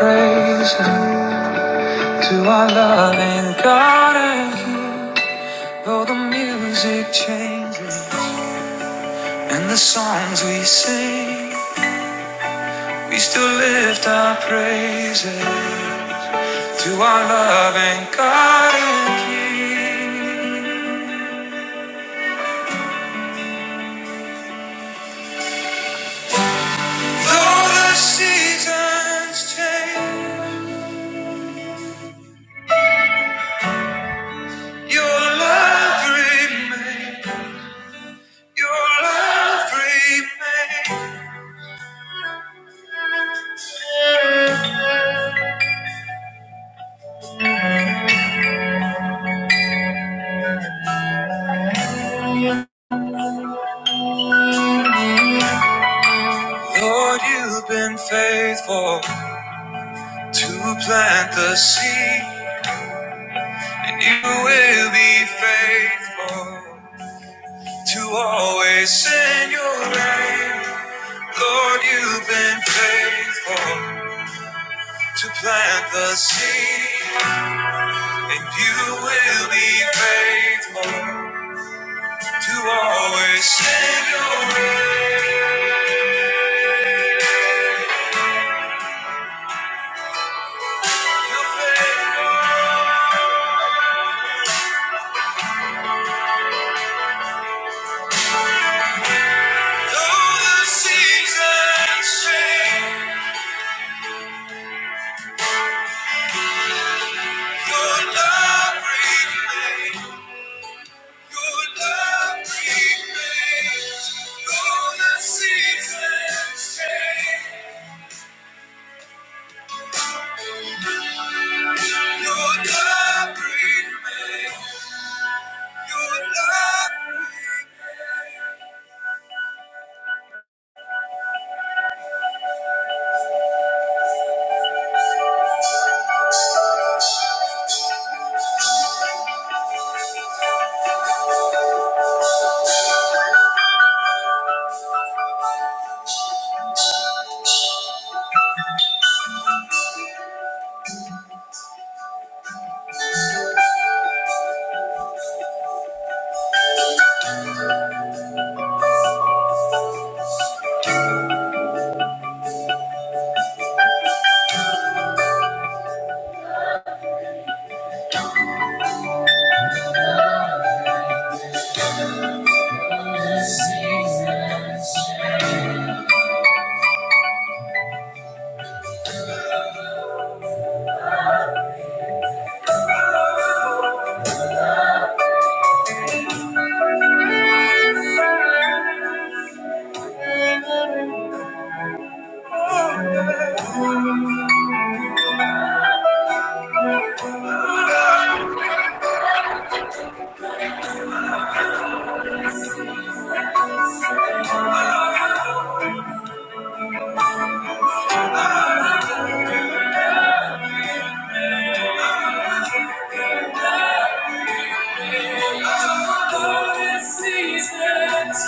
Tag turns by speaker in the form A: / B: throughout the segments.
A: Praise Him to our loving God and King. Though the music changes and the songs we sing, we still lift our praises to our loving God and King. Though the seasons change, Your love remains. Your love remains. Lord, You've been faithful. to plant the seed, and you will be faithful to always send your rain. Lord, you've been faithful to plant the seed, and you will be faithful to always send your rain. You're faithful. Though the seasons change, your love remains. Seasons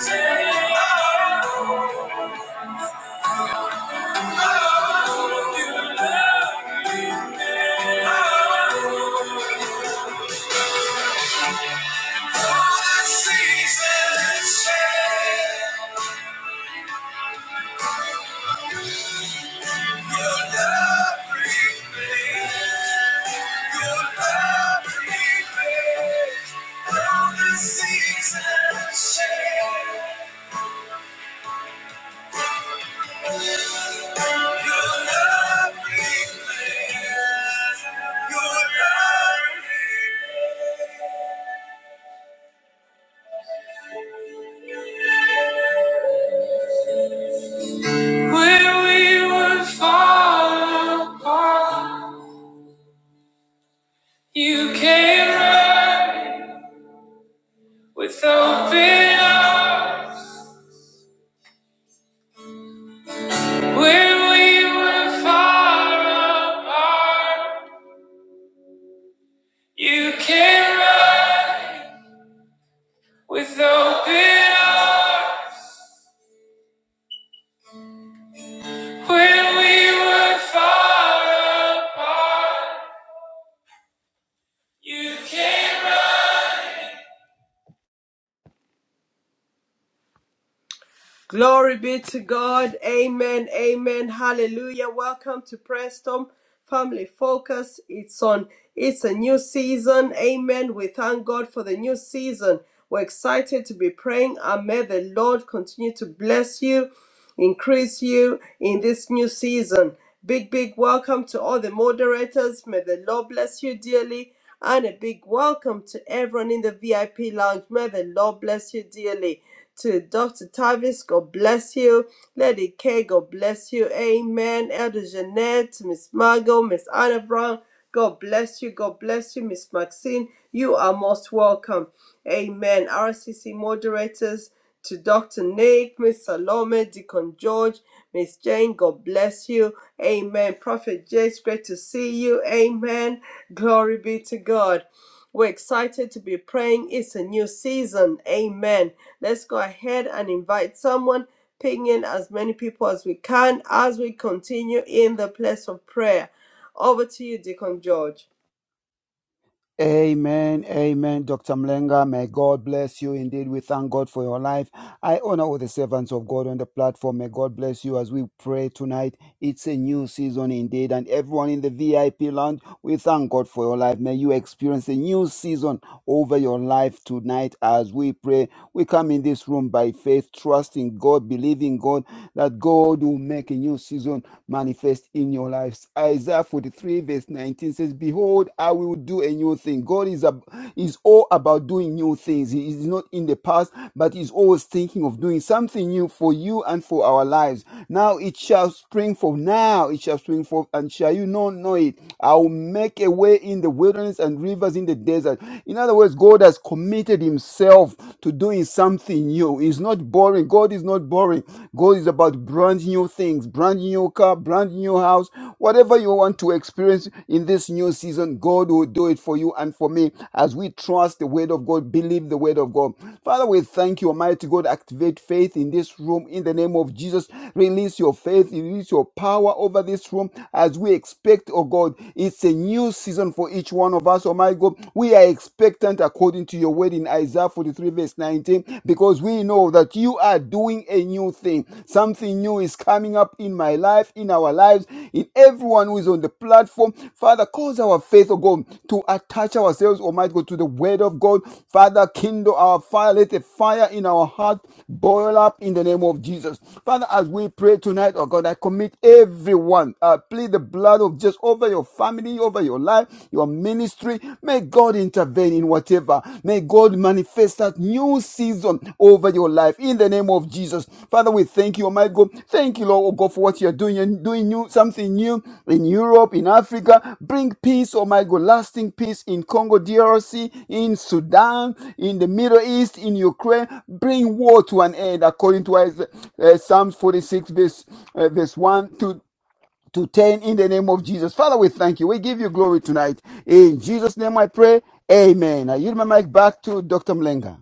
A: change. Love, love, When we were far apart, you came running with open arms. When we were far apart, you came running with open arms.
B: Glory be to God. Amen. Amen. Hallelujah. Welcome to Preston Family Focus. It's on it's a new season. Amen. We thank God for the new season. We're excited to be praying and may the Lord continue to bless you increase you in this new season. Big, big welcome to all the moderators. May the Lord bless you dearly. And a big welcome to everyone in the VIP lounge. May the Lord bless you dearly. To Dr. Tavis, God bless you. Lady K, God bless you. Amen. Elder Jeanette, Miss Margot, Miss Anna Brown. God bless you. God bless you, Miss Maxine. You are most welcome. Amen. RCC moderators to Dr. Nick, Miss Salome, Deacon George, Miss Jane, God bless you. Amen. Prophet Jace, great to see you. Amen. Glory be to God. We're excited to be praying. It's a new season. Amen. Let's go ahead and invite someone, ping in as many people as we can as we continue in the place of prayer. Over to you, Deacon George.
C: Amen, amen, Dr. Mlenga. May God bless you indeed. We thank God for your life. I honor all the servants of God on the platform. May God bless you as we pray tonight. It's a new season indeed. And everyone in the VIP lounge, we thank God for your life. May you experience a new season over your life tonight as we pray. We come in this room by faith, trusting God, believing God that God will make a new season manifest in your life lives. Isaiah 43, verse 19 says, Behold, I will do a new thing. God is, ab- is all about doing new things. He is not in the past, but is always thinking of doing something new for you and for our lives. Now it shall spring forth. Now it shall spring forth, and shall you not know it? I will make a way in the wilderness and rivers in the desert. In other words, God has committed Himself to doing something new. He's not boring. God is not boring. Gold is about brand new things, brand new car, brand new house. Whatever you want to experience in this new season, God will do it for you and for me as we trust the word of God, believe the word of God. Father, we thank you, Almighty God. Activate faith in this room in the name of Jesus. Release your faith, release your power over this room as we expect, oh God. It's a new season for each one of us, oh my God. We are expectant according to your word in Isaiah. Isaiah 43, verse 19, because we know that you are doing a new thing. Something new is coming up in my life, in our lives, in everyone who is on the platform. Father, cause our faith, oh God, to attach ourselves, Almighty God, to the word of God. Father, kindle our fire. Let the fire in our heart boil up in the name of Jesus. Father, as we pray tonight, oh God, I commit everyone. I plead the blood of Jesus over your family, over your life, your ministry. May God intervene in whatever. May God manifest that new season over your life in the name of Jesus. Father, we thank you, Almighty God. Thank you, Lord, oh God, for what you're doing. You're doing new, something new in Europe, in Africa. Bring peace, oh my God, lasting peace in Congo, DRC, in Sudan, in the Middle East, in Ukraine. Bring war to an end according to Isa- uh, Psalms 46, verse, uh, verse 1 to to 10 in the name of Jesus. Father, we thank you. We give you glory tonight. In Jesus' name I pray. Amen. I yield my mic back to Dr. Mlenga.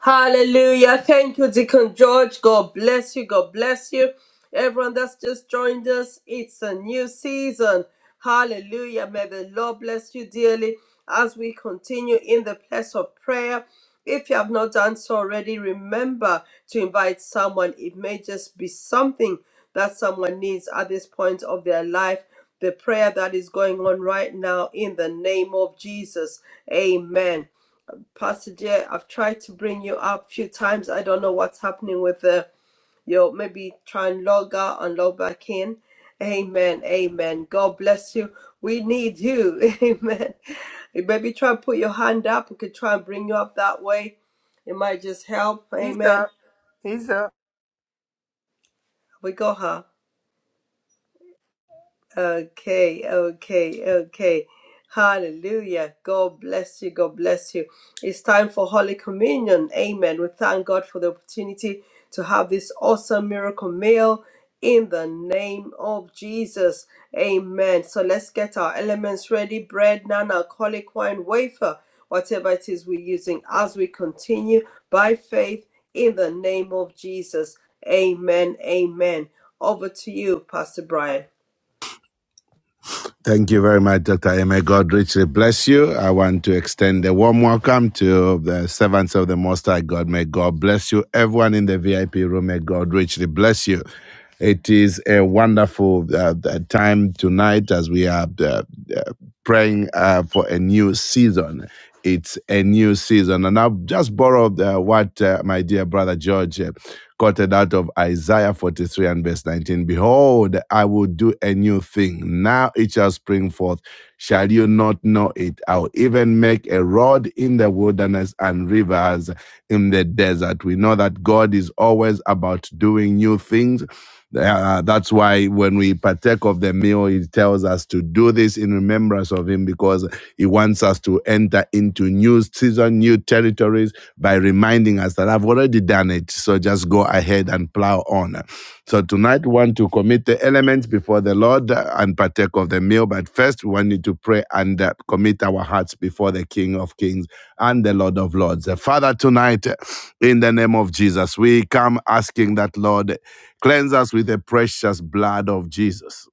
B: Hallelujah. Thank you, Deacon George. God bless you. God bless you. Everyone that's just joined us, it's a new season. Hallelujah. May the Lord bless you dearly as we continue in the place of prayer. If you have not done so already, remember to invite someone. It may just be something that someone needs at this point of their life. The prayer that is going on right now in the name of Jesus. Amen. Pastor Jay, I've tried to bring you up a few times. I don't know what's happening with the your maybe try and log out and log back in. Amen. Amen. God bless you. We need you. Amen. Maybe try and put your hand up. We could try and bring you up that way. It might just help.
D: He's
B: Amen.
D: up. He's up.
B: We got her. Okay, okay, okay. Hallelujah. God bless you. God bless you. It's time for Holy Communion. Amen. We thank God for the opportunity to have this awesome miracle meal in the name of Jesus. Amen. So let's get our elements ready bread, non alcoholic wine, wafer, whatever it is we're using as we continue by faith in the name of Jesus. Amen. Amen. Over to you, Pastor Brian.
A: Thank you very much, Dr. M. May God richly bless you. I want to extend a warm welcome to the servants of the Most High God. May God bless you. Everyone in the VIP room, may God richly bless you. It is a wonderful uh, uh, time tonight as we are uh, uh, praying uh, for a new season. It's a new season. And I'll just borrow uh, what uh, my dear brother George uh, quoted out of Isaiah 43 and verse 19 Behold, I will do a new thing. Now it shall spring forth. Shall you not know it? I'll even make a road in the wilderness and rivers in the desert. We know that God is always about doing new things. Uh, that's why when we partake of the meal, He tells us to do this in remembrance of Him because He wants us to enter into new season, new territories by reminding us that I've already done it. So just go ahead and plow on. So tonight we want to commit the elements before the Lord uh, and partake of the meal. But first we need to pray and uh, commit our hearts before the King of Kings and the Lord of Lords. Uh, Father, tonight uh, in the name of Jesus, we come asking that Lord cleanse us with the precious blood of Jesus.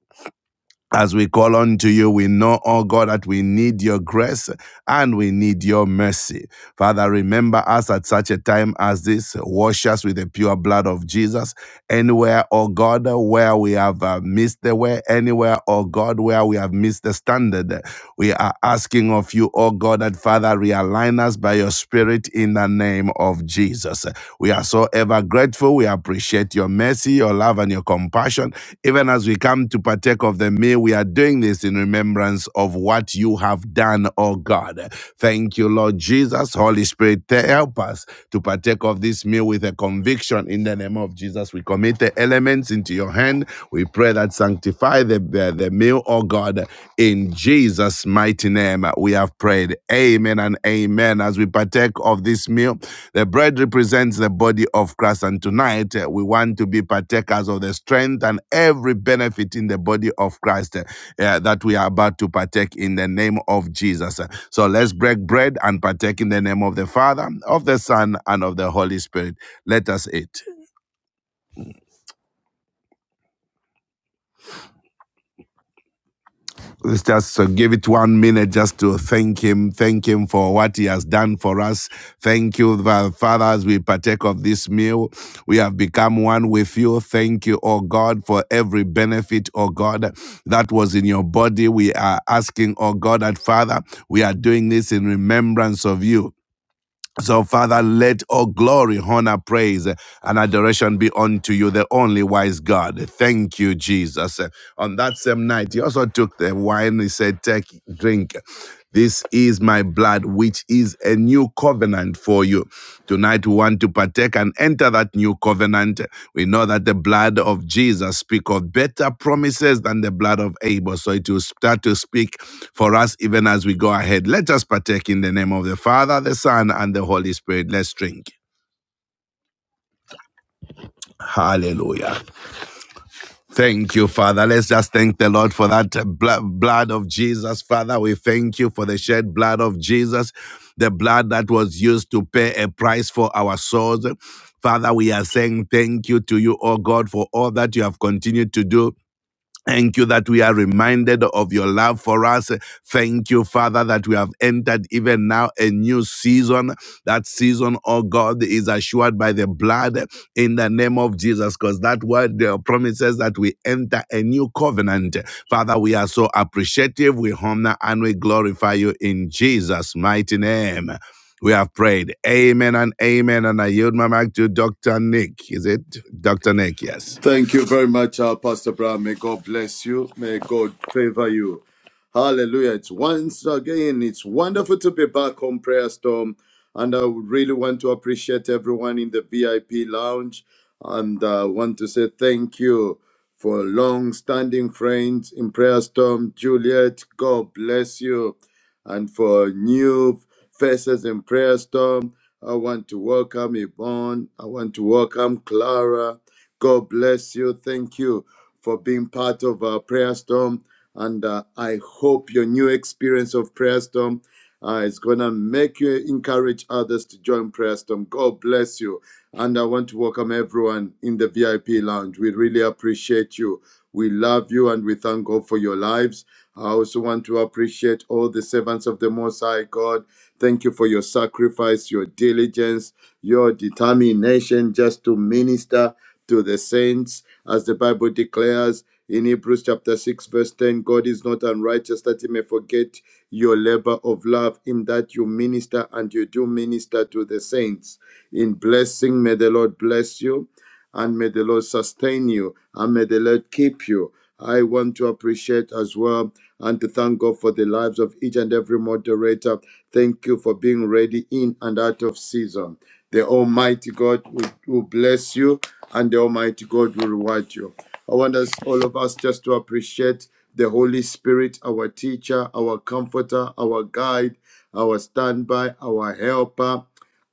A: As we call unto you, we know, oh God, that we need your grace and we need your mercy. Father, remember us at such a time as this. Wash us with the pure blood of Jesus. Anywhere, oh God, where we have uh, missed the way, anywhere, oh God, where we have missed the standard, we are asking of you, oh God, that Father, realign us by your Spirit in the name of Jesus. We are so ever grateful. We appreciate your mercy, your love, and your compassion. Even as we come to partake of the meal, we are doing this in remembrance of what you have done, oh God. Thank you, Lord Jesus. Holy Spirit, help us to partake of this meal with a conviction in the name of Jesus. We commit the elements into your hand. We pray that sanctify the, the, the meal, oh God, in Jesus' mighty name. We have prayed prayed. Amen and amen. As we partake of this meal, the bread represents the body of Christ. And tonight, uh, we want to be partakers of the strength and every benefit in the body of Christ uh, uh, that we are about to partake in the name of Jesus. Uh, So let's break bread and partake in the name of the Father, of the Son, and of the Holy Spirit. Let us eat. Let's just uh, give it one minute just to thank Him. Thank Him for what He has done for us. Thank you, Father, as we partake of this meal. We have become one with you. Thank you, oh God, for every benefit, oh God, that was in your body. We are asking, oh God, that Father, we are doing this in remembrance of you. So, Father, let all glory, honor, praise, and adoration be unto you, the only wise God. Thank you, Jesus. On that same night, he also took the wine. He said, Take, drink. This is my blood, which is a new covenant for you. Tonight, we want to partake and enter that new covenant. We know that the blood of Jesus speaks of better promises than the blood of Abel. So it will start to speak for us even as we go ahead. Let us partake in the name of the Father, the Son, and the Holy Spirit. Let's drink. Hallelujah. Thank you, Father. Let's just thank the Lord for that bl- blood of Jesus. Father, we thank you for the shed blood of Jesus, the blood that was used to pay a price for our souls. Father, we are saying thank you to you, oh God, for all that you have continued to do. Thank you that we are reminded of your love for us. Thank you, Father, that we have entered even now a new season. That season, oh God, is assured by the blood in the name of Jesus, because that word uh, promises that we enter a new covenant. Father, we are so appreciative. We honor and we glorify you in Jesus' mighty name. We have prayed. Amen and amen. And I yield my mic to Dr. Nick. Is it Dr. Nick? Yes.
E: Thank you very much, uh, Pastor Brown. May God bless you. May God favor you. Hallelujah. It's once again, it's wonderful to be back on Prayer Storm. And I really want to appreciate everyone in the VIP lounge. And I want to say thank you for long standing friends in Prayer Storm. Juliet, God bless you. And for new faces in prayer storm, I want to welcome Yvonne. I want to welcome Clara. God bless you. Thank you for being part of our prayer storm. And uh, I hope your new experience of prayer storm uh, it's going to make you encourage others to join Prayer Storm. God bless you. And I want to welcome everyone in the VIP lounge. We really appreciate you. We love you and we thank God for your lives. I also want to appreciate all the servants of the Most High God. Thank you for your sacrifice, your diligence, your determination just to minister to the saints. As the Bible declares in Hebrews chapter 6, verse 10, God is not unrighteous that he may forget your labor of love, in that you minister and you do minister to the saints. In blessing, may the Lord bless you and may the Lord sustain you and may the Lord keep you. I want to appreciate as well and to thank God for the lives of each and every moderator. Thank you for being ready in and out of season. The Almighty God will, will bless you and the Almighty God will reward you. I want us, all of us, just to appreciate the Holy Spirit, our teacher, our comforter, our guide, our standby, our helper.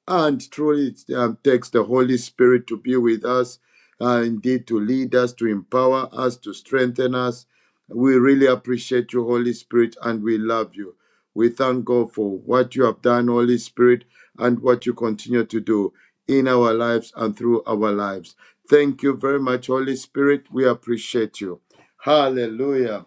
E: And truly, it um, takes the Holy Spirit to be with us, uh, indeed, to lead us, to empower us, to strengthen us. We really appreciate you, Holy Spirit, and we love you. We thank God for what you have done, Holy Spirit, and what you continue to do in our lives and through our lives. Thank you very much, Holy Spirit. We appreciate you. Hallelujah.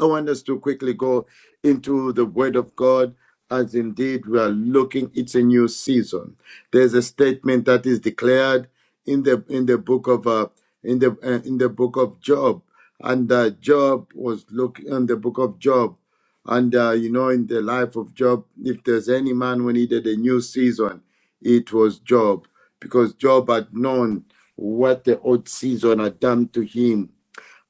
E: I want us to quickly go into the Word of God as indeed we are looking it's a new season there's a statement that is declared in the in the book of uh, in the uh, in the book of job and uh, job was looking in the book of job and uh, you know in the life of job if there's any man who needed a new season it was job because job had known what the old season had done to him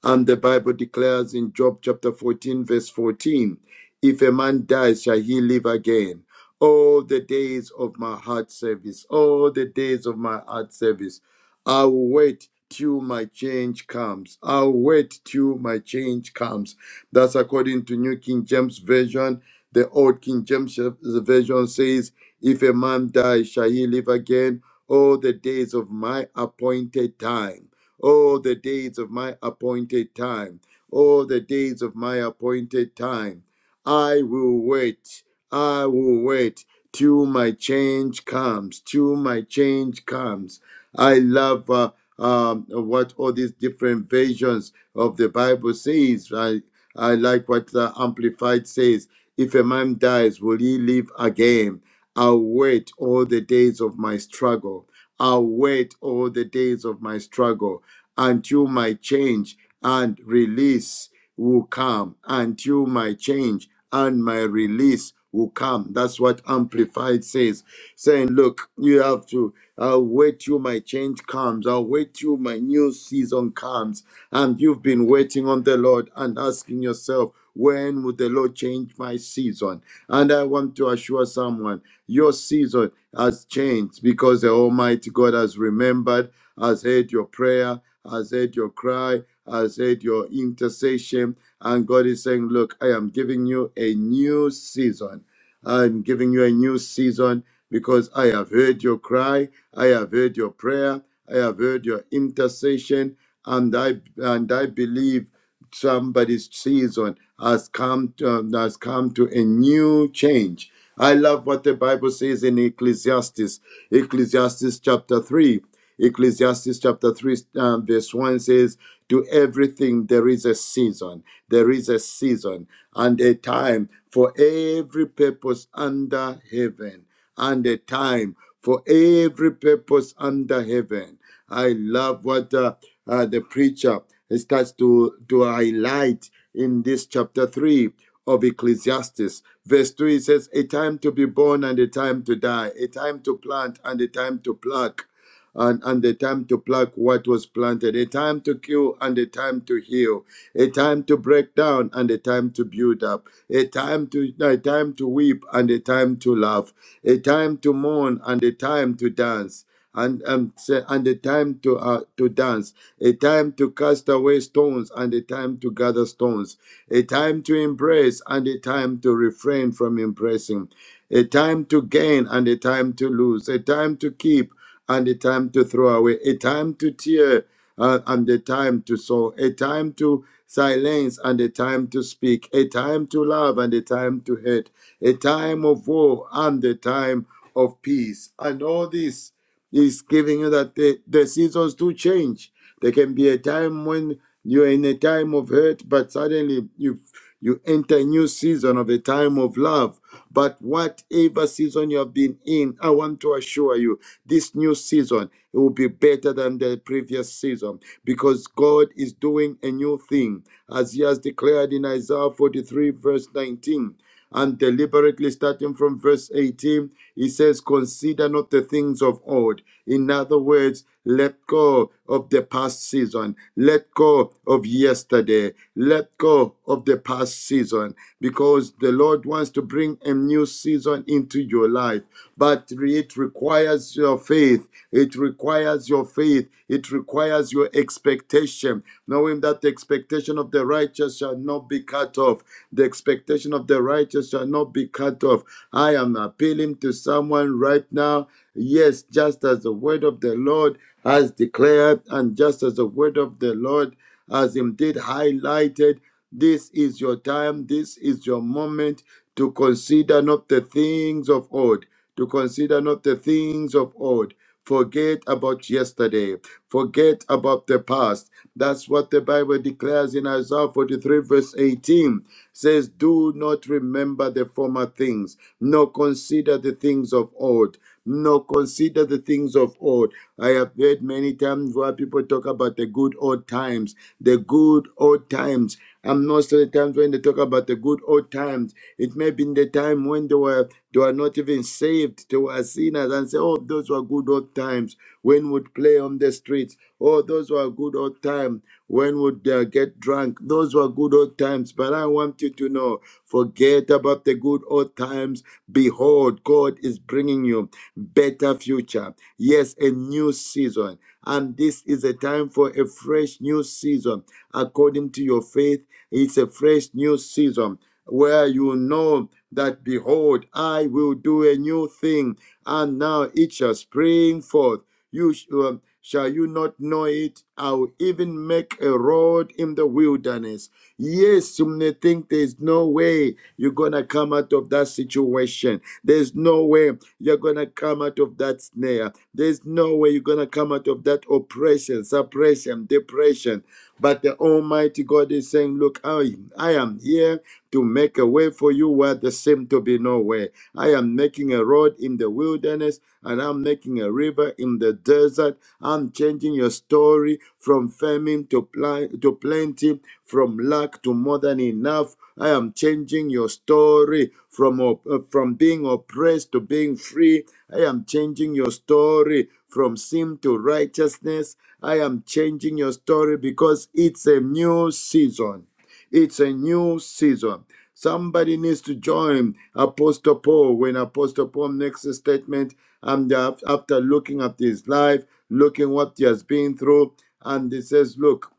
E: and the Bible declares in Job chapter 14, verse 14, if a man dies, shall he live again? All the days of my heart service, all the days of my heart service, I'll wait till my change comes. I'll wait till my change comes. That's according to New King James Version. The Old King James Version says, If a man dies, shall he live again? All the days of my appointed time. Oh, the days of my appointed time. Oh, the days of my appointed time. I will wait. I will wait till my change comes. Till my change comes. I love uh, um, what all these different versions of the Bible says. I, I like what the Amplified says. If a man dies, will he live again? I'll wait all the days of my struggle. I'll wait all the days of my struggle until my change and release will come. Until my change and my release will come. That's what Amplified says, saying, Look, you have to, I'll wait till my change comes. I'll wait till my new season comes. And you've been waiting on the Lord and asking yourself, when will the Lord change my season? And I want to assure someone your season has changed because the Almighty God has remembered, has heard your prayer, has heard your cry, has heard your intercession. And God is saying, Look, I am giving you a new season. I'm giving you a new season because I have heard your cry, I have heard your prayer, I have heard your intercession, and I and I believe somebody season has come to, um, has come to a new change. I love what the Bible says in Ecclesiastes, Ecclesiastes chapter 3. Ecclesiastes chapter 3, um, verse 1 says, To everything there is a season, there is a season and a time for every purpose under heaven, and a time for every purpose under heaven. I love what uh, uh, the preacher starts to, to highlight in this chapter 3 of Ecclesiastes. Verse 3 says, A time to be born and a time to die, a time to plant and a time to pluck and, and a time to pluck what was planted, a time to kill and a time to heal, a time to break down and a time to build up, a time to no, a time to weep and a time to laugh, a time to mourn and a time to dance. And, um, say- and a time to uh, to dance, a time to cast away stones, and a time to gather stones, a time to embrace, and a time to refrain from embracing, a time to gain, and a time to lose, a time to keep and a time to throw away, a time to tear uh, and a time to sow, a time to silence and a time to speak, a time to love and a time to hate, a time of war and a time of peace. And all this is giving you that the, the seasons do change. There can be a time when you're in a time of hurt, but suddenly you you enter a new season of a time of love. But whatever season you have been in, I want to assure you, this new season it will be better than the previous season because God is doing a new thing, as He has declared in Isaiah 43, verse 19. And deliberately, starting from verse 18, he says, Consider not the things of old. In other words, let go of the past season. Let go of yesterday. Let go of the past season because the Lord wants to bring a new season into your life. But it requires your faith. It requires your faith. It requires your expectation, knowing that expectation expectation of the righteous shall not be cut off. The expectation of the righteous shall not be cut off. I am appealing to someone right now. Yes, just as the word of the Lord has declared, and just as the word of the Lord has indeed highlighted, this is your time, this is your moment to consider not the things of old, to consider not the things of old. Forget about yesterday, forget about the past, that's what the Bible declares in Isaiah 43, verse 18. Says, Do not remember the former things, nor consider the things of old. No, consider the things of old. I have heard many times where people talk about the good old times, the good old times. And most of the times when they talk about the good old times, it may be in the time when they were they were not even saved, they were sinners, and say, Oh, those were good old times when would play on the streets. Oh, those were good old times when would uh, get drunk. Those were good old times. But I want you to know, forget about the good old times. Behold, God is bringing you better future. Yes, a new season. And this is a time for a fresh new season. According to your faith, it's a fresh new season where you know that, behold, I will do a new thing, and now it shall spring forth. You sh- um, shall you not know it? I will even make a road in the wilderness. Yes, you may think there's no way you're going to come out of that situation. There's no way you're going to come out of that snare. There's no way you're going to come out of that oppression, suppression, depression. But the Almighty God is saying, Look, I, I am here to make a way for you where there seemed to be no way. I am making a road in the wilderness and I'm making a river in the desert. I'm changing your story from famine to, pl to plenty plenty, from lack to more than enough. I am changing your story from, op- uh, from being oppressed to being free. I am changing your story from sin to righteousness. I am changing your story because it's a new season. It's a new season. Somebody needs to join Apostle Paul when Apostle Paul makes a statement and af- after looking at his life, looking what he has been through, and he says, Look,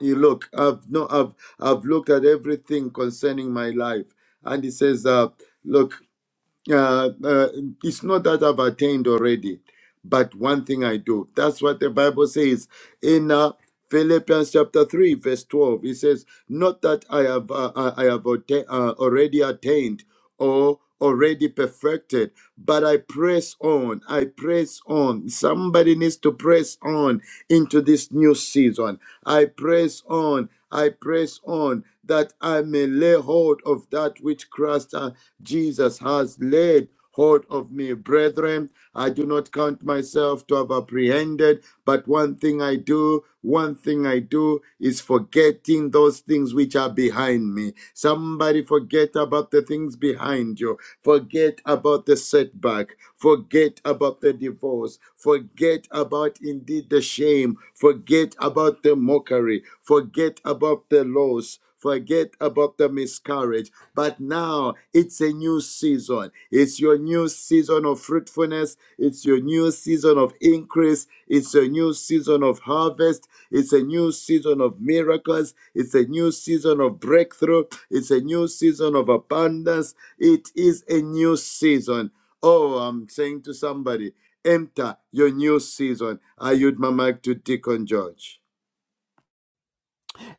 E: you look i've no i've i've looked at everything concerning my life and he says uh look uh, uh it's not that i've attained already but one thing I do. That's what the Bible says in uh, Philippians chapter 3, verse 12. It says, Not that I have, uh, I have atta- uh, already attained or already perfected, but I press on. I press on. Somebody needs to press on into this new season. I press on. I press on that I may lay hold of that which Christ uh, Jesus has laid hold of me, brethren. I do not count myself to have apprehended, but one thing I do, one thing I do is forgetting those things which are behind me. Somebody forget about the things behind you. Forget about the setback. Forget about the divorce. Forget about indeed the shame. Forget about the mockery. Forget about the loss. Forget about the miscarriage. But now it's a new season. It's your new season of fruitfulness. It's your new season of increase. It's a new season of harvest. It's a new season of miracles. It's a new season of breakthrough. It's a new season of abundance. It is a new season. Oh, I'm saying to somebody, enter your new season. I yield my mic to Deacon George.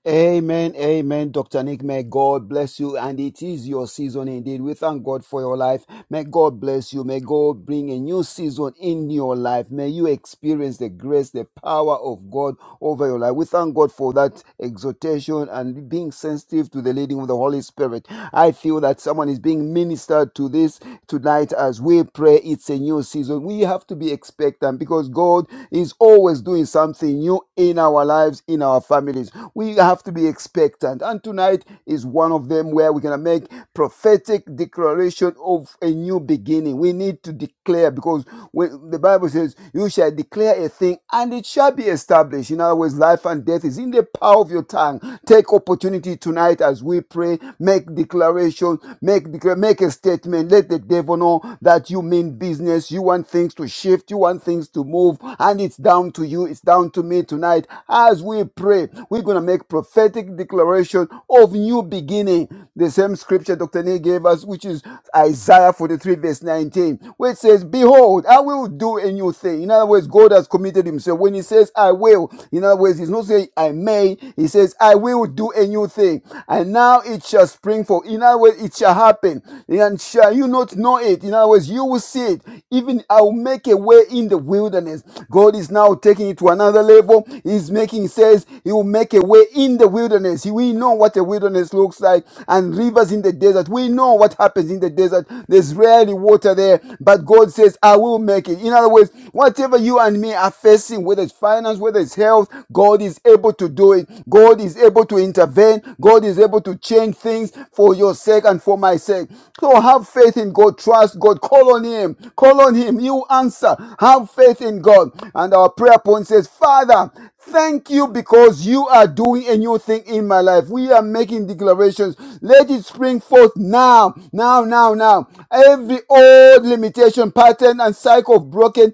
C: Amen, amen, Dr. Nick. May God bless you. And it is your season indeed. We thank God for your life. May God bless you. May God bring a new season in your life. May you experience the grace, the power of God over your life. We thank God for that exhortation and being sensitive to the leading of the Holy Spirit. I feel that someone is being ministered to this tonight as we pray. It's a new season. We have to be expectant because God is always doing something new in our lives, in our families. We have to be expectant. And tonight is one of them where we're going to make prophetic declaration of a new beginning. We need to declare because when the Bible says, You shall declare a thing and it shall be established. In other words, life and death is in the power of your tongue. Take opportunity tonight as we pray, make declaration, make declare, make a statement. Let the devil know that you mean business. You want things to shift, you want things to move, and it's down to you, it's down to me tonight. As we pray, we're gonna make prophetic declaration of new beginning. The same scripture, Dr. He gave us, which is Isaiah 43, verse 19, where it says, Behold, I will do a new thing. In other words, God has committed himself. When he says, I will, in other words, he's not saying, I may. He says, I will do a new thing. And now it shall spring forth. In other words, it shall happen. And shall you not know it? In other words, you will see it. Even I will make a way in the wilderness. God is now taking it to another level. He's making, he says, He will make a way in in the wilderness. We know what a wilderness looks like and rivers in the desert. We know what happens in the desert. There's rarely water there, but God says, I will make it. In other words, whatever you and me are facing, whether it's finance, whether it's health, God is able to do it. God is able to intervene. God is able to change things for your sake and for my sake. So have faith in God. Trust God. Call on Him. Call on Him. You answer. Have faith in God. And our prayer point says, Father, Thank you because you are doing a new thing in my life. We are making declarations. Let it spring forth now, now, now, now. Every old limitation, pattern, and cycle of broken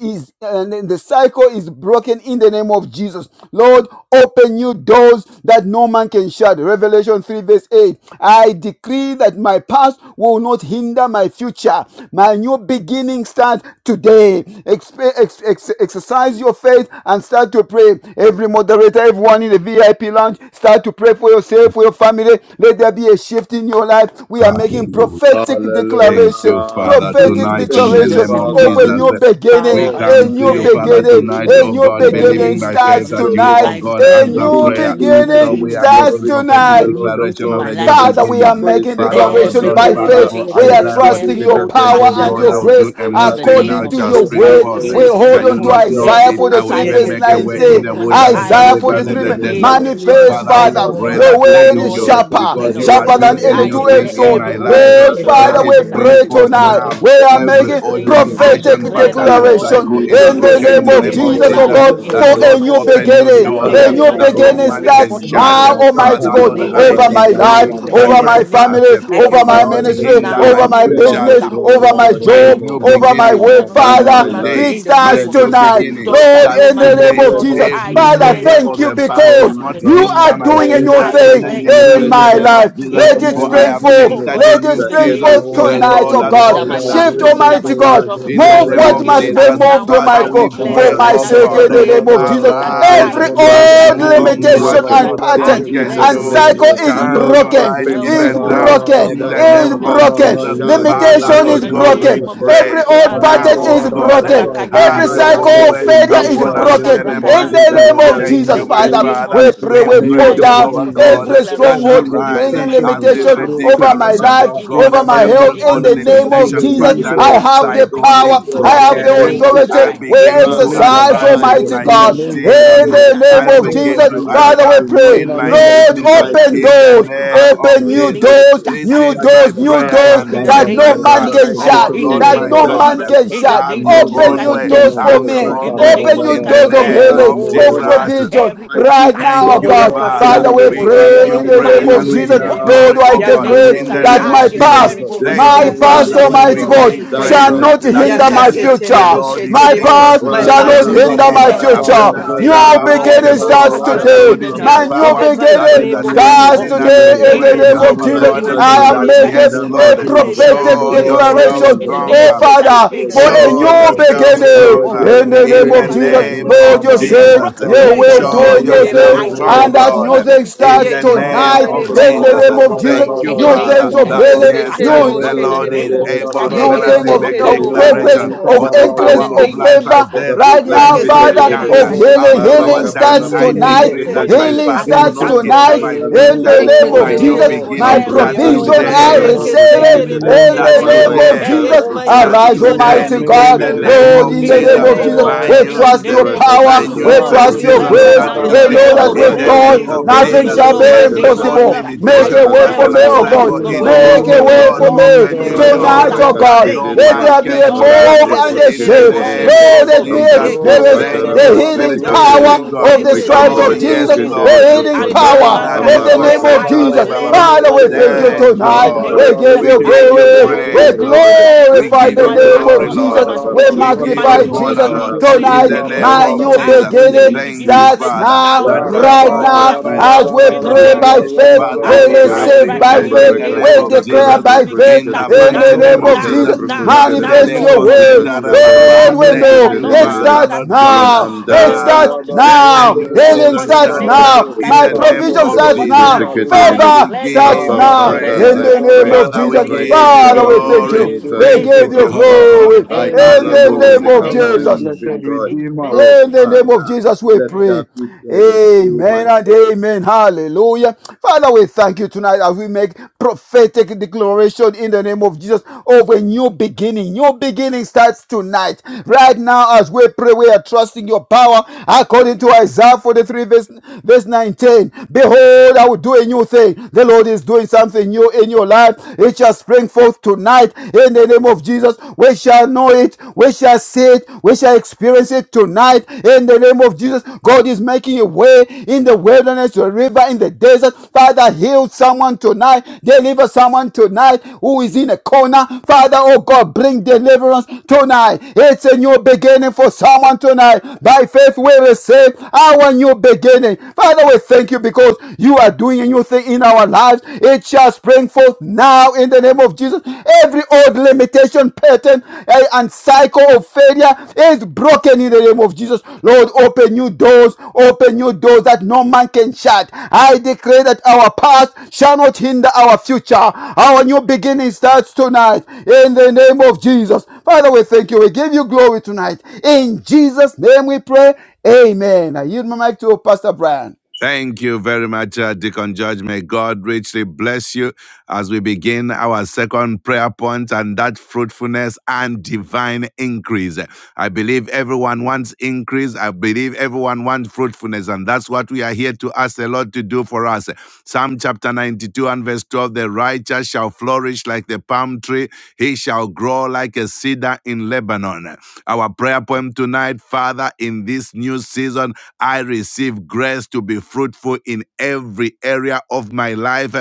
C: is, and the cycle is broken in the name of Jesus. Lord, open new doors that no man can shut. Revelation 3 verse 8. I decree that my past will not hinder my future. My a new beginning starts today. Exp- ex- ex- exercise your faith and start to pray. Every moderator, everyone in the VIP lounge, start to pray for yourself, for your family. Let there be a shift in your life. We are making
A: Hallelujah.
C: prophetic
A: Thank
C: declaration,
A: you,
E: Hallelujah.
A: Father,
F: In the
C: prophetic
F: name of
A: tonight in
E: Thank
A: the
E: you,
C: declaration
F: Jesus
A: name
F: is
A: of
C: of
A: Jesus.
E: Father.
C: a new
F: receiving.
C: beginning,
F: Father,
A: We
E: Oh,
F: I
C: a
A: come to
E: Father,
C: new
E: we
A: you,
F: declare a
E: give you
A: Father,
F: new
E: praise,
C: beginning,
A: tonight,
E: we
C: a
F: beginning
E: give
A: oh
C: new
E: you
A: God,
F: in the
E: glory, we
C: beginning
A: believing
F: name
A: by
F: of
E: give you
A: faith
C: starts
F: Jesus.
A: that you,
C: tonight.
A: oh
F: I
E: adoration.
A: God,
F: declare
C: A
F: a
E: The
F: new
A: answer
E: King
C: new
E: of
A: prayer.
F: beginning in
E: Kings,
F: the
E: the
A: So
C: beginning
E: King
A: we
F: name
E: of
F: of
A: are
F: Jesus.
C: starts
A: making
E: Glory,
F: In
A: prophetic
F: the
E: the
C: tonight.
E: Lord of
F: newness
A: declaration
F: in
A: of
F: my
E: Lords,
A: a
E: the
F: life,
A: new
F: let
C: Father,
F: it
E: Ancient
C: we
E: of
F: spring
C: are
A: beginning.
F: forth
E: Days,
C: making
E: the
A: Father,
E: Alpha
A: Lord
E: and
C: declaration
E: the
F: every
A: God,
C: by
F: old
B: Yekeseterebo
A: Father,
C: faith.
E: Omega,
A: for
C: We
F: limitation,
C: are
E: the
B: sheterebo
A: Isaiah
C: trusting
F: every
A: 43
E: beginning
C: your
B: sheterebo
A: verse
E: and
F: old
E: the
C: power
A: 19,
E: end,
C: and
F: pattern,
E: the
A: behold,
C: your
A: I
E: first
A: will
C: grace
E: and
A: do a
E: the
B: yakaseterebo
A: new
F: in
E: last.
F: the
A: thing now,
F: name
C: according
A: it
F: of
C: to
B: sheterebo
A: shall
C: your
E: You
F: Jesus
A: spring
F: Christ,
E: are
C: word.
A: forth.
F: it
C: We
E: worthy,
F: is
C: hold
A: Shall
B: yekeseterebo
C: on
A: you
C: to
F: broken.
A: not know
E: worthy
F: Every
B: sheterebo
C: Isaiah
A: it?
E: to
F: old
E: be
A: I will
C: 43
A: even
C: verse
E: praised,
F: cycle
A: make a way
F: is
E: worthy to
A: in
E: be
B: yekeseterebo
A: the
C: 19.
F: broken.
E: worshipped,
A: wilderness
F: I
B: sheterebo
A: and
C: Isaiah
G: In the
E: worthy
F: declare
G: name
A: rivers
E: to
G: of
A: in
F: in
C: 43
E: be
A: the
F: the name
E: lifted
A: desert.
G: Jesus,
F: of
E: on
B: yekeseterebo
E: high.
C: manifest,
F: Jesus
A: Father,
B: bo
A: we
F: Christ,
B: bo
C: Father.
F: oh
B: bo bo
A: pray
F: God,
E: Covenant
B: bo bo
C: Your
A: that
B: bo
F: that
A: thank
B: bo
C: word
B: bo
E: keeping
C: is
B: bo
F: Lord,
A: you
F: in
E: God,
F: the name
E: I
A: because
F: in
C: sharper,
F: the
A: you
F: name
E: bless
F: of
A: are
C: sharper
F: Jesus,
E: your
C: than
A: doing a
B: yekeseterebo
C: any
E: holy
F: I
B: bo
A: new
E: name.
C: two-edged
A: thing
F: declare
A: in
C: sword.
F: every
A: my
B: sheterebo
E: Abba,
F: old
A: life.
C: Lord,
F: limitation
A: Let
C: Father,
E: Father,
A: it
F: pattern
C: we
F: of sa-
B: yekeseterebo
A: spring
C: pray
F: it is
A: forth
E: Jehovah
C: tonight.
B: sheterebo
A: now.
F: broken
E: our
C: We
E: God.
C: are
F: in
A: Every
C: making
F: Jesus'
E: There
A: old
F: name.
E: is
B: yekeseterebo
E: no
F: I
B: bo
E: God
A: limitation
B: bo
C: prophetic
B: bo
E: like
F: declare
A: pattern
F: that
E: you.
B: bo
A: and
B: bo bo
F: God is
C: declaration
A: cycle
F: doing
E: You
F: a
A: is
E: are
C: in
F: new
C: the
E: the
A: broken
F: thing
A: in
C: name
A: the
C: of
A: name
F: in
E: Almighty
B: yekeseterebo
A: of
F: my
B: bo
C: Jesus,
E: God.
C: oh
B: bo
E: You
A: Jesus.
F: life,
E: are
B: bo bo
C: God,
E: the
F: in the
B: bo
E: all
A: That
C: for
B: bo
F: life of
B: bo
C: a
A: Lord
F: my
E: faithful
C: new
B: bo
E: God.
A: open
B: bo
F: children,
A: new
F: in the
C: beginning.
F: life
E: You
F: of
E: are
F: my
A: doors
E: the
A: eh,
C: A
E: all
C: new
F: husband,
A: that
F: and
A: no
E: powerful
F: it
B: yekeseterebo
C: beginning
B: bo
A: man
E: God.
F: springs
B: bo bo
A: can
F: forth
C: starts
B: bo
E: And
A: shut.
B: bo
F: now.
C: now,
A: eh.
E: Father,
B: bo bo
E: come
C: Almighty
A: Father,
E: to
F: The
C: God,
A: Lord,
F: name
E: declare
A: I
F: of
E: right
C: over
F: Jesus,
C: my
E: now in the
B: yekeseterebo
F: I
C: life,
A: decree
E: name of
A: that
F: declare
C: over
F: in
A: my
F: the
B: sheterebo
C: my
E: Jesus
F: name
E: Christ.
F: of
A: past
C: family,
A: eh,
F: Jesus Christ
E: The
C: over
A: will
F: that
C: my
A: not
E: Father,
B: Yekesete.
C: ministry,
E: thank
A: hinder
F: now
E: you.
A: my
C: over my
F: new
E: Thank
A: future.
E: you
F: doors
C: business,
F: are
E: because
F: opened
C: over
E: you
C: my
E: are
F: unto
A: My
C: job,
F: me,
E: doing a
A: new
C: over
F: unto
E: new
F: my
C: my
A: beginning
E: thing
C: work,
F: children, unto my
A: starts
E: in my
C: Father.
F: husband,
E: life.
C: This
A: today.
F: in the
A: My
C: starts
F: name
E: Let
F: of
A: new
E: it
F: Jesus.
C: tonight,
E: spring
A: beginning
E: forth
F: Doors that
C: Lord,
F: no
A: starts
E: now.
C: in the
F: man can
C: name
A: today.
C: of
E: Let
F: shut.
E: it
C: Jesus.
F: I
E: spring
A: Every
C: Father,
E: forth
F: declare
A: failure
F: this, oh
E: now.
C: thank
A: of
C: you
F: God,
A: the
F: even
A: past
F: right
E: Oh
A: will
F: now,
C: because
E: my
F: in
A: not
F: the
C: you
E: God.
F: name
C: are
A: hinder
F: of Jesus
A: my
F: Christ.
C: doing a
G: in the
C: new
A: future
E: Every
F: I
A: in
G: name
E: odd
C: thing
A: the
F: declare
G: of
F: in
A: name
F: the
A: of
C: in
F: name
A: the
F: of
C: my
A: name
F: Jesus
G: Jesus,
E: limitations,
A: of
C: life.
F: Christ a
G: in
A: Jesus.
G: the
C: Let
E: odd
F: new
C: it
A: For
G: name
A: I
G: of
C: spring
F: beginning,
A: have
G: Jesus.
F: oh
C: forth.
E: limitations,
A: entered
F: God,
A: the
C: Let it
A: new
F: in
E: Father,
F: the
C: spring
F: name
G: In
A: season.
E: every
F: of
C: forth
F: Jesus
E: law,
A: The
F: Christ
E: odd
C: tonight,
A: Lord
C: oh
A: has
G: the
F: that
C: God.
F: my
A: opened
E: limitation,
A: up
F: past
E: oh
F: will
C: Shift,
A: the
F: not
E: God.
A: new
F: hinder
C: Almighty
F: my
A: season
E: Father,
C: God.
F: future.
A: in the
F: My
C: Move
E: micro
F: new
A: name
C: what
A: of
F: beginning
C: must be
A: Jesus.
F: starts
E: limitations,
C: moved,
F: now.
A: Father,
C: Almighty
F: I
E: pattern
A: we
C: God,
E: and
F: declare
C: for
F: this
A: pray,
C: my
F: right
A: oh
F: now
E: cycle
F: in
C: sake
F: the
C: in
A: God,
E: is
C: the name
F: name
C: of
F: of Jesus.
E: broken,
C: Jesus.
F: Christ.
A: arise
E: is
F: I
C: Every
F: declare it
A: and
E: broken,
F: right
C: old
F: now
A: do
F: in
E: is
F: the
A: only
F: name
A: what
F: of
C: limitation
F: Jesus.
E: broken.
C: and
A: you,
F: Christ.
A: the Lord,
E: In
F: I
C: pattern
F: declare
A: can
E: Jesus'
C: and
F: new
A: do.
E: name,
C: cycle
F: beginning, oh
C: is
F: God,
A: Turn
F: even
E: Lord,
F: for
A: your
C: broken,
A: light
E: open
F: myself
E: new
C: is
A: even
F: Oh God, for
A: now
E: doors
F: my
C: broken,
A: in
F: family, for
A: the
E: that
F: my
A: name
C: is
E: no
F: children,
A: of
E: man
F: God,
E: can
C: broken.
A: Jesus.
F: may new
E: shut,
A: Father,
F: beginning
C: Limitation
F: in
A: Lord
C: is
F: the
E: according to
A: God, we
C: broken.
F: name of Jesus.
C: Every
E: Revelation
A: pray
C: old
E: chapter
F: Mbale
A: now,
E: 3,
C: pattern
E: verse
A: oh
C: is
F: boshka,
E: 8,
A: God,
E: oh
A: eh,
C: broken.
F: braka
E: God.
F: yaka
A: have
C: Every
F: rina
A: your
E: Father,
C: cycle
A: own
C: of
A: way
F: maseke,
E: open
C: failure
E: new
C: is
A: upon
E: doors
A: us in
E: that
F: ikamasa
C: broken.
A: the
E: no
A: name
F: braka
A: of
C: In
E: man
F: yande.
A: Jesus.
E: can
C: the name
F: I
C: of
E: shut
A: Thank
C: Jesus,
A: you,
F: declare
E: in
F: in
E: the
A: my
F: the
C: Father,
E: name of
F: name of
A: Father.
C: we
E: Jesus.
F: Jesus
C: pray,
A: We
F: Christ,
C: we
E: New
G: name
A: pray,
C: pull
F: I
G: of
F: make
E: doors
C: down
F: this
E: of
A: Jehovah
F: prophetic
A: God,
E: righteousness,
A: eh,
C: every
G: Jesus,
A: that
E: of
F: declaration,
G: every
C: stronghold
F: even
A: arise
E: holiness,
A: eh,
F: over
C: bringing
F: my
E: of
G: limitation
A: as
F: family,
G: is
A: we
F: my
C: limitation
A: make
F: household
E: purity,
C: over
G: broken.
E: of
C: my
F: new
A: declarations
C: life,
A: of
E: power.
G: In
F: beginning,
A: God.
C: over
G: the
C: my
F: new
G: name
E: Abba,
A: Every
G: of
C: health. In
A: old
F: beginning,
E: Father
C: the
G: Jesus,
F: new
C: name of
F: thing,
A: limitation
E: open
C: Jesus,
E: new
F: new
G: limitation
A: pattern
C: I
E: doors,
F: thing,
C: have
F: new
C: the
E: open
F: thing
A: cycle
F: that
E: new
C: power,
A: is
F: brings
G: They
E: doors,
F: joy.
C: I have
G: are
F: In the
A: broken.
C: the
E: open
A: eh.
F: name of
E: new
G: broken
F: Jesus
A: I
C: authority.
E: doors.
F: Christ,
C: We
F: a
C: they
G: in
A: begin
F: new
G: the
A: to
F: thing
E: Father,
G: name
F: where
G: of
C: exercise,
A: advance
F: every
E: I
A: in
F: old
G: Jesus.
C: Almighty
A: my
G: In the
E: decree
A: new
C: God.
F: limitation
G: name of
E: that
F: or
C: In
A: season.
E: if
C: the
G: Jesus.
F: pattern
E: that,
G: In
C: name
F: is
A: I
G: the
E: oh
C: of
E: my
G: name
E: God,
F: broken.
A: begin
G: of
E: my
C: Jesus,
A: to
F: The
G: Jesus.
E: past
C: Father, we
F: cycle of
A: advance
E: will not
C: pray,
G: In
A: in
F: pain,
G: the
F: in
A: my
F: for
G: name
E: hinder
G: of
A: new
C: Lord,
F: pain
G: Jesus.
A: season
E: my
F: in our
C: open
A: in
F: body
E: future.
A: the
F: of
C: doors,
E: I
A: name
F: endometriosis.
A: of
C: open
F: In the
C: new
E: pray
G: Thank
F: name of
A: Jesus.
G: you,
F: Jesus,
E: today
G: Jesus.
F: that
C: doors,
A: This
C: new
F: cycle
A: is
E: that
F: is is
A: my
C: doors,
E: my
C: new
E: past,
A: prayer
F: broken.
C: doors
G: In the
A: and
F: In
A: this
F: the
G: name
C: that
E: my
A: is
G: of
F: name
C: no
A: my
G: Jesus.
E: past,
F: of
C: man
A: cry.
F: Jesus
C: can
E: I
F: Christ,
G: In
A: Oh
G: the
C: shut,
F: in the
A: Lord
E: decree
C: that
A: my
G: name
F: name
C: no
F: of
E: that
G: of
A: God,
C: man
E: my
F: Jesus,
C: can
F: in
E: past
F: the
C: shut.
A: have
F: name of
A: your
G: Jesus.
E: will
F: Jesus
C: Open
E: not
A: own
F: Christ,
C: new
A: way.
F: that's
C: doors
E: hinder
C: for
A: Have your
F: broken
C: me,
E: my
F: in
A: own
F: the
A: way
F: name
C: open
F: of
E: future.
F: Jesus
C: new
A: in
F: Christ.
A: the
C: doors
E: My
C: of
A: name
E: past
F: Every
C: healing,
A: of
E: will
F: old
C: of
E: not
F: pattern,
A: Jesus.
E: hinder
C: provision,
F: every
E: my
F: old
C: right
E: future.
G: In
C: now,
F: cycle,
G: the
A: Thank
F: oh
C: oh
B: Rebo
F: God,
A: you,
E: I
G: name
C: God.
G: of
F: that every
E: pray,
A: Father.
B: yakasete
C: Father,
F: month
C: we
F: you
E: Abba
B: rebo
G: Jesus.
A: We
F: just
G: In
F: are
A: give
C: pray
E: Father,
C: in
A: you
C: the
B: yakasete
F: Father,
C: name
A: praise
B: rebo
F: it
E: keep
C: of
A: and
F: is
A: we
E: him
C: Jesus.
A: give
B: shete
A: you
B: rebo
E: now
F: broken
C: Lord,
A: glory,
C: I
E: in
F: in
A: oh
F: the
E: the
A: God,
F: name of
C: decree
E: name
F: Jesus
A: in
E: of
B: yakasete
F: Christ.
A: the
C: that
A: name
B: rebo
F: I
A: of
C: my
E: Jesus
B: shete
E: Christ,
A: Jesus.
F: declare
C: past
F: it,
B: rebo
F: oh
E: the
F: God,
A: Thank
G: the
E: Son
F: even
C: my
A: you,
E: of
F: this
E: the
G: name of
F: evening,
C: past,
A: Father.
F: oh God,
B: yakasete
E: living
F: in
C: Almighty
A: We
F: the
E: God,
B: rebo
G: Jesus.
C: God,
F: place
A: give
B: shete
F: of
E: that
F: de-
A: praise
C: shall
B: rebo
E: from
C: not
A: that
F: declaration.
C: hinder
E: today,
C: my
A: yes,
E: mm,
F: It
A: the
F: is
B: yakasete
A: the
B: rebo
C: future.
F: declared, it
A: Lord
F: is
B: shete
A: is
C: My
B: rebo.
A: able
E: Abba
F: broken
A: to
C: past
F: in
B: My
F: the
A: do
C: shall
B: past
C: not
F: name of
B: will
E: Father,
F: Jesus
B: not
C: hinder
A: exceedingly
F: Christ.
C: my
B: hinder my
F: Every
E: righteous
F: old
C: future.
B: future.
A: abundantly
B: My
C: New
F: limitation,
A: above
E: Father,
A: all
B: past
A: we
F: every
C: beginning
B: will
A: can
B: not
F: old
A: think or
E: oh
C: starts
B: hinder
A: ask
F: pattern
B: my
C: today.
F: in the
A: according
G: Oh,
E: Jehovah,
A: to
B: future.
A: the
F: name
C: My
E: my
F: of Jesus
B: In
C: new
A: power
E: God,
B: the
F: Christ. The
A: that
B: mighty
C: beginning
E: I
G: In
A: is
F: same
G: the
B: name
A: at
B: of
E: pray
A: work
G: name
F: pattern
G: of
C: starts
E: from
F: of
A: within
B: Jesus.
A: us.
C: today
A: We
F: rejection,
E: today
C: in
G: Jesus,
F: it
C: the
A: pray,
F: is
G: in
C: name
G: the
E: that
C: of
A: Jehovah
F: broken
B: Yekesete
G: name
E: my
C: Jesus.
G: of
A: God,
F: in
B: rebo
F: the
E: past will
F: name
C: I
B: shete
F: of
G: Jesus,
C: am
A: that
E: not
F: Jesus
G: in
F: Christ.
B: rebo
C: making
G: the
F: The
A: yes,
E: hinder
G: name
F: same
E: my
G: of
C: a
A: Lord,
C: pro
F: pattern
E: future.
F: of
G: Jesus,
B: yekesete
F: denial,
G: in
C: prophetic
G: the
B: rebo
A: show
F: it is
G: name
E: Oh
B: shete
G: of
F: broken
A: yourself
B: rebo
E: Lord,
C: declaration.
F: in
G: Jesus.
E: I
F: the
E: want
F: name
C: Oh
E: to
F: of
A: strong.
F: Jesus Christ.
C: Father,
F: In
E: appreciate
F: the
C: for
G: Ah,
E: you.
F: name
C: a
F: of
A: Show
F: Jesus
G: leba
F: Christ,
B: yekekekekekekeke
C: new
G: ba
F: It- the old
A: yourself
B: shete
G: zimbe
E: I
G: de
F: pattern
C: beginning
G: de
B: rebo.
E: want
G: de
F: of
E: to
G: de
A: stronger
C: in
G: de
C: the
G: de
B: Yeke
A: in
C: name
G: de
F: unfinding
E: appreciate
A: the
G: de
C: of
B: se
E: you, O
G: de
C: Jesus.
A: name
B: terebo
F: favor
E: God.
G: zimba
F: at
B: she
F: work,
E: I
A: of
C: Lord,
G: ra ba
C: you
E: give
F: it
G: ya
F: is
B: terebo.
C: say
G: ba
A: Jesus.
E: you
F: broken
G: sa
F: over
E: glory. I
G: sa
C: you
F: in
E: give
G: sa
F: in
C: will
E: you
F: the
B: Yeke
G: la
C: do
A: Show
F: name
B: se
G: bra
C: a
F: of
E: praise.
F: Jesus
G: do
E: I
C: new
F: Christ.
G: zi
E: give
B: terebo
A: yourself
C: thing
G: te
E: you
B: bo
F: I
G: de
B: bo bo
A: strong,
G: do
C: and
F: declare
G: sa.
F: it
B: bo
C: that
B: bo
F: this
E: adoration.
C: new
B: bo
A: Lord,
F: morning,
B: bo.
C: thing
F: this
E: There
F: evening,
E: is
A: in
F: in
C: starts
F: the
A: the
B: Yeke
F: name of
B: se
F: Jesus
E: nothing,
A: name
F: Christ.
C: tonight
G: Ah,
A: of
G: ya
B: terebo
E: Almighty
C: in
B: bo
G: ba
C: the
G: ra
B: bo
E: God,
A: Jesus.
F: Broken
G: ra
C: name
B: bo
C: of
B: bo
G: ra
B: bo
G: ra
E: that,
A: Thank
B: bo
G: ra
E: O
G: ra
C: Jesus.
B: bo
F: in
A: you,
G: ra
F: the
E: God,
C: New
B: bo.
G: ra
E: you
F: name of
A: Father,
C: things
G: ra
F: Jesus
C: of
F: Christ.
E: cannot
G: ra
A: that
B: Yeke
G: ra
E: do.
F: The
C: healing,
G: ye
B: se
A: yes,
G: te
F: pattern,
G: de
F: oh
C: new
B: terebo
G: de
A: the
F: God,
G: de
B: she
F: in the
G: de
A: Lord
G: de
A: is
F: name
B: terebo.
F: of
E: Marekandere
G: zimba
F: Jesus
G: ra
A: able,
F: Christ
G: ra
E: broko
G: ra
C: new
A: even
B: Yeke
F: it's
A: as
G: ra
C: thing
A: we
G: ra
B: se
C: of,
A: make
F: broken, oh
C: of
G: zimbe
B: terebo
F: God
G: de
B: bo
E: ziketererere.
F: of
G: do
B: bo
F: this
B: bo
C: progress,
G: zi
A: declaration,
F: favor.
B: bo
G: sa
C: of
B: bo
A: for
G: la
B: bo.
A: the
G: ba
F: Broken in
E: Ziketere
A: power
F: the
C: increase,
G: yende.
A: of
C: of
F: name
E: broko
F: of
A: life and
C: favor
F: Jesus.
E: zikatara
A: death
F: Oh
C: right
F: God,
E: broko
F: look,
A: lies
C: now,
F: oh
B: Yeke
A: in
F: God,
B: se
F: in
A: the
G: Increase
F: the
C: Father,
G: of
F: name of
A: tongue.
F: this
E: ziketererere.
C: of
B: terebo
F: guy,
G: favor
F: not
G: in
B: she
G: the
C: healing.
A: Out
F: enough
A: of
F: to
G: name
F: be
A: our
B: terebo.
C: Healing
G: of
F: in favor,
A: tongue,
F: oh
E: Marakabara
C: starts
F: God.
A: I
B: Yeke
E: broko
F: It is
B: se
C: tonight.
G: Jesus.
A: decree that
B: terebo
A: my
F: broken
E: ziketererere.
B: she
C: Healing
A: past
F: as I
A: will
C: starts
A: not
B: terebo.
F: stand
G: Increase
F: to
G: of
A: hinder
C: tonight
A: my
F: pray,
E: Rikabarakara
F: even
C: in
F: this
A: future.
B: Ye
E: broko
C: the
F: evening
C: name
F: in the
A: My
C: of
E: ziketere.
A: new
F: name of
C: Jesus.
G: favor.
F: Jesus.
B: keseterebo
C: My
A: beginning
F: Every
A: starts
B: sheterebo.
G: In
F: old
G: the
C: provision, I
E: Ambrakasikatara
A: today.
B: Ye
G: name
C: receive
G: of
F: limitation,
C: it
F: every
E: brukoshiketere.
B: keseterebo
F: old
C: in
A: Start
C: the
F: limitation,
B: sheterebo.
C: name of
G: Jesus.
A: today.
F: every
E: Marakatara
C: Jesus.
B: Yes, my
F: old
E: brukara
B: new
A: Start
C: Arise,
F: boundaries,
B: season
G: In
E: brukoskara
B: has
G: the
A: today.
C: Almighty
F: every old
A: In
B: begun
G: name
C: God,
A: the
G: of
E: brukosketere
A: name
B: tonight
F: embargo,
C: Lord,
A: of
C: in
F: it
C: the
B: in
F: is
B: the
C: name
A: Jesus.
C: of
B: name
C: Jesus.
B: of
F: broken
A: My
E: brukosketere.
C: We
G: Jesus.
F: in
A: new,
F: the
B: Jesus.
C: trust your
F: name
B: Thank
F: of
B: you for
C: power,
A: my
B: a
F: Jesus.
A: new
E: Brakaskotoro
C: we
G: Ah,
B: season
F: I
A: first
B: of
C: trust your
G: labels
F: declare
A: season
G: are
E: brukoskotoro
B: increase,
F: right
C: grace.
A: start
F: now in
B: a
E: brukara.
F: the
C: We
A: today.
F: place
C: know
B: season
F: of
C: that
B: of
A: In
F: prayer,
C: with
A: the
F: it
A: name
C: God,
B: plenty,
F: is
A: of
B: a
E: Murakazakatara
C: nothing
A: Jesus.
F: broken
B: season,
C: shall be
F: in the
B: Almighty
A: Every
F: name of
E: brukoshiketere.
A: old
F: Jesus.
C: impossible.
B: Father.
F: I
C: Make a
B: Yes,
A: limitation
C: way way
F: declare
C: for
A: pattern
C: me,
B: Almighty
A: and
F: right
C: oh
E: Brakasikotoro
F: now now,
B: God,
C: God.
A: cycle
G: in
F: the
G: the
A: is
B: where
F: Lord
B: you
E: brukoskotoro
C: Make
G: name
B: owe
C: a
A: broken.
F: opened
B: no
G: of
C: way
F: new
A: Lord,
B: one,
C: for
E: brukoskotoro.
C: me
F: doors.
A: open
B: nobody
A: new
F: New
B: except
A: doors
F: doors
C: tonight,
F: are
B: love.
C: oh
G: Jesus.
F: open
A: that
F: unto
C: God.
A: no
B: Thank
F: me.
B: you,
C: Let
E: Rakabarakaskaterere,
A: man
C: there
F: New
C: be
B: Father.
A: can
C: a
F: doors of
B: Ye
F: new
A: shut.
C: move and
F: express,
C: a
A: In the
F: new
C: shift.
B: keseterebo
F: doors of
A: name
E: Rambrokoskaterere,
A: of
C: Lord, let
B: sheterebo.
F: elevation,
C: me
A: Jesus.
F: new
B: Ye
G: Oh,
F: doors
G: ra-
C: experience
F: of
G: ra-
A: Thank
G: ra-
E: Ambrokosatara
G: ra-
F: breakthrough,
C: the
A: you,
B: keseterebo
G: ra- ba-
F: new
C: healing
A: Spirit of
G: yin-
A: the
F: doors
G: ra-
F: of
B: sheterebo.
G: ra-
E: Brokasikatere,
C: power
A: Living
G: ra-
F: joy,
G: ba-
A: God.
C: of
B: Ye
F: new
C: the
F: doors
G: shutun-
F: of
C: stripes
G: do-
A: Oh,
C: of
G: do-
F: health.
G: do-
A: yes,
G: do-
B: keseterebo.
F: It
C: Jesus,
F: is
G: do.
E: Rikambarakaskatere
B: Ye
A: Lord.
F: open
C: the healing
F: and
E: Brokota,
F: no
C: power
F: man
B: keseterebo.
G: Ah,
F: can
A: Mandale
C: of the
F: shut
G: yan-
B: Ye
F: it.
G: ra-
C: name
G: ra-
C: of
F: I
G: ra-
B: se
A: Kosetori
G: ba-
C: Jesus.
F: declare
B: terebo
E: Amarakaskatakara
G: zun-
F: this,
A: Baba.
F: oh
G: do-
B: she
C: Father,
G: do-
F: God,
C: we
F: even
G: do.
E: Brokosaka,
B: terebo.
C: thank
F: this
C: you
F: morning
G: Kuba-
A: Thank you,
F: in
G: zan-
F: the
C: tonight.
G: da- ra-
F: name
A: Lord.
C: We
F: of
G: ba-
F: this
C: give
F: God.
A: We
C: you
G: yukin-
F: I
A: give
E: Rikambarakaskatara
G: do- do-
A: you
C: glory.
F: declare,
G: do-
F: oh
G: do-
F: God,
C: We
G: do.
A: praise,
F: in the name
A: Lord.
F: of
E: Brokoskaterere,
F: my
A: We
F: decree,
C: glorify
A: give
C: the
A: you
F: my
G: Oh,
E: Ambaraka
C: name
F: past is
A: glory,
C: of
E: Papa
F: not in
G: Randa
F: that
A: Lord.
E: Papa
F: my
C: Jesus. We
G: raba
F: future,
A: We give
E: Papa
F: my
G: Zunde
C: magnify
A: you
F: new
G: Rebo
A: honor,
C: Jesus
A: Lord.
F: beginning.
E: Papa
G: Shike
F: The
G: Tele
A: In
F: new
C: tonight.
E: we
A: the
G: Ba
F: beginning
A: name
E: pray
C: My
G: Randa
A: of
F: starts
C: new
E: right
G: Raraba
E: now in
F: now.
A: Jesus.
E: the
F: The
C: beginning
E: name
G: Zundu.
F: new
E: of
A: Thank
F: beginning
A: you,
E: Jesus,
C: starts
F: commences
A: Father,
C: now
F: now.
E: by
A: that
F: The
E: the
A: by
G: Raka
F: new
C: right
A: all
E: blood
F: beginning
G: Bara
E: of
A: my
C: now
F: starts
A: by
F: now
C: as
F: now
E: Jesus,
G: raba
C: we
F: in
A: almighty
F: the
E: with
C: pray
E: the
F: name
A: hand,
C: by
F: of
E: help of
F: Jesus.
E: the
C: faith,
G: Yanda
A: Father,
C: we
E: Holy
F: I
A: we
F: declare
E: Spirit.
G: Raraba
F: it
C: receive
F: right now
C: by
A: appreciate
F: in
E: Number
G: Zunde
F: the
A: in
C: faith,
A: the
F: name of
A: name
C: we
F: Jesus
A: of
G: Rebo.
F: Christ.
E: Rekasikatara
C: declare
F: The
A: Jesus.
F: new
C: by
F: beginning
C: faith
A: In the
F: starts
G: In
E: Brukusikatara
C: in
G: the
C: the
A: mighty
F: now,
A: name
C: name
G: name
A: of
G: of
C: of
E: Rikara
F: now,
A: Jesus.
C: Jesus.
F: now,
G: Jesus, in the
F: now,
E: Brukuskatara
C: Manifest
A: Mandele
F: Lord,
C: your
G: name
F: in the
G: of
C: word,
F: name of
A: kosetara
F: Jesus
G: Jesus,
F: Christ.
E: Rikaskatara
G: in
A: bababa.
G: the
C: Lord.
F: I
C: We
G: name
F: declare
A: Thank
C: know
G: of
F: that,
A: you,
F: Lord,
C: it
F: my
G: Jesus.
E: Brukuskatara
A: Father,
F: business
C: starts
A: Lord
F: starts
A: God.
F: today
C: now,
F: in
C: it
F: the
E: Amdara
G: Oh,
F: name
A: Ah,
C: starts
F: of Jesus
G: Rada
F: Christ.
A: let the
C: now,
F: I
G: Zunde
A: new
E: Brukosikatara
F: declare, oh
G: Rebo
C: healing
A: season
F: God, in the
C: starts
A: start
G: Shimba
F: name of
A: now
G: Rabo
F: Jesus
C: now,
F: Christ,
A: in
C: my
A: the
G: Shika
F: not
A: name
C: provision
G: Riba
A: of
F: tomorrow,
C: starts
G: Ribo
F: but
A: Jesus.
C: now,
G: Zunda
F: now.
G: Ribo.
F: I
A: Father, we
C: favor
F: declare this, oh
C: starts
A: give
E: Abba,
F: God,
A: you
F: in
C: now
F: the
G: Araka
E: Father,
F: name of
C: in
A: praise.
E: I
F: Jesus
C: the
F: Christ,
C: name
E: pray
F: a
C: of
G: Rada
A: Father,
F: new
A: we
C: Jesus.
E: right now
A: give
F: beginning,
E: in
A: you
E: the
G: raba
C: Father,
F: a
C: we
E: name of
F: new
G: Zunde
C: thank
A: glory.
C: you,
F: beginning,
C: we
F: a
E: Jesus,
A: Thank
F: new
A: you,
C: give
G: Rebo.
C: you
E: oh
A: Jehovah
F: beginning
E: God.
F: in
A: God.
C: glory
F: the
E: I
F: name of
G: Thank
E: call
F: Jesus
C: in
G: you,
F: Christ.
C: the
E: upon
F: So
E: you,
G: Lord.
F: in
C: name
E: the
F: the
A: Hallelujah.
C: of
F: name
G: Thank
F: of
G: you,
E: covenant
C: Jesus.
F: Jesus
E: keeping
G: blessed
A: Mm.
F: Christ.
E: God.
G: Redeemer.
F: Amen.
E: Oh,
C: In the
F: Thank you,
C: name
F: Lord.
C: of
E: Father,
C: Jesus, we
E: let
F: Amen.
E: that
C: pray.
E: be the real
C: Amen and amen.
E: manifestation.
C: Hallelujah. Father, we thank you tonight as we make prophetic declaration in the name of Jesus of a new beginning. New beginning starts tonight. Right now, as we pray, we are trusting your power according to Isaiah 43, verse, verse 19. Behold, I will do a new thing. The Lord is doing something new in your life. It shall spring forth tonight in the name of Jesus. We shall know it. We shall see it. We shall experience it tonight in the name of Jesus. God is making a way in the wilderness, the river, in the desert. Father, heal someone tonight. Deliver someone tonight who is in a corner. Father, oh God, bring deliverance tonight. It's a new beginning for someone tonight. By faith, we receive our new beginning. Father, we thank you because you are doing a new thing in our lives. It shall spring forth now in the name of Jesus. Every old limitation, pattern, eh, and cycle of failure is broken in the name of Jesus. Lord, open new doors, open new doors that no man can shut. I declare that our past shall not hinder our future. Our new beginning starts tonight in the name of Jesus. Father, we thank you. We give you glory tonight. In Jesus' name we pray. Amen. I yield my mic to Pastor Brian.
A: Thank you very much, uh, Deacon Judge. May God richly bless you as we begin our second prayer point and that fruitfulness and divine increase. I believe everyone wants increase. I believe everyone wants fruitfulness. And that's what we are here to ask the Lord to do for us. Psalm chapter 92 and verse 12 The righteous shall flourish like the palm tree, he shall grow like a cedar in Lebanon. Our prayer point tonight, Father, in this new season, I receive grace to be fruitful in every area of my life.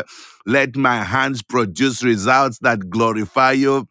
A: Let my hands produce results that glorify you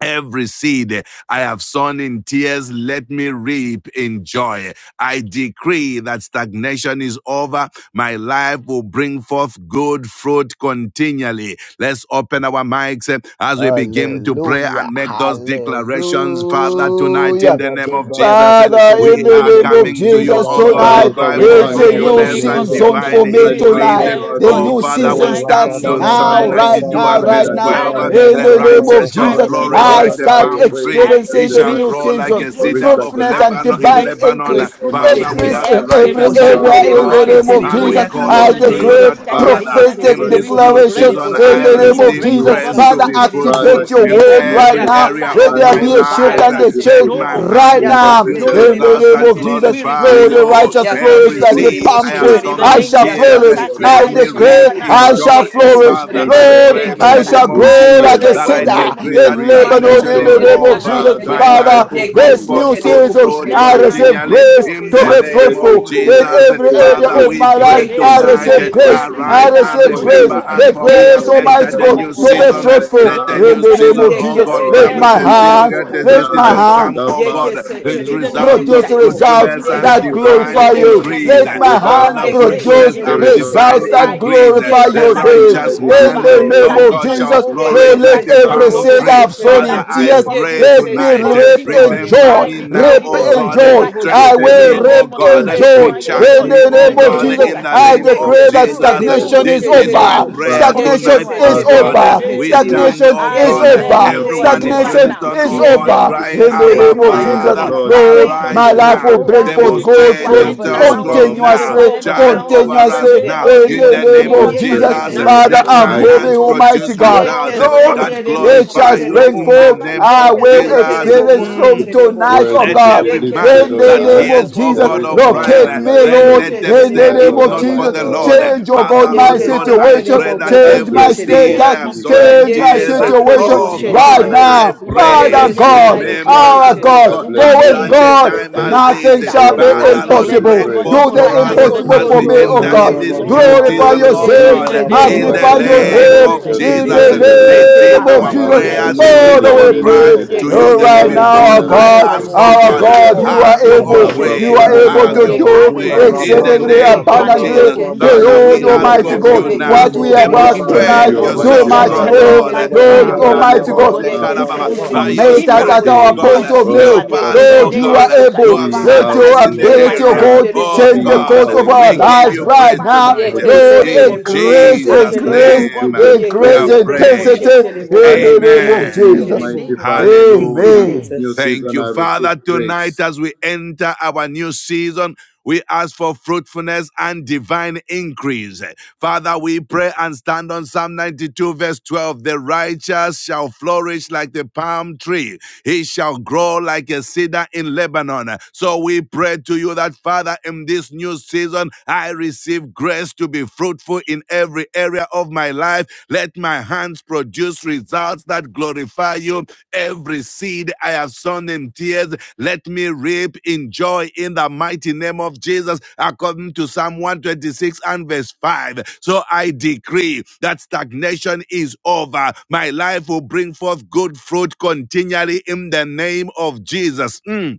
A: Every seed I have sown in tears, let me reap in joy. I decree that stagnation is over. My life will bring forth good fruit continually. Let's open our mics eh, as we begin to pray
C: Hallelujah.
A: and make those declarations. Father, tonight
G: Oh,
A: in
C: Hallelujah.
A: the
G: and
A: name of Jesus, eh,
C: Father, in
A: we
C: the
A: are
C: name of
A: coming to you,
C: Jesus
F: of
A: oh God,
F: Jesus,
A: to
C: tonight,
E: Father,
A: cry
E: we
F: in
A: for
F: the
C: it's
E: thank
C: a
E: you,
F: great
C: new
A: fruitfulness
F: name
E: Almighty
A: and
F: of
E: God.
C: season
F: Jesus,
A: divine
C: for me
E: Right
F: we
E: now,
A: increase.
E: Abba,
A: Eh,
F: declare,
C: tonight.
F: oh
E: Father,
C: The
F: God,
E: we
A: Oh,
C: new
F: even
A: Father,
E: declare
A: we
C: season
F: tonight,
A: stand
C: starts
F: this
A: on
F: is
A: Psalm
C: now,
F: my new
E: fruitfulness
C: right
A: 92
C: now,
A: and
E: and
F: season.
A: verse
C: right
E: the
C: now.
A: 12.
F: And in
A: uh,
F: the
E: divine
C: In
F: name
A: The
F: of
C: the
F: Jesus,
E: increase,
C: name
E: O
C: of
A: righteous shall
F: I
E: God.
C: Jesus,
F: receive
A: flourish
C: I
A: like
E: Father,
F: grace.
A: the
C: start
E: your
A: palm
E: way
A: tree.
F: I
E: declares
A: It
C: experiencing
F: receive
E: the
C: the
A: shall
C: new
F: grace
A: grow
E: righteous
F: to
E: shall
A: like
F: be
C: season,
A: a
E: flourish
A: cedar
E: like
F: fruitful.
A: of
E: a
C: fruitfulness
F: I
C: and
E: palm
A: Lebanon
F: receive
A: in
E: tree.
C: divine
F: grace to
A: Lebanon.
F: be
A: Uh,
C: increase.
E: Yes,
F: fruitful
A: Father,
E: Almighty
A: we
F: in
A: are
C: Increase
B: Yes,
A: the
C: in
E: Father,
F: every area
C: every
B: terrible,
F: of
E: he
F: my
A: righteousness
E: shall
F: life.
A: of
E: grow
C: area in
B: terrible,
E: like
C: the
F: I
A: God,
E: a
A: uh,
C: name of
F: receive
A: and
B: terrible,
E: cedar
A: we
C: Jesus.
E: in
F: grace
A: call
F: in
C: I
B: yakase
F: the
E: Lebanon.
A: unto
F: name
A: you
F: of
B: terrible,
C: declare
A: that,
F: Jesus Christ.
E: Our
F: Amen,
A: Father,
E: Father,
B: yakase
F: Daniela, but
A: in
C: prophetic
F: they
E: right
A: this
B: terrible,
A: new
E: now,
F: receive
C: declaration
F: grace.
A: season,
B: terrible,
C: in
E: Father,
A: I
F: We
C: the
E: in
C: name
F: receive
B: terrible,
C: of
E: this
A: receive
F: grace,
E: new
F: oh
C: Jesus.
A: grace
F: God,
B: yakase
A: to
C: Father,
E: season,
F: to
A: be
F: be
B: sheterebo
A: fruitful
E: Father,
C: activate
F: fruitful
C: your
E: in
F: in
A: in
E: this
B: sheterebo
C: word
F: every
E: new
C: right
A: every
F: area of
E: season,
F: our
C: now.
A: area
F: life.
C: Let
A: of
E: I
C: there
A: my
C: be
B: yakaseterebo
F: No
C: a
E: receive
C: shift
A: life.
E: grace
C: and
A: Uh,
E: to
C: a
E: be
F: barrenness,
A: Let
C: change
F: no
A: my
E: fruitful
C: right
A: hand
E: in
F: unfruitfulness,
C: now
E: every
F: No no
E: area
A: produce
F: low
C: in
A: is
E: of
C: the
B: yakaseterebo
A: thou that
C: name of
E: my
F: productivity.
E: life.
B: sheterebo
C: Jesus.
F: We
A: glorify
F: receive
C: Lord,
F: the
E: Let
C: the
B: sheterebo
E: my
A: you.
F: grace
C: righteous
E: hands
F: to be
C: flourish
A: Every
C: like
E: produce
C: the
A: seed
F: fruitful.
B: yakaseterebo
C: palm
A: I have
C: tree
F: Now, in the
A: sown
B: sheterebo
C: I
A: in
E: results
F: name
B: yakaseterebo
C: shall
F: of
A: tears,
E: that
F: Jesus
C: flourish.
F: Christ,
A: let
C: I
F: I
B: yakaseterebo
E: glorify
B: yakaseterebo sheterebo sheterebo yakaseterebo
A: me
E: you.
F: declare
A: reap
C: declare
F: right now,
B: sheterebo yakaseterebo
F: I
B: sheterebo
A: in
C: I
F: will
C: shall
E: Father,
A: joy.
F: receive it.
E: every
C: flourish.
A: Father,
F: In
E: seed
F: the
E: I
B: yekeseterebo.
A: I
E: have
F: name
A: pray
C: Lord,
B: Thank
F: of
B: you
A: in
F: Jesus
C: I
E: sown
B: for
A: the
B: the
F: Christ,
C: shall
A: name
B: new
A: of
E: in
F: I
C: grow
A: Jesus
B: season,
C: like a
F: declare,
E: tears,
B: my
F: oh
A: that
F: God,
A: I
F: in
B: God,
F: the
B: and
C: cedar
F: name
E: let
F: of Jesus
A: decree
B: you.
E: me
F: Christ,
A: that
C: in
E: reap
F: my
C: Lebanon
E: in
F: Lord,
A: stagnation
C: in
A: is
C: the
E: joy.
F: let
C: name
B: Yekeseterebo
F: my
C: of
F: hands
A: over.
C: Jesus.
E: Father,
A: My
F: produce
B: sheterebo
E: I
A: life
F: results
C: Father,
A: will
F: that will
A: bring
C: this
E: decree
C: new
A: forth
F: glorify
E: that
A: good
B: yekeseterebo
F: you.
B: bo
C: season,
A: fruit
F: Let
C: I
F: my
E: stagnation
F: hand
E: is
B: sheterebo
C: receive
F: produce
A: continually
E: over.
B: Ye
C: grace
F: results
B: ye
A: in
C: to
A: the
B: se
F: that
E: My
C: be
F: will
A: name
E: life
B: terrible,
A: of
F: glorify
E: will
C: fruitful
F: you.
E: bring
C: in
E: forth
A: Jesus.
C: every
F: Now
E: good
F: I
C: area
A: Father,
B: terrible.
E: fruit
C: of
F: pray
A: we
C: my
F: in the
C: life.
A: pray
B: Ye
C: I
F: name of this
E: continually,
A: tonight,
F: guy,
C: receive grace.
F: every
C: I
A: arise
E: continually,
F: seed I have
A: and
C: receive
F: sown in
A: remember
C: grace.
F: tears,
A: us,
E: continually.
C: The
A: for we
F: let
A: have
F: me
C: grace,
E: Oh,
F: reap in
C: Almighty
A: entered
E: Father,
A: a
C: God,
E: this
F: joy.
A: new
E: is
C: to be
F: Let
E: my
A: season.
F: me reap
E: prayer.
F: in
A: Let
C: fruitful
A: let a
F: joy.
C: in
A: new
C: the
F: Let me
C: name
A: season,
C: of
F: reap in
A: oh
E: Almighty
B: que
C: Jesus.
F: joy.
A: God,
B: se
E: God,
C: Let
A: come with
F: Every
C: my
A: the
E: this
F: seed
E: is
F: I've
A: season.
C: hands,
F: sown,
A: Let
E: my
A: a new
C: let
F: even
C: my
E: cry.
F: in
A: season
F: tears,
C: hands
A: come,
E: The
A: oh
F: oh my
E: Father,
A: God,
E: in
F: children,
E: the
A: with
F: in
E: name
F: the
E: of
F: name of
A: results
F: this
A: of
C: produce
F: guy,
E: Jesus,
F: let me
C: results
A: fruitfulness
F: reap
E: by
F: in
E: the
A: and
C: that
F: joy.
E: blood
F: In
E: of
F: the
A: divine
C: glorify you.
F: name
E: Jesus,
F: of this
A: increase.
C: Let
F: guy,
C: my
E: with the
F: Father,
E: help
C: hand
A: Father,
F: I
E: of the Holy
F: pray
A: fruitfulness
C: produce
F: in the
A: and
E: Spirit,
F: name of
E: oh
F: this guy,
A: divine
C: results
E: God.
C: that
F: I
A: increase.
F: decree
C: glorify
E: Father,
F: that
A: The
C: your
B: Yes,
C: name.
F: stagnation
E: let
F: is
A: righteous
E: it be
C: In
F: over.
A: man,
C: the
E: so.
C: name
A: oh
C: of
A: God,
F: Stagnation
E: Let
F: is
E: it
A: shall
C: Jesus,
E: be
F: over.
A: flourish
B: Yeke
C: Lord,
E: so.
A: like
C: let
B: se
A: a
F: Stagnation
C: every
F: is
B: terebo
E: Abba,
A: palm
B: bo
C: seed
F: over.
A: tree.
B: she
C: I've
E: Father,
F: My
E: I
C: sown
A: Father,
C: in
F: life
B: terebo.
F: will
A: I
F: bring
E: pray.
C: tears,
F: forth
A: pray
F: good
B: Yeke
C: let
F: fruit
B: se
E: Oh,
C: me
A: tonight. eh,
B: terebo
C: reap
E: Jehovah,
B: she
E: my
C: in
F: continually.
E: God.
B: terebo.
A: Remember
C: joy.
F: I
A: me
F: decree
A: now,
C: Reap
F: this,
E: You
B: Yeke
A: oh
F: oh
E: are
F: God,
B: se
C: in
A: God. eh,
F: even
C: joy.
E: worthy
F: right
B: terebo
E: to be
B: she
C: I
F: now,
A: Strengthen
F: in
E: praised,
A: me,
F: the
C: will
B: terebo.
A: oh
C: reap
F: name of this
A: God.
C: in
A: eh,
F: guy.
E: worthy to
C: joy.
B: Yeke
E: be
F: My
B: se
F: dear Yes,
A: Recharge
C: In
F: Lord,
E: worshipped,
A: me,
C: the
B: terebo
F: in
A: oh
F: the
B: she
C: name of
F: name
A: God,
F: of
A: eh,
E: worthy
F: Jesus
C: Jesus,
A: in
E: to
B: terebo.
F: Christ,
A: the
E: be
C: I
A: name
F: good
A: of
F: fruit,
B: Yeke
C: declare
E: exalted,
C: that
B: se
F: fruit,
A: Jesus. eh,
B: terebo
F: fruit,
E: worthy
B: bo
C: stagnation
E: to
C: is
A: This
F: in
B: she
E: be
F: the
A: is
F: name
A: my
C: over.
F: of
B: terebo.
F: Jesus Christ,
A: prayer
E: magnified.
B: Yeke
C: Stagnation
A: tonight,
B: se
A: oh
C: is
F: continually,
E: Father,
F: in
A: God.
B: terebo
F: the
B: bo
A: eh,
C: over.
B: she
E: thank
F: name
A: We
F: of Jesus
B: terebo.
E: you.
F: Christ,
A: stand,
C: Stagnation
A: oh
F: I
C: is
B: Yes,
A: God,
E: Thank
A: eh,
E: you,
F: declare
E: King
C: over.
B: Lord.
F: this, oh
E: of
B: Thank
F: God,
A: everyone
F: even
B: you,
A: in
E: Kings.
F: right
C: Stagnation
E: Thank
B: Father.
E: you,
F: now,
A: unison, oh
E: King
C: is
F: in
A: oh
E: of
F: the
B: Thank
A: God,
B: you,
F: name
C: over.
F: of
E: Glory.
A: crying,
C: In
B: Jesus.
F: Jesus
C: the name
B: Thank
F: Christ,
A: Abba,
E: Thank
B: you,
C: name of
E: you,
F: that
E: Lord
B: mighty
F: every
E: of
C: Jesus.
A: Father,
F: form
B: King.
F: of
E: Lords.
C: Lord,
B: Thank you,
F: stagnation,
E: Thank
C: my
A: arise
E: you,
F: it
C: life
F: is
B: Jehovah
A: now.
C: will
E: Ancient of
C: bring
F: over,
B: Jireh.
C: forth
E: Days.
F: it comes
C: gold
F: to
A: Demonstrate
F: an
C: fruit
E: Thank
B: Jehovah
F: end
E: you,
A: yourself
E: O
B: Nissi.
F: now,
A: strong
F: it
E: powerful
F: comes
A: now.
F: to
E: God.
F: an
C: continuously,
F: end
B: Jehovah
A: Charge
F: now,
B: Shammah
E: Oh,
A: over
F: in the
A: us
C: continuously
B: the
F: name
A: now.
F: of
E: Father,
B: only
C: in
A: In
C: the
A: the
F: Jesus,
E: I
B: wise
C: name
A: name
F: it
B: God.
C: of
A: of
E: bless
F: comes to an
E: your
B: Yeke
F: end
C: Jesus.
A: Jesus,
B: se
F: now,
E: name.
C: Father,
A: let
F: in
B: terebo
F: the
C: I'm
B: she
A: my
E: I
F: name
C: moving,
F: of
A: hands
F: Jesus
B: terebo.
F: Christ,
E: glorify
C: Almighty
A: produce
F: my
E: you,
C: God.
E: O
F: Lord
A: results
B: Yeke
F: and my
E: Lord.
C: Lord,
F: God,
A: that
F: in the
B: sendere
E: You are
F: name
C: it
F: of
A: glorify
C: shall
F: Jesus
E: worthy
A: you
B: boşetere
E: to
F: Christ,
C: spring
E: be
B: bo.
A: in the
C: forth.
F: Father, I
E: praised,
A: name
C: I
A: of
F: degrade the
B: Yeke
C: will
F: name of Jesus
E: worthy to
F: Christ,
B: setere
A: Jesus.
E: be
B: bo
F: even
C: experience
F: now, in
A: Mm.
C: from
F: the
E: worshipped,
B: boşetere
F: name
B: bo.
F: of
C: tonight,
F: Jesus
C: oh
E: worthy
A: Let
F: Christ,
E: to be
C: God.
A: every
F: Father,
B: Yeke
A: man
F: Lord,
E: lifted
F: in
C: In
F: the
E: on
C: the
A: that
B: setere
F: name
E: high.
C: name
B: bo
F: of
C: of
A: hears,
B: bo
F: Jesus
B: bo
A: O
F: Christ,
B: bo
C: Jesus,
E: There
A: God
B: bo
F: yes,
E: is
B: bo
A: of
B: bo.
E: no
A: Brian,
F: Lord.
C: locate
A: uh,
E: one
C: me,
E: like
A: then
B: Yeke
C: Lord.
E: you,
A: let them
C: In
B: setere
A: say,
C: the
E: my
B: bo
A: if
F: In
C: name
B: bo
E: Lord
F: the
C: of
B: bo
E: and
A: not
B: bo
F: name
E: my
A: for
C: Jesus,
F: of
B: bo
A: the
F: the
B: bo bo
A: Lord.
F: name
B: bo.
A: Uh,
E: God.
F: of
C: change, oh
F: Jesus
E: I
A: Father,
C: God,
F: Christ.
C: my
A: Lord
B: Yeke
E: bless
A: God,
F: Father,
E: your
F: I
A: I
E: name.
C: situation,
B: setere
A: pray
F: declare
B: bo
F: it,
A: that
F: oh
B: bo bo
E: I
F: God,
C: change
A: every
C: my
E: bless
F: in
E: you,
B: setere
F: the
B: bo.
A: sin
E: King
A: I
F: name
C: status,
A: have
F: of
A: sown
E: Jesus.
A: in
F: Jesus
C: Change
F: Christ.
C: my
B: Yeke
A: tears,
E: I
A: uh,
F: Father,
E: bless
C: situation
E: you,
F: Lord,
B: seterebo
F: in the
E: King
A: oh
E: of
F: name
C: right
F: of
A: God,
B: sheterebo.
E: glory.
A: I
F: Jesus,
C: now.
E: I
F: Lord, in the
A: pray,
C: Father
B: Yeke
E: bless
F: name
E: you,
F: of
C: God,
F: I
E: Lord of
B: seterebo
F: declare
A: remember
F: this,
E: lords.
F: oh
C: our
A: us,
F: God,
A: oh
C: God,
E: I
B: sheterebo.
A: God,
F: in the
C: for
A: at
E: bless you,
C: with
F: name
A: such
F: of
A: a
E: Ancient
B: Yeke
C: God,
F: Jesus
E: of
A: time
F: Christ,
A: as
E: days.
B: seterebo
A: this.
C: nothing
A: Uh,
E: You
C: shall
F: Father,
E: are
C: be
B: sheterebo
F: I
A: Father,
E: worthy
B: yaka
A: Lord,
E: to
F: declare
E: be
F: this,
C: impossible.
F: oh
A: break
F: God,
B: seterebo.
E: praised.
A: forth
C: Do
F: even
A: for
C: the
F: right now,
A: us
G: was
A: uh,
F: in the
B: Iko
C: impossible
G: you
A: as
F: name
C: for
A: we
F: of
G: In
C: me,
F: Jesus
C: O
B: sotorobo
F: Christ.
A: enter
E: Rabrakoshikatara,
G: the
A: in
C: God.
F: Yes,
G: that
A: this
G: was
A: new
B: shenderebo.
G: Zenker, the
C: Glorify
E: brakoshikatikara,
A: season,
F: Lord,
G: Lord,
A: oh
E: brababa.
C: yourself,
B: Yeke
F: in
A: God,
F: the
A: uh,
G: Zimbabwe,
F: name
A: in
F: of
B: seterebo
A: the
C: magnify
B: bo bo
C: your
F: Jesus
B: bo
E: Murakatara,
B: bo
A: name
F: Christ, I
B: bo
C: name
B: bo.
A: of
F: declare
E: mbereka,
F: in the
C: in
A: Jesus.
F: name
C: the
A: Uh,
F: of
B: Yeke
F: Jesus
E: siketererere.
A: This
F: Christ.
A: is is
C: name
B: seterebo
C: of
F: Father,
A: our
F: I
B: bo bo
C: Jesus.
G: in
B: bo
F: declare
G: the
E: Amareka,
A: prayer.
B: bo
F: this, oh
A: This
G: name
F: God,
G: of
A: is
F: in
C: Father,
F: the
A: our
C: we
B: sheterebo.
F: name of
A: cry
C: pray.
F: Jesus
G: Jesus,
E: siketererererere.
A: to
F: Christ.
G: in
B: Yeke
G: the
A: you,
C: Oh,
A: the
B: se
C: right
G: name
F: Father,
A: living
G: of
F: Lord,
B: terebo
C: now,
F: that
A: God.
B: bo
C: our
E: Marikatara,
B: bo
A: I
G: Jesus.
B: bo
C: God,
B: bo
A: ask,
B: bo
F: glorifies
B: bo
A: oh
F: you,
C: our
B: she
F: God.
A: God,
E: mbrukosketere,
C: God,
B: terebo.
F: No
C: you
E: karababa.
F: more
C: are
A: have your
B: Yeke
A: own
C: able,
B: se
F: stagnation
E: Abba,
C: you
A: way.
F: good
C: are
B: terebo.
C: able
A: Have
F: fruit.
C: to
A: your
E: Father.
B: Yeke
C: do
A: own
F: I
B: se
A: way
E: I
F: produce
A: in
E: bless
F: good
B: terebo.
A: the
E: your
C: exceedingly
F: fruit.
A: name
E: name, O
B: Yeke
A: of
F: My
B: ke ke
F: children
C: abundantly
E: God.
A: Jesus.
B: ke
F: produce
B: ke
E: I
F: good
B: she
A: Father,
F: fruit
A: we
C: beyond,
E: bless you,
A: ask
B: terebo.
E: the
F: in
C: Almighty
A: of
E: King of
C: God,
A: you
F: career,
B: Yeke
E: Kings.
A: now.
C: what
F: in
B: se
C: we have
F: job,
E: I
B: terebo
C: asked
F: in
B: she
E: trust
C: tonight.
A: Demonstrate
E: you,
F: business,
B: terebo.
F: oh God,
C: Do
A: yourself
E: Almighty
F: in
C: much
B: Yaka
A: strong,
B: se
E: Father,
F: personal
C: more,
A: Lord.
F: life,
B: terebo
E: that
F: in
B: she
E: the
F: their
C: Lord
F: work
E: time
B: terebo.
C: Almighty
F: with
E: is
F: you, oh
C: God.
F: God.
E: now,
B: Yeke
F: Good
B: se
E: the
F: fruit
G: Zumba
A: By
B: terebo
A: your
B: she
E: season
C: Meet
E: has
C: us
A: spirit,
C: at
B: terebo
F: continually,
A: oh
B: she
C: our
E: changed.
A: God,
C: point
B: terebo.
C: of
E: Oh,
C: need.
A: help
F: continually.
E: Abba
B: Yeke
F: In
A: us,
F: the
B: se
A: oh
C: Lord, you
F: name
E: Father,
F: of
C: are
A: God,
B: terebo
F: Jesus Christ,
B: she
A: who
C: able.
A: have
E: be
B: terebo.
C: Let
F: Father,
E: thou
F: I
A: success
C: your
A: in the
F: declare my
B: Yeke
C: ability, O
B: se
A: area.
F: hands
E: glorified,
C: God,
F: produce
A: Oh
B: terebo bo
C: change the
E: be
B: bo bo
F: results,
C: course
E: thou
A: God,
B: bo
C: of
B: bo
C: our
A: we
B: bo.
F: result
A: give
E: exalted,
C: lives
F: that
A: you
E: and
C: right
A: praise
E: now,
F: glorifies you, oh
C: now.
A: tonight.
F: God.
B: Yeke
F: In
E: Almighty
F: the
B: se
C: Lord,
F: name
E: Father.
A: In
F: of
B: terebo
F: Jesus
B: bo
F: Christ,
B: bo
E: There
C: increase,
B: she
E: is
F: I
A: Jesus'
F: declare,
B: terebo.
F: oh
C: increase,
E: nothing you
A: name,
F: God,
E: cannot
A: we
B: Yeke
C: increase
F: regrace,
A: have
B: se
E: do,
F: oh God.
E: Abba
F: In the
B: terebo
A: prayed.
C: intensity
B: she
F: name
E: Father.
F: of Jesus Christ,
B: terebo.
C: in
F: we
E: I
F: are
E: am
C: the name
B: Yeke
C: of
F: fruitful.
E: trusting
B: se
A: Amen.
E: you,
F: In the
C: Jesus.
B: terebo.
E: Almighty
F: name of Jesus
E: Father.
F: Christ,
B: Thank you,
A: Hallelujah.
E: In
C: Amen.
E: this
F: Amen.
E: new
B: Jesus.
A: Thank
E: season,
A: you,
E: I receive
A: Father. Tonight,
E: grace.
A: as we enter our new season, we ask for fruitfulness and divine increase. Father, we pray and stand on Psalm 92, verse 12. The righteous shall flourish like the palm tree, he shall grow like a cedar in Lebanon. So we pray to you that, Father, in this new season, I receive grace to be fruitful in every area of my life. Let my hands produce results hearts that glorify you. Every seed I have sown in tears, let me reap in joy in the mighty name of Jesus, according to Psalm 126 and verse 5. So I decree that stagnation is over. My life will bring forth good fruit continually in the name of Jesus. Mm.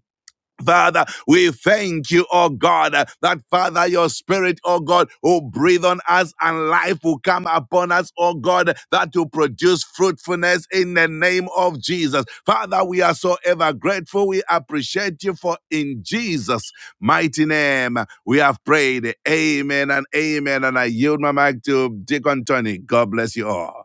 A: Father, we thank you, oh God, that Father, your spirit, oh God, will breathe on us and life will come upon us, oh God, that will produce fruitfulness in the name of Jesus. Father, we are so ever grateful. We appreciate you for in Jesus' mighty name we have prayed. Amen and amen. And I yield my mic to Deacon Tony. God bless you all.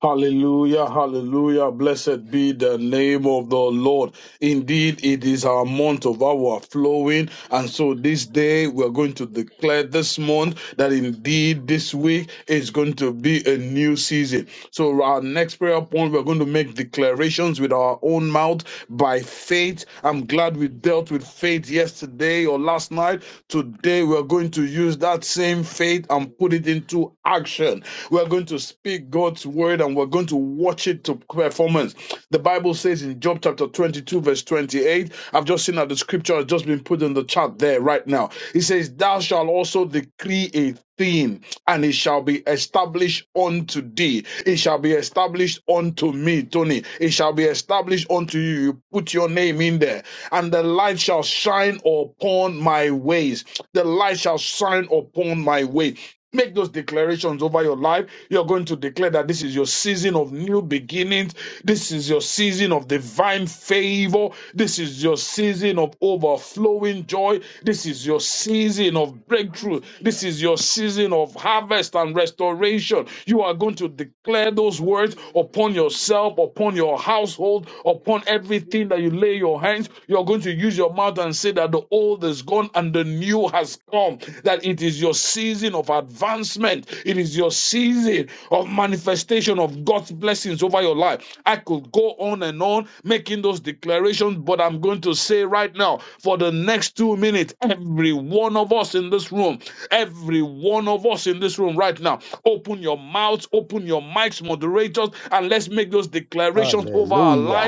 G: Hallelujah, hallelujah. Blessed be the name of the Lord. Indeed, it is our month of overflowing. And so this day, we're going to declare this month that indeed this week is going to be a new season. So, our next prayer point, we're going to make declarations with our own mouth by faith. I'm glad we dealt with faith yesterday or last night. Today, we're going to use that same faith and put it into action. We're going to speak God's word and we're going to watch it to performance. The Bible says in Job chapter 22, verse 28, I've just seen that the scripture has just been put in the chat there right now. It says, Thou shalt also decree a thing, and it shall be established unto thee. It shall be established unto me, Tony. It shall be established unto you you, you put your name in there, and the light shall shine upon my ways. The light shall shine upon my way. Make those declarations over your life. You're going to declare that this is your season of new beginnings. This is your season of divine favor. This is your season of overflowing joy. This is your season of breakthrough. This is your season of harvest and restoration. You are going to declare those words upon yourself, upon your household, upon everything that you lay your hands, you're going to use your mouth and say that the old is gone and the new has come. That it is your season of advancement, it is your season of manifestation of God's blessings over your life. I could go on and on making those declarations, but I'm going to say right now for the next two minutes, every one of us in this room, every one of us in this room right now, open your mouths, open your mics, moderators, and let's make those declarations over our life
C: Hallelujah.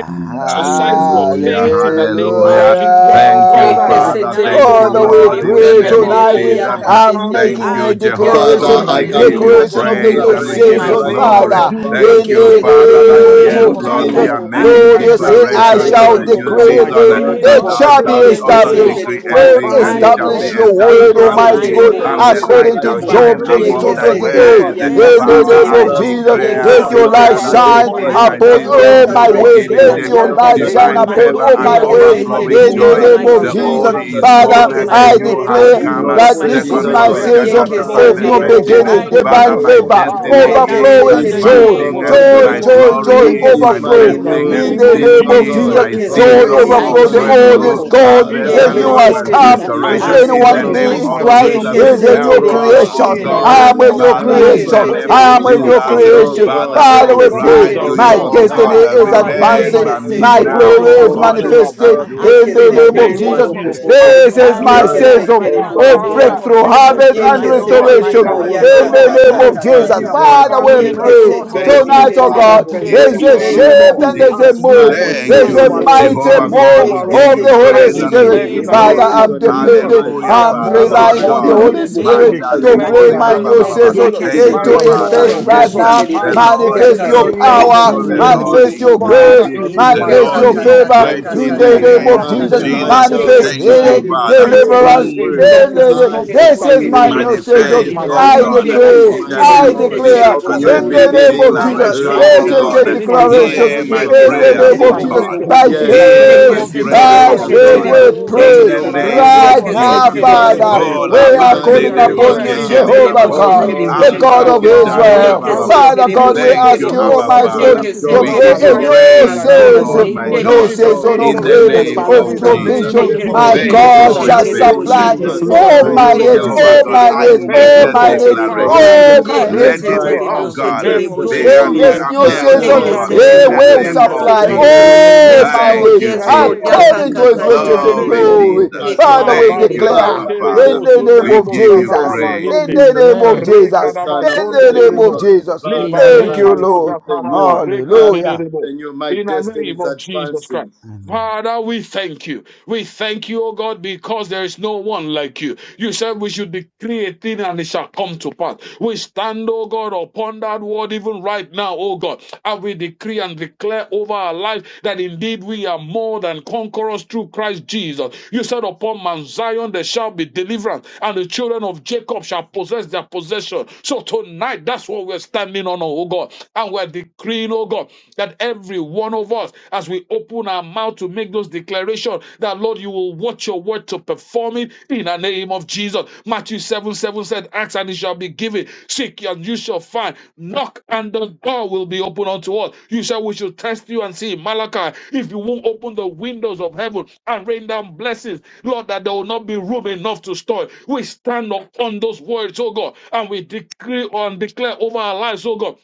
G: exercise your
A: Hallelujah,
G: faith
F: Jesus
G: in the name of
F: I
A: hallelujah.
G: Jesus.
F: declare, oh
A: Thank
F: God,
A: you,
G: Father,
F: even
G: I
C: Hallelujah.
F: right
A: Father.
G: declare
F: now,
A: Thank
B: Yekeseterebo
A: you,
G: over
C: Father,
G: my
C: we
A: Lord,
G: life.
A: in
B: sheterebo
A: the
C: pray
F: in
G: I
F: the
A: name of
G: declare
C: tonight.
B: sheterebo
C: eh,
A: Jesus.
F: name
G: over
F: of
G: my
F: Jesus,
C: I'm
G: family
A: Thank
B: yakaseterebo
C: making
A: you,
C: a
F: I declare,
A: Jehovah
F: oh
E: Father,
G: in
A: God.
C: declaration,
F: God,
G: the
E: I
A: We
F: in the
E: come
B: yakaseterebo
A: give
E: to
G: name
A: you
F: name
B: bo
F: of
E: make
G: of
B: bo
C: declaration
E: a
F: Jesus,
B: bo
C: of the
B: bo bo
A: praise
G: Jesus,
C: new
B: bo
A: and
F: this
A: we
F: is
A: give
B: bo
G: in
E: declaration
F: my
G: the
A: you
B: bo
C: season,
E: right
B: bo bo
G: name
E: now
G: of
B: bo
F: season
A: glory.
C: Father,
F: of
E: over
F: new
G: Jesus,
E: my
A: Thank
C: in
A: you,
G: in
E: life,
F: beginning.
G: the
A: Father,
B: yekeseterebo
F: In
A: that
G: name
F: the
B: bo
G: of
E: right
C: the
B: bo
C: name
A: yes,
E: now
B: bo
F: name
G: Jesus,
E: in
C: of
E: the
F: of
B: bo
G: I
F: Jesus
B: bo
A: Lord,
E: name
A: we
F: Christ,
C: Jesus.
A: are
B: bo bo
E: of
B: bo
F: I
B: bo
G: decree
A: making
C: Lord,
E: Jesus
G: and
F: declare
C: you
F: that
E: Christ,
C: said,
F: this
G: declare,
F: is
C: I
E: the
A: declarations
F: my
G: oh
A: of
C: shall
E: Son
A: the
G: God,
E: of
B: yekeseterebo
F: season
A: new
E: the
B: bo
G: that
F: of
C: decree
B: bo bo
C: a
G: my
F: new
E: living
B: bo
A: season
C: thing,
A: uh,
B: bo
E: God.
B: bo
A: that
G: season
C: it
F: favor.
B: bo
G: of
E: I
A: thou
C: shall be
E: come
A: shalt
F: In the
G: breakthrough
E: to
G: is
A: also
E: pray.
G: now.
F: name
C: established.
F: of
A: decree
F: Jesus
B: yekeseterebo
A: a
G: My
E: I
B: bo
F: Christ,
C: Lord,
B: bo
A: thing
E: come
B: bo
A: and
G: family,
E: to
F: I
A: it
B: bo
G: oh
B: bo
A: shall
G: God,
A: be
B: bo
C: establish
F: declare
E: declare.
F: this
C: your
F: is
G: moves
F: my
E: I
C: word,
A: established
F: season
G: into
F: of
G: that
E: come
A: unto
E: to
C: Almighty
F: divine
A: thee,
C: God,
G: place
B: yekeseterebo
G: of
B: bo
A: and
B: bo
E: pronounce.
A: the
F: favor
A: light
G: greatness
C: according
E: I
C: to
A: shall
B: sheterebo
G: in
E: come,
G: the
A: shine
C: Job
F: overflowing
G: name
E: Almighty
A: upon
C: 22
G: of
A: thy
F: joy.
E: God, in
G: Jesus
F: I
E: the
B: yekeseterebo
C: 28.
G: Christ.
A: ways.
E: name
F: declare
G: my
F: the
C: In
E: of
C: the
A: Father,
F: old
E: Jesus
C: name
F: is
B: yakaseterebo
G: Father,
A: I
C: of
E: Christ,
G: we,
F: gone, the
C: Jesus,
E: the
G: oh
F: new
A: declare,
C: let
F: has
G: God,
E: Son
C: your
E: of the
C: light
A: declare
F: come.
B: yekeseterebo
G: stand
A: that
F: Oh
E: living
A: this
C: shine
F: God,
G: upon
E: God.
A: is
F: I
B: sheterebo
G: your
A: my
C: upon
F: declare, oh
A: season
E: Abba,
A: of
G: promises,
C: all
F: God,
A: new
G: oh
C: my
F: my
E: Father, I
G: God,
C: ways.
F: destiny is
G: that
B: yakaseterebo
E: pray,
A: beginning,
G: are
C: Let
A: the
B: bo
C: your
B: bo
G: yes
B: bo
E: knowing
G: and
C: light
B: bo
E: that,
F: advancing,
B: bo
C: shine
E: my
B: bo
A: divine
F: my
G: amen.
C: upon
E: God,
A: favor
E: you're
F: glory
C: all
F: is
G: In
E: not
A: and
C: my
G: the
E: a
B: Yeke
C: ways.
B: se
E: man
G: name
E: that
G: of
F: manifesting.
B: tele
E: you
A: overflowing
E: should
C: In
B: bo
F: It
B: bo
C: the
F: is
A: joy.
G: Jesus,
B: bo
E: lie,
F: my
C: name
G: in
E: nor
B: bo
G: the
C: of
E: the
B: bo
A: The
F: season
B: bo
E: Son
F: of
B: bo
E: of
G: name
C: Jesus,
A: old
B: bo.
E: Man
G: of
E: that
A: is
F: breakthrough,
E: you should
F: it
A: gone,
C: Father,
G: Jesus,
F: is
B: Yeke
G: in
F: my
A: the
G: the
B: se
E: repent.
C: I
F: season of
A: new
B: tele
G: name
B: bo
A: has
G: of
E: Have
C: declare
B: bo
E: you
F: harvest,
B: bo
A: come.
F: it
G: Jesus.
E: not
B: bo
F: is
C: that
B: bo
F: my
E: said
B: bo
C: this
F: season
B: bo
E: it,
F: of
C: is
A: Second
E: O
B: bo.
G: Oh,
C: my
E: God?
G: yes,
A: Corinthians
F: restoration.
G: yes,
C: season
B: Yeke
A: chapter
F: In
G: Lord,
B: se
F: the
A: 5,
G: in
C: of
E: Father,
A: verse
G: the
C: new
B: tele
F: name
E: right
F: of
B: bo
G: name
B: bo
F: Jesus,
B: bo
E: now
A: 17.
C: beginnings,
G: of
F: I
E: I
B: bo bo
A: Father,
B: bo
F: declare
C: divine
G: Jesus.
E: pray,
B: bo
F: this,
A: my
F: oh
B: bo.
F: God,
C: favor,
G: Ah,
F: even
E: Almighty
G: in
A: destiny
F: right
G: the
E: God.
B: Yeke
F: now,
G: name
A: is
G: of
B: se
F: in
B: tele
C: overflowing
F: the
E: This
B: bo
E: is,
C: joy,
G: Jesus,
B: bo
E: oh
F: name
G: in
A: advancing.
B: bo
F: of
G: the
B: bo
E: God,
B: bo
C: joy,
E: my
F: Jesus
A: My
G: name
B: bo.
F: Christ.
G: of
C: joy,
E: um,
F: The
A: glory
C: joy
E: this
B: Yeke
C: joy
A: is
G: Jesus,
F: old
B: se
F: is
E: is my
F: gone,
C: overflow
B: tele
G: in
F: oh
G: the
B: bo
F: God,
A: manifesting.
B: bo
F: in
E: new
F: the
B: bo
C: in
G: name
B: bo
C: the
A: This
G: of
F: name
B: bo.
E: beginning,
F: of
C: name
E: oh
C: of
A: is
F: Jesus.
E: God,
G: Jesus,
C: Jesus.
A: my
G: in
B: Yeke
G: the
E: of
B: se
C: Joy
E: new
A: season
G: name
B: tele
G: of
F: I
A: of
B: bo
C: overflow.
E: season,
C: The
B: she
E: oh
F: declare this, oh
C: old
B: tele
E: God.
F: God,
A: breakthrough,
C: is
G: Jesus,
B: bo.
F: even this
C: gone,
G: in
A: harvest,
G: the
C: the
F: evening
A: and
F: in
B: Yeke
F: the
C: new
A: mo-
G: name
E: Father,
B: se
C: has
G: of
F: name
A: mo-
F: of Jesus
B: tele
E: this
C: come.
G: Jesus,
B: bo
F: Christ.
E: is
G: I
B: bo
C: If
B: bo
E: my
F: I
A: restoration
B: bo
A: in
B: bo
E: season
A: the
F: declare
C: anyone
G: decree
B: bo
F: it's
E: of
C: be
B: bo.
G: it
A: name
G: is
F: my
C: in
G: my
A: of
F: season
C: Christ,
F: of
A: Jesus.
C: he
B: Yeke
E: restoration,
C: is
G: season,
B: se
C: a new
G: oh
A: Help
F: breakthrough,
B: tele
G: God.
B: bo
A: us,
F: my
E: proper,
B: she
A: oh
C: creation.
G: In
F: season
E: and
G: the
B: tele
F: of
A: God.
C: I
B: bo.
C: am
G: name
C: a
G: of
F: harvest,
C: new
E: everything I
A: Father,
F: my
E: lay
B: Yeke
A: in
F: season
G: Jesus,
A: the
C: creation.
F: of
B: se
E: my
A: name
G: all
E: hands
B: tele
A: of
C: I
E: to
C: am
B: bo
G: things
C: a
G: are
B: she
F: restoration
C: new
E: do,
G: passed
B: tele
F: in
A: Jesus,
F: the
B: bo.
E: oh
G: away.
C: creation.
F: name of
A: Father,
E: God,
F: Jesus
G: Father,
A: I
C: Father,
F: Christ.
B: Yeke
C: we
E: to
B: se
C: pray.
A: cry
E: do,
G: lessons
F: I
B: tele
G: are
A: to
E: oh
B: bo
A: you,
C: My
F: declare
B: bo
G: born.
E: God,
F: this
A: oh
B: bo
F: right
B: bo
C: destiny
E: that
A: God,
F: now
B: bo
G: Ah,
B: bo.
F: in the
C: is
G: Father,
E: God,
G: it
F: name
G: is
F: of
E: as
F: Jesus
G: my
C: advancing.
B: Yeke
A: remember
F: Christ.
B: se
E: mighty
A: me
C: My
G: season
F: It
E: God,
B: tere
E: you
F: is
G: of
A: now,
B: bo
F: my
C: glory
E: have
B: bo
A: oh
B: bo
C: is
F: season
B: bo
E: called
F: of
A: God,
B: bo
E: me,
B: bo.
E: oh
G: supernatural
F: breakthrough
C: manifesting
A: and
E: God,
F: and
A: do
G: breakthrough
C: in
B: Yeke
A: only
F: harvest
C: the
G: in
E: yes,
A: what
B: se
G: the
F: in
E: for
C: name
F: the
A: you,
C: of
E: this
B: tere
G: name
A: the
B: bo
G: of
C: Jesus.
B: bo
F: name
A: Lord,
F: of
B: bo
G: Jesus.
B: bo
F: Jesus
A: can
G: I
E: manifestation
B: bo.
A: do.
F: Christ.
C: This
E: over my
C: is
F: I
A: Father,
G: decree,
C: my
G: oh
B: Yeke
E: life
F: declare
G: God,
F: this
B: se
C: season
F: right
A: frustrate
B: tere
G: that
F: now
B: bo
F: in
E: over
F: the
A: the
B: bo
C: of
B: bo
G: Father,
B: bo
F: name
E: Almighty
B: bo.
F: of
A: token
C: breakthrough,
E: God
A: of
F: Jesus Christ.
E: our
C: harvest,
G: everything,
E: life.
F: My
C: and
B: Yeke
G: oh
E: And
B: se
F: Lord
A: wickedness,
G: God,
F: and my
E: Father,
B: tere
E: I
C: restoration
G: that
B: bo
F: God,
A: charge
F: in
E: have
G: was,
F: the
B: ya
G: oh
B: ka
C: in
E: come
A: over
F: name
G: God,
F: of Jesus
A: us,
B: ka
C: the
F: Christ,
C: name
B: ka
F: I
A: oh
E: right
C: of
G: stolen
B: ka
A: God,
E: now
B: ka
G: from
F: declare
G: me
E: to
C: Jesus.
A: in
F: this
B: ka.
G: and
F: oh
A: the
G: my
F: God.
E: call
A: name
C: Father,
A: of
F: in
C: we
E: upon
G: family,
F: the
E: you
A: Jesus.
B: Yeke
E: to
C: pray
B: se
G: Lord,
F: name
E: trust
F: of
G: there
B: tere
E: you,
A: Thank
F: Jesus
B: bo
G: is
F: Christ.
A: you,
C: tonight,
B: she
E: Almighty
C: oh
G: a
F: I
E: God,
A: Father,
B: tere
C: God,
B: bo.
F: declare
A: in
E: for
F: this,
A: the
F: oh
C: there's
G: compensation
E: this
C: a
F: God,
G: of
A: name
F: right
E: new
F: now
B: Thank
G: them
B: you,
F: in
A: of
C: shift
F: the
G: all
C: and
E: season.
C: there's
F: name
G: as
C: a
F: of
A: Jesus.
F: Jesus.
B: Jesus.
G: we
E: I
C: move.
F: It is
G: pursue,
A: Thank
E: receive
F: my
C: There's
B: Yes,
E: the
A: you,
C: a
E: new
B: Lord.
G: overtake,
F: season,
E: season
C: mighty
F: my
A: Jehovah
G: and
E: in my
A: God.
C: move
A: We
F: season
G: recover
E: life.
B: Yeke
F: of
G: all.
A: give
C: of
B: se
C: the
A: you
F: new.
G: I
E: I
B: tere
C: Holy
A: praise
B: bo
F: In
A: and
F: the
A: we
B: she
E: receive
C: Spirit.
G: declare
A: give
G: in
A: you
B: tere
F: name
E: this
G: the
F: of
B: bo.
E: new
C: Father,
F: Jesus
A: glory.
G: name
F: Christ,
G: of
C: I'm
E: season in my
F: new
G: Jesus,
C: depending,
E: life.
G: I
F: beginning,
A: Hallelujah,
G: am
C: I'm
F: new
A: Father,
G: more
E: Father,
G: than
A: Lord
B: Yeke
C: relying
E: I
F: season.
C: on the
B: se
A: God.
F: In
G: conqueror.
E: believe
F: the
C: Holy
B: tere bo
E: you.
G: I
F: name
B: she
F: of
C: Spirit
E: I
B: tere
A: Mandale
F: Jesus
C: to
B: bo
G: declare
B: bo
F: Christ,
E: make
G: in
A: kori
B: bo
C: bring
G: the
A: ba
F: I
C: my
B: bo.
C: and
A: ba
G: name
C: your
A: ba
F: declare
A: ba
G: of
A: ba.
F: this
E: declaration,
C: season
F: right
G: Jesus,
F: now.
B: Yeke
F: In
B: se
A: Thank
F: the
G: I
C: into
A: you,
G: am
F: name
B: Yekeseteri
E: declaration
F: of
B: bo
E: of
F: Jesus
G: more
B: bo
A: Father.
F: Christ,
E: the
C: effect
B: bo
G: than
B: bo
E: new
A: Yes,
C: right
F: new
G: conquered.
C: now.
B: şeteri
G: I
B: bo.
A: the
E: season.
F: beginning,
G: declare
A: Lord
E: So
G: in
C: Manifest
G: the
F: beginning,
A: is
C: your
E: thou
G: name
F: newness.
B: Yakaseteri
E: shalt
G: of
F: In
B: bo
C: power,
F: the
A: faithful.
B: bo
A: The
B: bo
E: decree a
B: bo
F: name of
G: Jesus.
B: bo
A: Lord
E: thing,
C: manifest
B: bo
A: is
F: Jesus,
C: your
B: bo bo
E: and
F: ah,
E: it
B: bo
G: Father,
C: grace,
B: bo
A: mighty.
E: shall
B: bo.
G: it
F: in
E: be
G: is
F: the
A: The
G: my
F: name
C: manifest
F: of
A: Lord
B: Yaka
C: your
G: season
E: established
F: Jesus.
B: ka
A: is
G: of
B: ka
C: favor
B: ka
A: great
B: ka
G: breakthrough.
F: Yes,
E: unto
C: in
A: in
B: ka
A: the
C: the
B: ka
E: thee,
C: name
B: ka
A: name
F: Lord,
C: of
G: Enough
B: ka
E: and
B: ka
A: of
G: is
F: in
E: the
C: Jesus.
F: the
B: ka.
G: enough,
F: name
E: light
A: Jesus.
F: of
G: oh
E: shall
F: Jesus,
B: yeke
C: Manifest
G: God.
B: se
A: Thank
F: even
G: I
A: you,
F: of
C: healing,
E: shine
B: Yekeseteri
F: new
B: bo
A: Father.
G: decree, oh
E: upon
G: God,
B: şeteri
E: thy
F: opportunities,
C: deliverance.
B: bo.
A: Mm
F: in the
E: words.
G: enough
C: In
F: name
G: is
C: the
F: of
C: name.
G: enough
E: I
F: Jesus
G: of
F: Christ
B: Yakaseteri
C: This
B: bo
C: is my
G: stagnation.
E: decree,
B: şeteri
C: new
B: bo
G: It
E: I
G: is
C: season.
A: manifest,
F: in
B: şeteri
G: my
F: the
B: bo.
A: oh
E: declare
F: name
C: I
E: that
F: of
A: God,
G: season,
E: this
F: Jesus
G: oh
F: Christ,
E: is
C: decree,
G: God,
A: in
E: my
F: in
A: the
F: the
B: Yekeseteri
G: of
A: name
C: I
B: bo
F: name
A: of
F: of
E: season
G: breakthrough.
F: Jesus
A: Jesus,
B: şeteri
C: declare
E: of
F: Christ,
B: bo
A: as
G: From
F: in the
A: I
E: new
C: in
A: make
C: the
F: name
B: şeteri bo.
F: of
G: today,
C: name
F: Jesus Christ,
C: of
G: oh
E: beginnings
F: I
G: God,
C: Jesus.
A: declaration,
F: declare
G: I
E: right
F: this
A: oh
C: This
F: in
B: Yikaseteri
F: the,
B: bo
C: is
E: now.
A: God,
C: a
G: disconnect
E: This
F: in the
E: is
B: şeteri bo.
G: myself
E: my
F: name
G: from
F: of
C: declaration
A: hear
E: season
F: Jesus
A: my
E: of
G: everything
F: Christ.
C: in
G: that
E: new
C: the
G: leads
A: prayer,
G: to
C: name
F: Yes,
B: Yekeseteri
C: of
A: oh
F: my
B: bo
C: Jesus
E: beginnings.
B: bo
A: God,
F: Lord
B: bo
F: and
G: stagnation.
F: my
B: bo
C: by
B: bo
F: God,
B: bo.
G: In
F: in
G: the
E: Yes,
F: the
E: uh,
A: hear
G: name
F: name
B: yeke
A: my
C: faith.
G: of
F: of
B: se
G: Jesus,
A: prayer,
F: Jesus,
B: Yekeseteri bo
G: I
E: divine
C: By
A: oh
C: faith
A: God,
B: şeteri
G: declare,
B: bo
F: in
E: favor,
C: we
F: the
G: oh God,
E: of
F: name
A: in
C: pray
F: of
A: the
B: şeteri
E: new
G: that
B: bo.
G: I
F: Jesus
G: am,
A: name
F: Christ.
G: oh
A: of
F: we
E: beginnings,
C: right
F: pray.
G: God, heads
E: of
C: now,
A: Jesus.
G: and
B: Yekeseteri
G: not
B: bo
F: Yes,
G: the
E: divine
B: bo
F: Lord
G: tail.
C: Father.
B: bo
F: my
B: bo
C: We
E: favor,
G: I
B: bo
A: Kola
F: God,
B: bo
F: in
C: are
A: ba
F: the
B: bo.
E: divine
G: decree
C: calling
G: and
A: tele
F: name of
C: upon
E: favor
G: declare
B: Yeke
C: you,
F: Jesus
G: in
A: broskete
G: the
E: now.
F: Christ,
A: le ba
G: name
A: ba
C: Jehovah
F: I
B: seterebo
A: ba
G: of
E: Oh
A: ba.
C: God,
F: declare
E: God,
F: this
B: sheterebo
G: Jesus
C: the
F: right
E: and
F: now.
A: Ambra
C: God
G: that
C: of
B: sheterebo.
F: In the
A: sketa
G: Father,
A: riba
E: overflowing
C: Israel.
A: ba
F: name
B: Yeke
F: of
G: I
A: ba ba
F: Jesus,
A: ba.
E: joy
G: will
A: ba.
F: Christ,
C: Father
F: it is
B: seterebo
C: God, we
G: experience,
A: Thank
G: oh
C: ask
A: you,
E: and
G: God,
C: you,
F: new
B: sheterebo.
A: Abba
G: great
C: Almighty
F: season,
C: God,
A: Father.
E: overflowing
B: Yeke
G: blessings
C: to
F: new
A: We
E: joy.
G: over
C: bring
G: my
A: give
B: seterebo
A: you
C: a
F: season,
G: life
E: Oh,
C: new
G: in the
A: praise,
E: Father,
A: O
F: in the
G: name
B: yakakakakaka.
A: Lord
E: the
G: of
C: season,
F: name
A: my
F: of
E: old
G: Jesus,
C: new
B: Yeke
E: is
A: God,
G: in the
F: Jesus.
E: gone,
F: Christ.
C: season
G: name
C: of
A: in
G: of
B: seterebo
A: the
F: Thank
E: the
F: you, my
C: healing,
A: name
G: Jesus,
E: new
F: Father,
E: has
F: my
C: of
G: in
A: of
B: sheterebo.
G: the
F: God, in
E: come.
A: Jesus.
G: name
F: the
C: provision.
G: of
E: The
F: name
B: Yeke
F: of
C: My
E: old
G: Jesus,
E: is
A: Thank
F: Jesus.
B: seterebo
G: in
A: you
C: God
F: Christ.
G: the
A: for
E: gone,
B: se
A: your
C: shall
G: name
E: the
G: of
E: new
C: supply
A: faithfulness
G: Jesus,
F: Yes,
E: has
G: in
B: sheterebo.
G: the
C: all
A: to
E: come.
F: Lord.
C: my
G: name
A: you,
G: of
C: needs,
B: Yeke
A: Jehovah
E: Father,
G: Jesus.
C: all
A: God.
C: my
E: I
G: I
A: I
B: seterebo
C: needs,
A: make
G: thank
B: bobobo
C: all
G: you,
A: the
E: declare
C: my
F: Declare
G: Lord.
C: needs,
E: Second
F: this in the
B: sheterebo.
G: Father, I
A: declaration.
F: name of
G: give
C: all
E: Corinthians
F: Jesus
G: you
C: my
B: Yeke
E: chapter
C: needs
A: Let
G: praise,
F: Christ.
G: oh
A: it
F: Right
A: be,
G: God. Ah,
A: oh
B: seterebo
F: now, in
E: 5
F: the
B: se
E: and
A: God,
G: There
F: name
E: verse
G: is
F: of
G: no
A: be
F: Jesus
A: up-
C: in
G: one
E: 17.
F: Christ.
C: this
B: sheterebo.
G: like
C: new
G: you.
A: upheld,
F: So,
E: Father,
B: Yeke
C: season,
A: oh
G: In
E: I
F: Lord
G: the
A: God,
C: He
F: God,
A: in
G: name
F: as
E: believe
A: the
F: I
G: of
C: will
E: you
A: name
F: pray,
B: ka
G: Jesus,
A: of
E: that
B: se
G: in
C: supply
E: the
F: in
G: the
F: the
A: Jesus.
B: seterebo.
E: old
G: name of
F: name
E: is
F: of
C: all
B: Yes
G: Jesus,
C: my
A: Thank
E: gone,
B: Lord,
F: Jesus
C: needs
G: in
A: you,
G: the
B: yes
E: the
F: Christ.
B: Lord,
G: name
B: ya
E: old
A: Jesus.
G: of
F: Thank you,
C: according
E: is
C: to
F: Lord, for
C: His
G: Jesus,
B: yakakaka
G: in
E: gone,
G: the
C: riches in
F: shaking me,
G: name
A: Glory,
B: sheterebo.
E: the
G: of
F: shake.
E: new
C: glory.
G: Jesus.
A: Jesus.
F: Yes,
E: has
B: Yeke
C: Father,
F: Lord.
E: come.
C: we
A: Thank you,
B: seterebo bo.
C: declare
A: Abba
E: Father,
G: Abarekete
A: Father.
C: in
G: rebo
C: the
E: beginning
G: zunde
C: name
A: We
E: now
C: of
G: rebo
A: give
E: in
A: you
E: the
C: Jesus,
G: zataraba
E: name of
A: praise.
C: in
G: yende.
C: the
E: Jesus
C: name of
E: Christ,
F: Amen.
G: Reka
E: the
C: Jesus,
G: daba
E: Son of
C: in
E: the
G: zonde
C: the
E: living
C: name of
G: rebo.
E: God.
C: Jesus.
G: Leba
E: Father,
C: Thank
E: I
F: Amen.
C: you,
G: rema do
C: Lord.
E: receive the
G: zataraba
E: new. I
G: rekete
C: Hallelujah.
E: receive
G: rebo.
E: the new. My
G: In the
E: destiny
G: name
E: is
G: of Jesus Christ.
E: advancing.
G: Father, we thank you. We thank you, O God, because there is no one like you. You said we should decree a thing and it shall come to pass. We stand, O God, upon that word even right now, O God, and we decree and declare over our life that indeed we are more than conquerors through Christ Jesus. You said upon Mount Zion there shall be deliverance, and the children of Jacob shall possess their possession. So tonight, that's what we're standing on, O God, and we're decreeing, O God, that every one of of us as we open our mouth to make those declarations that Lord, you will watch your word to perform it in the name of Jesus. Matthew 7 7 said, Ask and it shall be given, seek and you shall find, knock and the door will be opened unto us. You said, We should test you and see Malachi. If you won't open the windows of heaven and rain down blessings, Lord, that there will not be room enough to store. it. We stand upon those words, oh God, and we decree and declare over our lives, oh God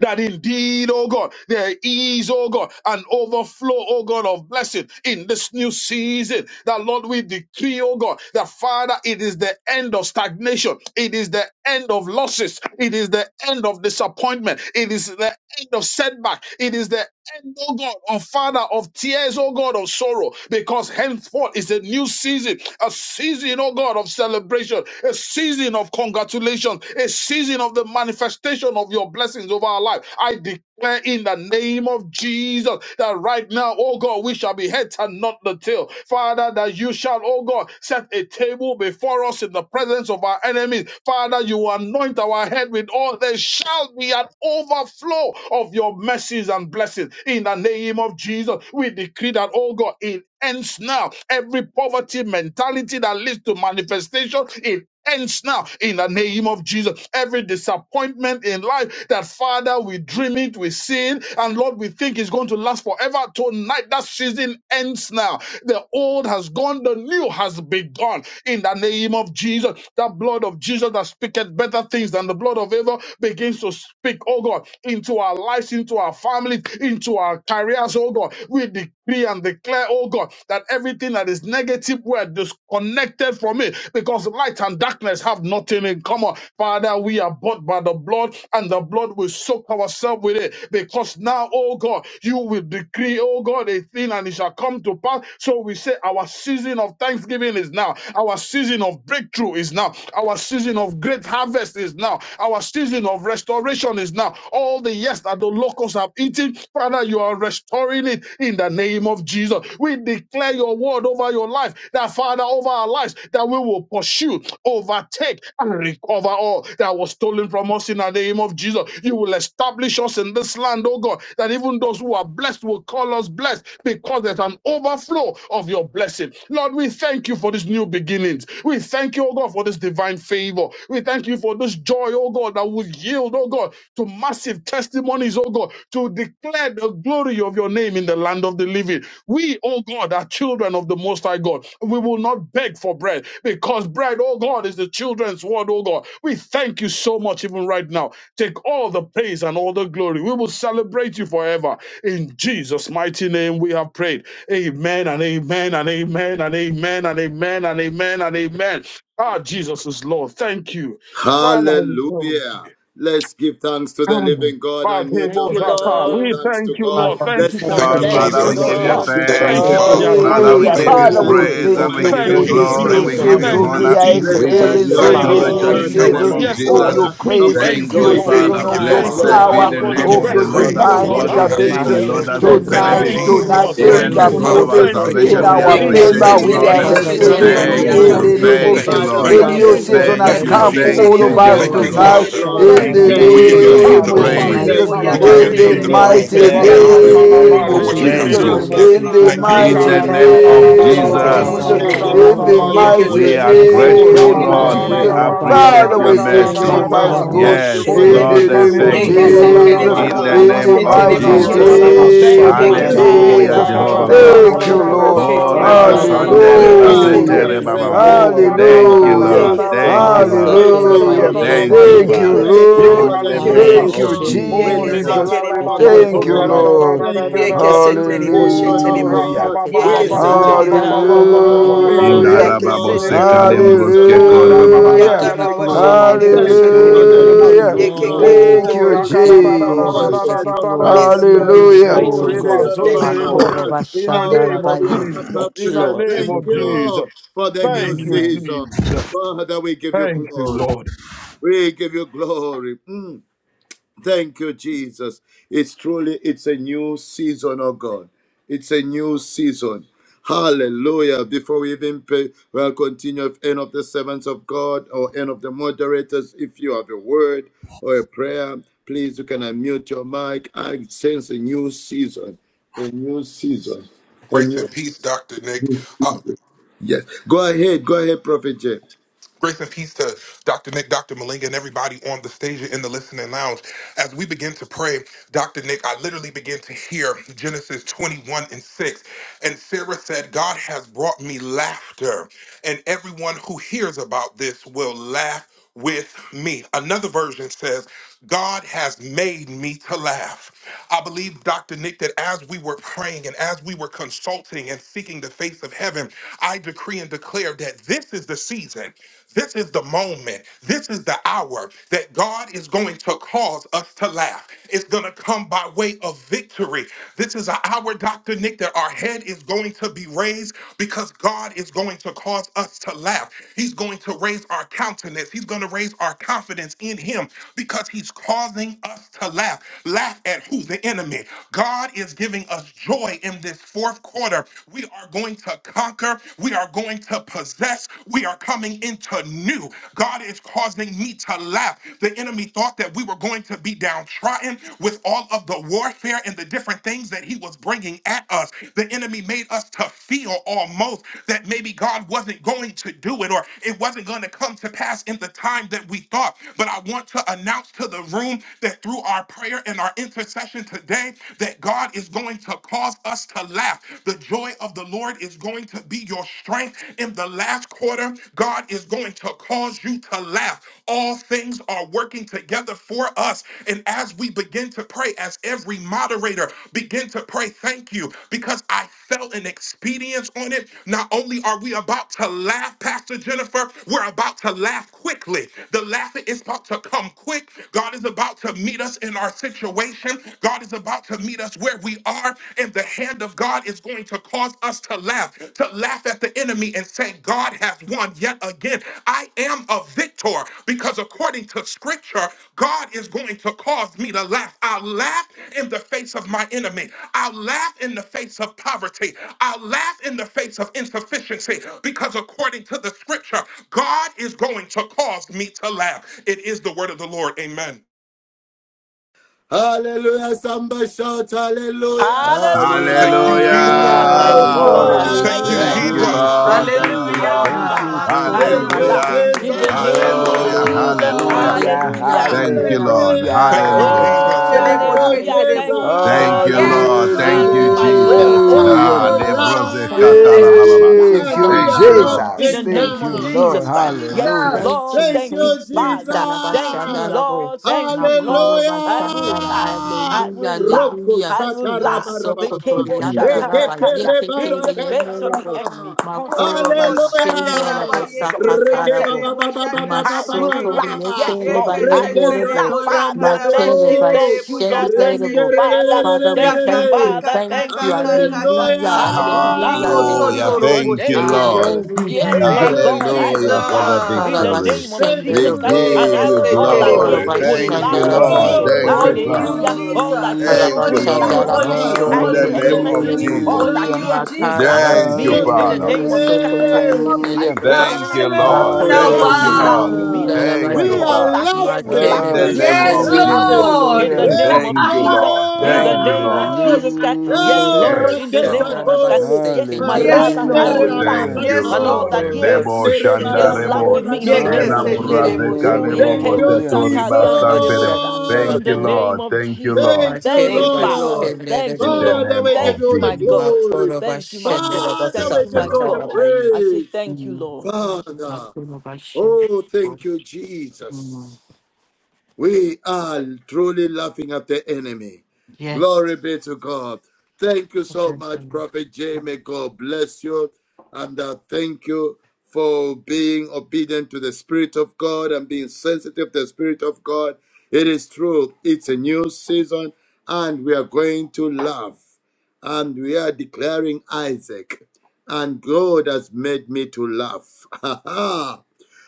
G: that indeed, oh God, there is, oh God, an overflow, oh God, of blessing in this new season. That Lord, we decree, oh God, that Father, it is the end of stagnation. It is the end of losses. It is the end of disappointment. It is the end of setback. It is the end, oh God, of Father, of tears, oh God, of sorrow, because henceforth is a new season, a season, oh God, of celebration, a season of congratulations, a season of the manifestation of your blessings, oh over our life. I declare in the name of Jesus that right now, oh God, we shall be heads and not the tail. Father, that you shall, oh God, set a table before us in the presence of our enemies. Father, you anoint our head with oil. There shall be an overflow of your mercies and blessings. In the name of Jesus, we decree that, oh God, it ends now. Every poverty mentality that leads to manifestation, it ends now in the name of Jesus. Every disappointment in life that that Father, we dream it, we see it, and Lord, we think it's going to last forever. Tonight, that season ends now. The old has gone, the new has begun. In the name of Jesus, that blood of Jesus that speaketh better things than the blood of Abel begins to speak, oh God, into our lives, into our families, into our careers, oh God. We declare decree and declare, oh God, that everything that is negative word disconnected from me, because light and darkness have nothing in common. Father, we are bought by the blood, and the blood will soak ourselves with it. Because now, oh God, you will decree, oh God, a thing and it shall come to pass. So we say our season of thanksgiving is now, our season of breakthrough is now, our season of great harvest is now is now. Our season of restoration is now. All the yes that the locusts have eaten, Father, you are restoring it in the name of Jesus. We declare your word over your life, that Father, over our lives, that we will pursue, overtake, and recover all that was stolen from us in the name of Jesus. You will establish us in this land, oh God, that even those who are blessed will call us blessed because there's an overflow overflow of your blessing. Lord, we thank you for these new beginnings. We thank you, oh God, for this divine favor. We thank you for this joy, oh God, that will yield, oh God, to massive testimonies, oh God, to declare the glory of your name in the land of the living. We, oh God, are children of the Most High God. We will not beg for bread because bread, oh God, is the children's word, oh God. We thank you so much, even right now. Take all the praise and all the glory. We will celebrate you forever. In Jesus' mighty name, we have prayed. Amen and amen and amen and amen and amen and amen and amen. Ah, Jesus is Lord. Thank you. Father, we thank
E: Hallelujah. Let's give thanks to the
G: you.
E: living God and mute our
F: Thank you,
E: mics and
G: Father,
E: give
G: we
F: Lord.
E: thanks to
G: thank you,
E: God.
G: Lord.
H: Father, we
G: Thank
E: Let's
G: you for
H: thank
E: thank
I: Thank
H: you,
I: you,
E: the
A: Lord,
H: Lord,
F: Thank
A: Father,
F: you,
G: restoration.
H: for
A: we
E: Almighty
H: your
I: Jesus.
E: God
A: give you
E: who has
G: Ah,
F: Lord.
H: mercy,
E: given
I: Thank
H: for your
E: us
I: you,
A: thanks.
G: thank
E: a
G: you for
H: thank
E: new
G: the
H: you, Lord,
I: Father.
H: for
A: Father,
E: season.
H: your
A: we
C: Hallelujah.
G: advancement
I: Thank
A: give
G: of
I: you,
E: Let's
A: you
H: grace.
C: Father,
G: your
H: We
E: thank
C: we
I: Lord.
G: word.
H: give
E: the
H: you
A: praise
H: all
A: and
C: thank
A: we
H: the
C: you
E: Almighty
I: Thank
A: give
I: you,
E: God,
G: Thank
A: you
C: for
E: the
H: glory,
G: you,
C: this
E: God of
A: glory.
H: praise,
I: Jesus,
C: new
H: and
A: We
G: Jesus.
I: for
A: give
E: second
H: might.
A: you
I: this
G: Thank
C: season.
I: new
G: you,
C: We
E: chance.
A: honor.
C: are
H: We say
E: Let's
I: season.
A: We
G: Jesus.
A: give
E: thank
H: thank
E: the
F: Thank
H: you,
A: you
F: you,
I: Thank you,
C: experiencing
G: Thank
H: Father.
C: this
G: you,
E: Almighty
C: new
I: Lord.
A: adoration
F: Lord.
E: God,
H: Thank
A: in the
H: you,
I: Thank
G: Jesus.
E: our
A: name
C: season
I: you,
A: of
H: thank
G: Yes,
H: you,
C: of
A: Jesus.
G: Lord.
H: thank
C: your
I: Jesus.
E: restorer,
H: you.
G: We
I: We
C: grace,
E: our
I: give
H: We
I: you
G: thank
A: Thank
G: you,
H: give
C: new
A: you,
E: joy
H: you
G: Lord.
I: glory
F: Thank
I: and
F: you,
I: we
C: season
A: Father.
H: glory.
E: giver,
I: give
C: of
H: We
I: you
C: your
G: Thank
H: say
E: the
G: you,
I: honor.
A: Blessed
E: one
A: be
H: thank
G: Father,
C: power,
F: Father.
A: the
H: you,
E: who has
G: for
I: We
G: the
A: name
I: give
E: made
C: of
A: of
I: you
H: Father.
A: the
C: your
E: a
A: Lord
G: breakthrough,
H: Thank
E: river
I: praise
A: our
G: oh
I: for
C: divine
E: in
H: you.
G: God.
A: God
I: what
E: the
I: you
A: who
G: Ah,
I: have
A: daily,
C: intervention.
E: desert.
H: Maso
A: Lord,
F: Thank
I: spoken.
F: you,
A: us
F: my
A: with
E: Let's
H: Toro,
I: Thank
E: thank
I: you,
A: benefit.
C: Tonight,
G: Thank
H: Yasha,
F: God.
G: you,
E: God,
H: Sana,
C: tonight,
G: Lord.
E: the
I: Jesus.
E: one
G: Thank
I: Thank
A: Even
C: things
E: who
I: you,
E: has
A: the
C: are
G: you,
H: Bayende,
A: God
E: made
G: Lord.
A: of
E: the
I: Father.
A: our
H: Rebo,
C: moving
G: Thank
E: road
G: you,
I: Thank you,
C: in
E: in
H: Sikiri,
A: salvation,
G: Lord.
E: the
A: we
I: Lord.
A: are
C: our
H: Yanda,
G: In the
H: Rabo.
C: favor.
A: appreciative,
I: Thank
G: name
E: wilderness.
I: you,
C: We
G: of
A: Lord.
C: are
B: Yekeseterebo
F: Thank
H: Father,
E: Let's
F: you,
I: Jesus.
G: Jesus.
H: we
E: thank
G: In
H: give
C: receiving.
E: the
G: the
I: Thank
B: sheterebo
H: you
F: Lord.
I: you,
A: Thank
G: name
C: In
H: glory.
G: of
E: Almighty
I: Lord.
C: the
A: you,
H: We
E: God.
C: name
H: say
G: Jesus.
C: of
A: thank
B: yakaseterebo
I: Thank
A: you,
C: Jesus,
I: you.
H: thank
E: Father,
H: you,
G: In
A: Lord.
E: we
C: the
G: the
E: are
I: Thank
B: sheterebo
C: new
H: Father,
I: you.
E: saying
G: name
H: for
G: of
E: thank
H: your
C: season
A: Thank
E: you,
C: has
I: Thank
E: King
I: you,
A: you,
E: of
G: Jesus.
C: come
H: mercy.
C: for
G: In the
E: Kings.
A: thank
C: all
I: Jesus.
A: you,
B: yakaseterebo
C: of
G: name
C: us
G: of
E: Thank
I: Thank
A: Jehovah
E: you,
I: you,
H: Makoro
E: King
G: Jesus.
A: God.
C: tonight.
E: of
I: Father.
B: yakaseterebo
E: Glory.
H: Bashanda
C: In
A: We
G: Thank
C: the
G: you,
E: Thank
I: We
E: you,
I: give
H: Rabaye.
G: Jesus.
I: your
E: Lord
A: give
E: of
I: name
A: you
C: name
I: the
B: ikosotorobo
H: In
E: Lords.
C: of
H: the
I: glory.
A: praise.
H: mighty
B: sheterebo
C: Jesus,
E: Thank you,
I: We
H: name
I: give your
H: of
C: in
E: Ancient
A: Thank
C: the
I: name
A: you,
E: of
I: the
H: Jesus,
E: Days.
B: yakaseterebo
H: we
A: Lord.
I: praise
H: say
C: mighty
I: and
E: Thank
I: the
H: thank
E: you,
A: Thank you,
H: you.
I: honor
E: faithful
C: name
A: thank
B: yakaseterebo
H: We
I: for
C: of
A: you,
I: what
H: give
E: God.
I: you
H: you
I: have
A: thank
C: Jesus,
B: sheterebo
A: you.
H: glory.
E: Abba,
I: spoken.
H: We
C: in
B: sheterebo
C: the
H: give you
I: Thank you, Lord.
A: In
E: Father.
A: the
H: glory.
C: mighty
A: name
E: Thank
H: Ma
A: of
B: yekeseterebo
C: name
H: kala
C: of
H: ba
E: you.
H: ba
B: sheterebo
A: Jesus,
F: Thank
H: da
F: you,
C: Jesus,
H: la
E: We
H: ba ba-
E: give
B: sheterebo
E: you
C: in
F: Lord.
H: yende
C: the
H: lebo.
C: mighty
A: we
E: glory.
A: are
H: Ma
B: yekeseterebo
E: We
H: so
E: give
H: ko
E: you
A: grateful,
C: name
H: to the
B: sheterebo
C: of
A: Lord.
H: yamin
A: We
H: da
E: praise.
C: Jesus.
H: la
B: sheterebo
H: ba
E: We
H: ye.
A: appreciate
C: Father,
A: your
C: we
E: appreciate
C: thank
E: you,
F: Thank
A: mercy.
C: you,
F: you,
E: oh
B: yekeseterebo
E: God.
C: Almighty
H: Matara
B: bobo
C: God,
F: Lord.
E: Thank you
A: Yes,
E: for
G: Oh,
E: the
H: Bashende
C: in
B: sheterebo
E: new
A: Lord,
C: the
H: Rebo
A: I
C: name
F: Thank
C: of
E: season
G: Zekalebro,
A: thank
H: Soto
F: you,
A: you.
E: over
F: Lord.
G: Zatara, da,
H: Toriende
B: yekeseterebo
C: Jesus,
E: our
G: da,
A: In
G: da,
H: Rebo
A: the
G: da,
B: bobo
C: in
E: lives
A: name
C: the
G: da, da, da,
A: of
G: da,
E: over
G: da,
B: sheterebo
C: mighty
E: our
G: ya, ya,
A: Jesus.
G: da,
H: Matera
E: families,
F: Oh,
G: ba,
B: sheterebo
F: thank
C: name
F: you,
B: Ye
E: over
G: Zekele.
F: my
C: of
H: Bashanda
B: que
E: the
B: se
H: Rebo
B: tere
G: Oh,
E: church,
A: Hallelujah,
B: bo
G: ra,
C: Jesus.
B: bo
H: Soto
G: da,
E: over
B: bo
G: da,
A: Jehovah
F: Father.
B: bo
G: da,
E: the
G: da,
B: bo
A: God.
B: bo
C: Thank
H: Toriende
B: bo
C: you,
G: da,
B: bo
H: Rebo
G: da, da,
B: bo
E: finances,
C: Lord.
B: she
G: da, da, da,
E: over
G: da,
B: tere
H: Oh
E: our
B: bo.
A: Koreba
G: da, da, da,
H: Father, we
G: da,
F: Thank
E: material.
F: you,
G: ba,
H: say
B: Ye
A: sandereba
B: que
H: thank
B: se
H: you,
E: Father,
F: Lord.
E: we
G: Zekelebo.
H: we
C: Hallelujah.
B: tere
E: are
H: give
A: setereba
B: bo
H: you
B: bo
E: saying
A: baba.
B: bo bo
E: thank
G: Oh,
H: glory,
B: bo
E: you
G: ra,
H: we
B: bo bo.
G: ka,
E: for
H: give you
E: the
G: ra,
A: Thank you,
G: da,
E: new
G: da,
B: Ye
C: Hallelujah.
H: glory.
G: da,
A: Lord.
B: que
G: da,
B: se
E: season.
A: Thank
B: tere
A: you,
B: bo
G: da,
B: ye
G: da, da, da, da,
A: Lord.
E: It's
B: que
H: Maseke
E: a
G: da,
B: se
G: da,
H: Reba
G: da, da,
E: new
C: Hallelujah.
B: tere
G: da,
B: bo.
G: da,
A: Thank
G: ba,
A: you,
E: season.
H: Yende
G: ye.
C: Thank
B: Ye
C: you,
B: que
A: Father.
H: Rebo
B: se
E: Thank you
B: tere
G: Ye,
B: bo
E: for
C: Lord.
A: In
B: bo
E: the
A: the
B: she
E: new
H: Matara
A: name
B: tere
G: Kalebosha.
C: Thank
B: bo.
A: of
C: you,
E: season
B: Ye
A: Jesus.
E: with
G: Oh,
H: Bashende
B: que
E: an
B: se
G: leba,
H: Rebo
G: la,
C: Jesus.
B: tere
G: la,
B: bo
E: outpouring
H: we
G: la,
E: of
B: bo
H: give
G: ba,
B: bo
H: you
E: your
B: bo
C: Thank you,
B: bo bo
G: Zonta, da,
H: glory,
E: spirit.
H: we
B: bo.
H: give
G: da, da,
H: you
C: Lord.
G: da, da,
E: Thank
G: da,
E: you
B: Ye
H: glory.
G: da,
E: for
B: que
G: da.
E: the
B: se
E: new
B: tere bo she
F: Thank
H: Mm.
E: season,
F: you,
E: oh
B: tere
G: Oh,
F: Lord.
B: bo.
G: ra, ka,
C: Hallelujah.
E: God.
G: ba,
H: Maseke
G: ba,
B: Ye
G: ba,
H: Tere
E: We
B: que
G: ba,
B: se
G: ba,
H: Yanda
G: ba, ba,
B: tere
H: Rebo
B: bo
E: celebrate
B: bo
G: ba,
B: bo
G: ba,
E: you,
B: bo
H: we
E: Lord.
B: bo bo
H: give you
B: bo.
G: ba, ba,
E: We
F: Hallelujah.
H: glory,
E: give
B: Ye
H: we
E: you
C: Hallelujah.
B: que
G: Rekele,
A: Ndarababo
B: se
E: glory.
B: tere bo
G: Gelebo.
B: bo bo bo
E: Awesome
B: bo
A: sekalembroske
H: give you
B: bo
G: Oh,
B: bo.
G: ra,
E: God,
H: glory,
G: da
A: korbababa.
G: ra,
B: Ya
H: we
G: da,
C: Hallelujah.
G: da,
H: give you
G: da,
E: mighty
B: karaba
G: da, da,
E: God.
H: glory,
G: ba,
H: we
B: tere bo
H: give you
E: Thank
B: she
E: you
B: tere
G: Zekele,
E: for
B: bo.
E: the
H: glory, we
F: Thank
E: new
G: Gelebo.
F: you,
H: give
C: Hallelujah.
H: you
B: Ye que
E: season
B: que
F: Lord.
B: que
H: glory,
C: Thank
E: the
B: que
G: Oh,
C: you,
B: que
E: new
H: we
B: que
H: give you glory, we give
B: que
H: you
E: season
B: que
E: of
B: que
H: glory,
B: que.
H: we
B: que.
C: Jesus.
H: give
E: holiness,
H: you
E: of
G: rakarararararararara.
H: glory,
B: Yes,
F: We
H: we
B: Lord.
E: righteousness,
H: give
F: will
H: you
B: Thank
C: Hallelujah.
E: the
B: you,
G: Oh,
F: praise,
E: new
F: oh
H: glory.
F: God.
B: Jesus.
E: season of
F: Yes,
B: Thank you,
G: rebazonterebo.
F: Lord.
H: Makora
B: Father.
E: abundance.
G: In the
E: Our
H: Bashandara
B: Thank
G: name
B: you,
E: Father,
G: of
E: we have
H: Bayo,
B: Jesus.
E: come
G: Jesus.
E: back
F: Thank
G: In
E: to
F: you,
G: the
E: say
F: Lord.
G: name
H: give
E: thank
H: you
G: of
H: glory.
E: you
G: Jesus.
E: for the new
G: Thank you,
F: Amen.
H: Amen.
E: season.
G: Jesus.
E: Father, we give you
G: Thank you,
E: glory.
G: Lord.
E: We give you glory. Mm. Thank you, Jesus. It's truly it's a new season, oh God. It's a new season. Hallelujah. Before we even pray, we'll continue with end of the servants of God or end of the moderators. If you have a word or a prayer, please you can unmute your mic. I sense a new season. A new season. A
I: Grace
E: new
I: and peace, Dr. Nick. Uh,
E: yes. Go ahead. Go ahead, Prophet J.
I: grace and peace to Dr. Nick, Dr. Malinga, and everybody on the stage and in the listening lounge. As we begin to pray, Dr. Nick, I literally began to hear Genesis 21 and 6. And Sarah said, God has brought me laughter, and everyone who hears about this will laugh with me. Another version says, God has made me to laugh. I believe, Dr. Nick, that as we were praying and as we were consulting and seeking the face of heaven, I decree and declare that this is the season. This is the moment. This is the hour that God is going to cause us to laugh. It's going to come by way of victory. This is an hour, Dr. Nick, that our head is going to be be raised because God is going to cause us to laugh. He's going to raise our countenance. He's going to raise our confidence in Him because He's causing us to laugh. Laugh at who? The enemy. God is giving us joy in this fourth quarter. We are going to conquer. We are going to possess. We are coming into new. God is causing me to laugh. The enemy thought that we were going to be downtrodden gotten with all of the warfare and the different things that he was bringing at us. The enemy made us to feel almost that maybe God wasn't going to do it or it wasn't going to come to pass in the time that we thought. But I want to announce to the room that through our prayer and our intercession today, that God is going to cause us to laugh. The joy of the Lord is going to be your strength in the last quarter. God is going going to cause you to laugh. All things are working together for us. And as we begin to pray, as every moderator begin to pray, thank you, because I felt an expedience on it. Not only are we about to laugh, Pastor Jennifer, we're about to laugh quickly. The laughter is about to come quick. God is about to meet us in our situation. God is about to meet us where we are, and the hand of God is going to cause us to laugh, to laugh at the enemy and say, God has won yet again. I am a victor because according to scripture, God is going to cause me to laugh. I'll laugh in the face of my enemy. I'll laugh in the face of poverty. I'll laugh in the face of insufficiency because according to the scripture, God is going to cause me to laugh. It is the word of the Lord. Amen.
E: Hallelujah. Somebody shout
I: Thank you,
E: hallelujah.
F: Hallelujah.
I: Jesus.
H: Hallelujah,
C: Hallelujah.
F: Thank you,
A: Hallelujah.
H: hallelujah,
C: Father,
E: Hallelujah.
F: Lord.
C: we
I: Thank
F: Thank you,
I: you,
C: thank
H: hallelujah.
A: Thank
F: Lord.
C: you.
A: you,
F: I
C: We
I: Jesus.
F: will
A: Lord.
C: thank
F: laugh.
C: you.
A: Thank you,
C: We
F: I
B: Hallelujah.
A: Lord.
F: will
C: thank
H: Ah,
C: you.
F: laugh.
H: my
C: Thank
F: I
H: glory
C: you,
H: of
E: Thank
F: will
E: you,
C: Lord.
F: laugh.
H: Hashem,
A: Hallelujah.
H: the
F: In
E: Jesus.
F: the
H: Rebbe
B: Yes,
F: name of
A: Hallelujah.
H: Sakatarabo.
F: Jesus.
A: Hallelujah.
B: Lord.
C: Hallelujah.
H: Hallelujah,
F: Hallelujah.
A: Thank you,
H: hallelujah,
A: Lord.
H: hallelujah.
I: Thank you,
E: Hallelujah.
B: Yekeseterebo,
H: Thank
A: Hallelujah.
H: you,
F: Oh,
I: Jesus.
E: Thank
B: sheterebo,
H: Jesus.
C: Hallelujah.
E: you,
H: Thank
F: hallelujah.
E: Jesus.
H: you.
F: Thank
B: sheterebo.
F: you,
H: My
A: Thank
I: Thank you,
A: you,
H: glory
F: Father.
H: of
B: Yes,
A: Lord.
I: Jesus.
A: Thank
H: Hashem, the
F: Thank you,
A: you,
H: Rebbe
F: my
E: We are
F: God.
A: Jesus.
F: Thank
E: going
F: you,
H: Sakatarabo,
F: my
A: Ha,
C: Hallelujah.
E: to
F: God.
B: Lord.
F: Thank you,
A: lebroze
F: my
H: Thank
F: God.
H: you,
B: Thank
F: I
E: laugh.
B: you,
F: will
A: katarabababa.
F: laugh
C: Thank
H: Jesus.
E: And
F: at
C: you,
E: we
H: Thank
F: you.
A: Thank
E: are
H: you,
A: you,
H: thank
B: Jesus.
A: Lord.
F: in
H: you,
C: Jesus.
F: the
E: laughing
H: thank
C: Thank
F: name of
C: you,
H: you,
E: now.
B: Thank
H: thank
C: Lord.
F: Jesus
B: you,
H: you.
F: Christ. Yes,
C: Hallelujah.
B: Jesus.
H: Thank
F: Lord.
H: you,
E: Thank
F: Thank you,
E: you,
H: thank you,
F: Father. Thank you,
E: Jesus.
H: Salabashandarabo.
F: Lord. Thank you, Lord.
H: Makoro
F: I will
H: Bashandara,
F: laugh.
C: Amen.
E: Hallelujah.
F: I
H: hallelujah,
F: will laugh.
E: Roko
H: hallelujah.
F: I will laugh. The
E: satarabarababa.
F: cable
H: Masokotorianda,
G: Jesus.
H: Rabba,
F: shatabakaya in
H: Yeketere,
F: the face of the
H: Yenerebo.
E: Eketerebaraketaraba.
F: enemy.
H: Makoro
F: Concerning me,
B: Korobo
F: master.
H: bashende
B: Shandaraba
H: rabo
E: Hallelujah.
F: Concerning your job.
B: Yeke
E: Reke
H: sakatarabo.
F: Concerning
E: baba
B: Senderebo
E: baba baba
F: I
E: baba
B: Shandaraba
F: will
E: baba
H: Masoto
F: laugh.
B: Yeke
E: baba.
F: Yes,
H: riekere
F: Lord.
B: Yeke
F: I
E: Reke
H: bayende
F: will
H: rabo.
F: laugh.
B: Seterebo
E: satarande
F: Father,
B: Yakaraba
F: thank
H: Makere
F: you.
E: rebo.
F: Thank
B: Shenderebo
F: you, Lord.
B: Yaka
H: bashende
F: Thank you,
H: rabo.
B: Seterebo
F: Father.
H: Father, we
F: Thank you,
B: Yaka
H: thank
E: Renderererererere.
H: you,
B: Kaka
F: Father.
H: thank
F: Thank
H: you,
F: you,
B: Kaka Kaka
F: Jesus.
H: hallelujah,
B: Kaka
F: I will
H: hallelujah,
F: laugh
B: Iko
F: glory
A: Hallelujah.
H: hallelujah,
F: to
E: Hallelujah.
F: your
B: Sotorobo
A: Thank you,
F: name, oh
A: Lord.
F: God.
B: Shenderebo
G: Thank you,
H: hallelujah.
F: Yes,
E: Thank
F: my
G: Jesus.
B: Thank
E: you,
B: you,
F: God, I will
A: Hallelujah for the
F: laugh
E: Jesus.
F: in
H: Father,
F: the
B: Jesus.
A: victory.
F: name of
E: Thank
H: bashende
A: We
F: Jesus
E: you,
F: Christ,
H: rabo.
F: and
A: give
B: Yeke
F: I
A: you
F: will all that
B: Seterebo
H: Makoro
F: here
A: glory.
E: Lord.
F: will
A: Thank
F: laugh
A: you,
H: bashanda
C: Hallelujah.
F: with
B: Seterebo
H: rabo
A: Lord.
F: me.
E: Glory
A: Thank
E: be
A: you,
B: Only
E: to
H: sokotoria.
A: Father.
B: you,
F: Hallelujah.
E: God.
F: All that
B: Jesus.
C: Hallelujah.
H: Father,
F: here
E: Thank
A: Thank
E: you,
F: will
A: you,
B: Only you,
F: laugh
H: bashanda
A: Lord.
F: with
H: rabo
B: only
F: me.
B: you,
E: Jesus.
F: I
A: In the
B: only
F: declare
A: name
E: Thank
B: you.
F: concerning
H: sokotoriende
A: of
E: you,
F: Amy,
H: rabo.
A: Jesus.
F: all
B: Only
F: that
C: Hallelujah.
F: here
B: you,
E: Jesus.
F: will
H: Makara
F: laugh
B: Jesus.
F: with
E: Thank
A: Thank you,
F: me
E: you,
F: in the
E: King
H: basendere
A: Father.
B: At
E: of
B: the
H: bo
F: name of
B: mention
F: Jesus
H: soto
B: of
F: Christ
B: the
F: over
B: name
E: Kings.
F: Amy's
B: of
H: tumiere
F: life,
B: Jesus,
C: Hallelujah.
H: bo.
F: over the
A: Thank you,
F: nation.
B: every
F: All
B: knee
A: Lord.
F: that
H: Makoro
B: shall
F: here
A: Thank you,
F: will laugh
A: Lord.
B: bow.
F: with me
E: Hallelujah.
F: over my
H: bashandara
B: Yes,
A: Thank
F: husband.
C: Hallelujah.
A: you,
E: We
H: baye.
E: are
F: All
B: Lord.
F: that
A: Father.
F: here will
E: laughing.
A: In
F: laugh
H: Makere
F: with
A: the
E: We
F: me
A: name
E: are
B: Yes,
A: of
F: concerning my
H: basendere bo
E: laughing.
A: Jesus.
F: household
H: so.
B: Lord.
F: in the
C: Hallelujah.
G: Thank you,
F: name
E: Yes,
F: of
A: Thank you,
G: Jesus.
F: Jesus.
A: Lord.
F: In
A: Thank
F: the
A: you,
F: name of
A: Lord.
E: Lord.
F: Jesus Christ, yes,
H: Makoro
E: Oh,
C: Hallelujah.
F: Lord,
A: Yes,
F: in the name
A: Lord.
F: of
H: bashandara
F: Jesus Christ,
E: Rakesako.
F: yes,
H: baseke
F: my
B: Yes,
H: teriye
F: Father, I
E: Marendere
B: Lord.
H: darabo.
F: will laugh,
A: Thank
C: Hallelujah.
A: you,
B: Yes,
F: and
E: abaraka.
F: all
A: Lord.
B: Lord.
F: that,
H: Makoro
F: yes,
B: Thank
A: Lebo
B: you,
E: Estere
F: they
A: shanda
F: will
B: Jesus.
E: baraka
F: laugh
A: rebo.
H: bashendere
F: with
H: bo
F: me in
E: moraka
F: the
H: soto
F: name of Jesus
A: Elambra
F: Christ.
E: barababa.
H: tumiere
B: Yekeseterebo
A: zeka
F: Oh,
H: bo.
F: yeah,
A: lebo
E: Thank
F: Kebo
B: sheterebo.
E: you,
A: boseto
C: Hallelujah.
A: riba
H: Kala
A: stampe
F: Satalianderebosta,
E: Jesus.
F: in
A: Thank
H: bashandara
F: the
A: you,
H: bo.
F: name
A: Lord.
F: of
A: Thank you,
F: Jesus.
A: Lord.
E: Thank you,
F: Thank
H: Makere
F: you,
B: Thank you,
F: Father.
E: Lord.
B: Lord.
H: basendere
F: Thank
A: In
F: you,
A: the
H: bo.
F: Lord.
E: Father,
A: name
E: we give
A: of
F: Thank you,
E: you the
F: my
A: Jesus.
F: God.
E: glory.
H: Makoro
F: Thank you, my
H: bashendere
F: God.
H: bo
E: Father,
F: Thank
E: we
A: Thank
F: you,
A: you,
E: give
F: my
E: you
H: sakata
A: Lord.
E: the
H: la
F: God.
H: baye.
F: I say
E: praise.
F: thank you, Lord. Thank you, Lord.
E: Father,
H: Makoro bashendere
E: oh,
H: bo.
E: thank you,
H: Mm.
E: Jesus. We are truly laughing at the enemy.
H: Yes.
E: Glory be to God. Thank you so
H: Okay,
E: much,
H: then.
E: Prophet Jamie. God bless you. And uh, thank you for being obedient to the Spirit of God and being sensitive to the Spirit of God. It is true, it's a new season, and we are going to laugh. And we are declaring Isaac. And God has made me to laugh.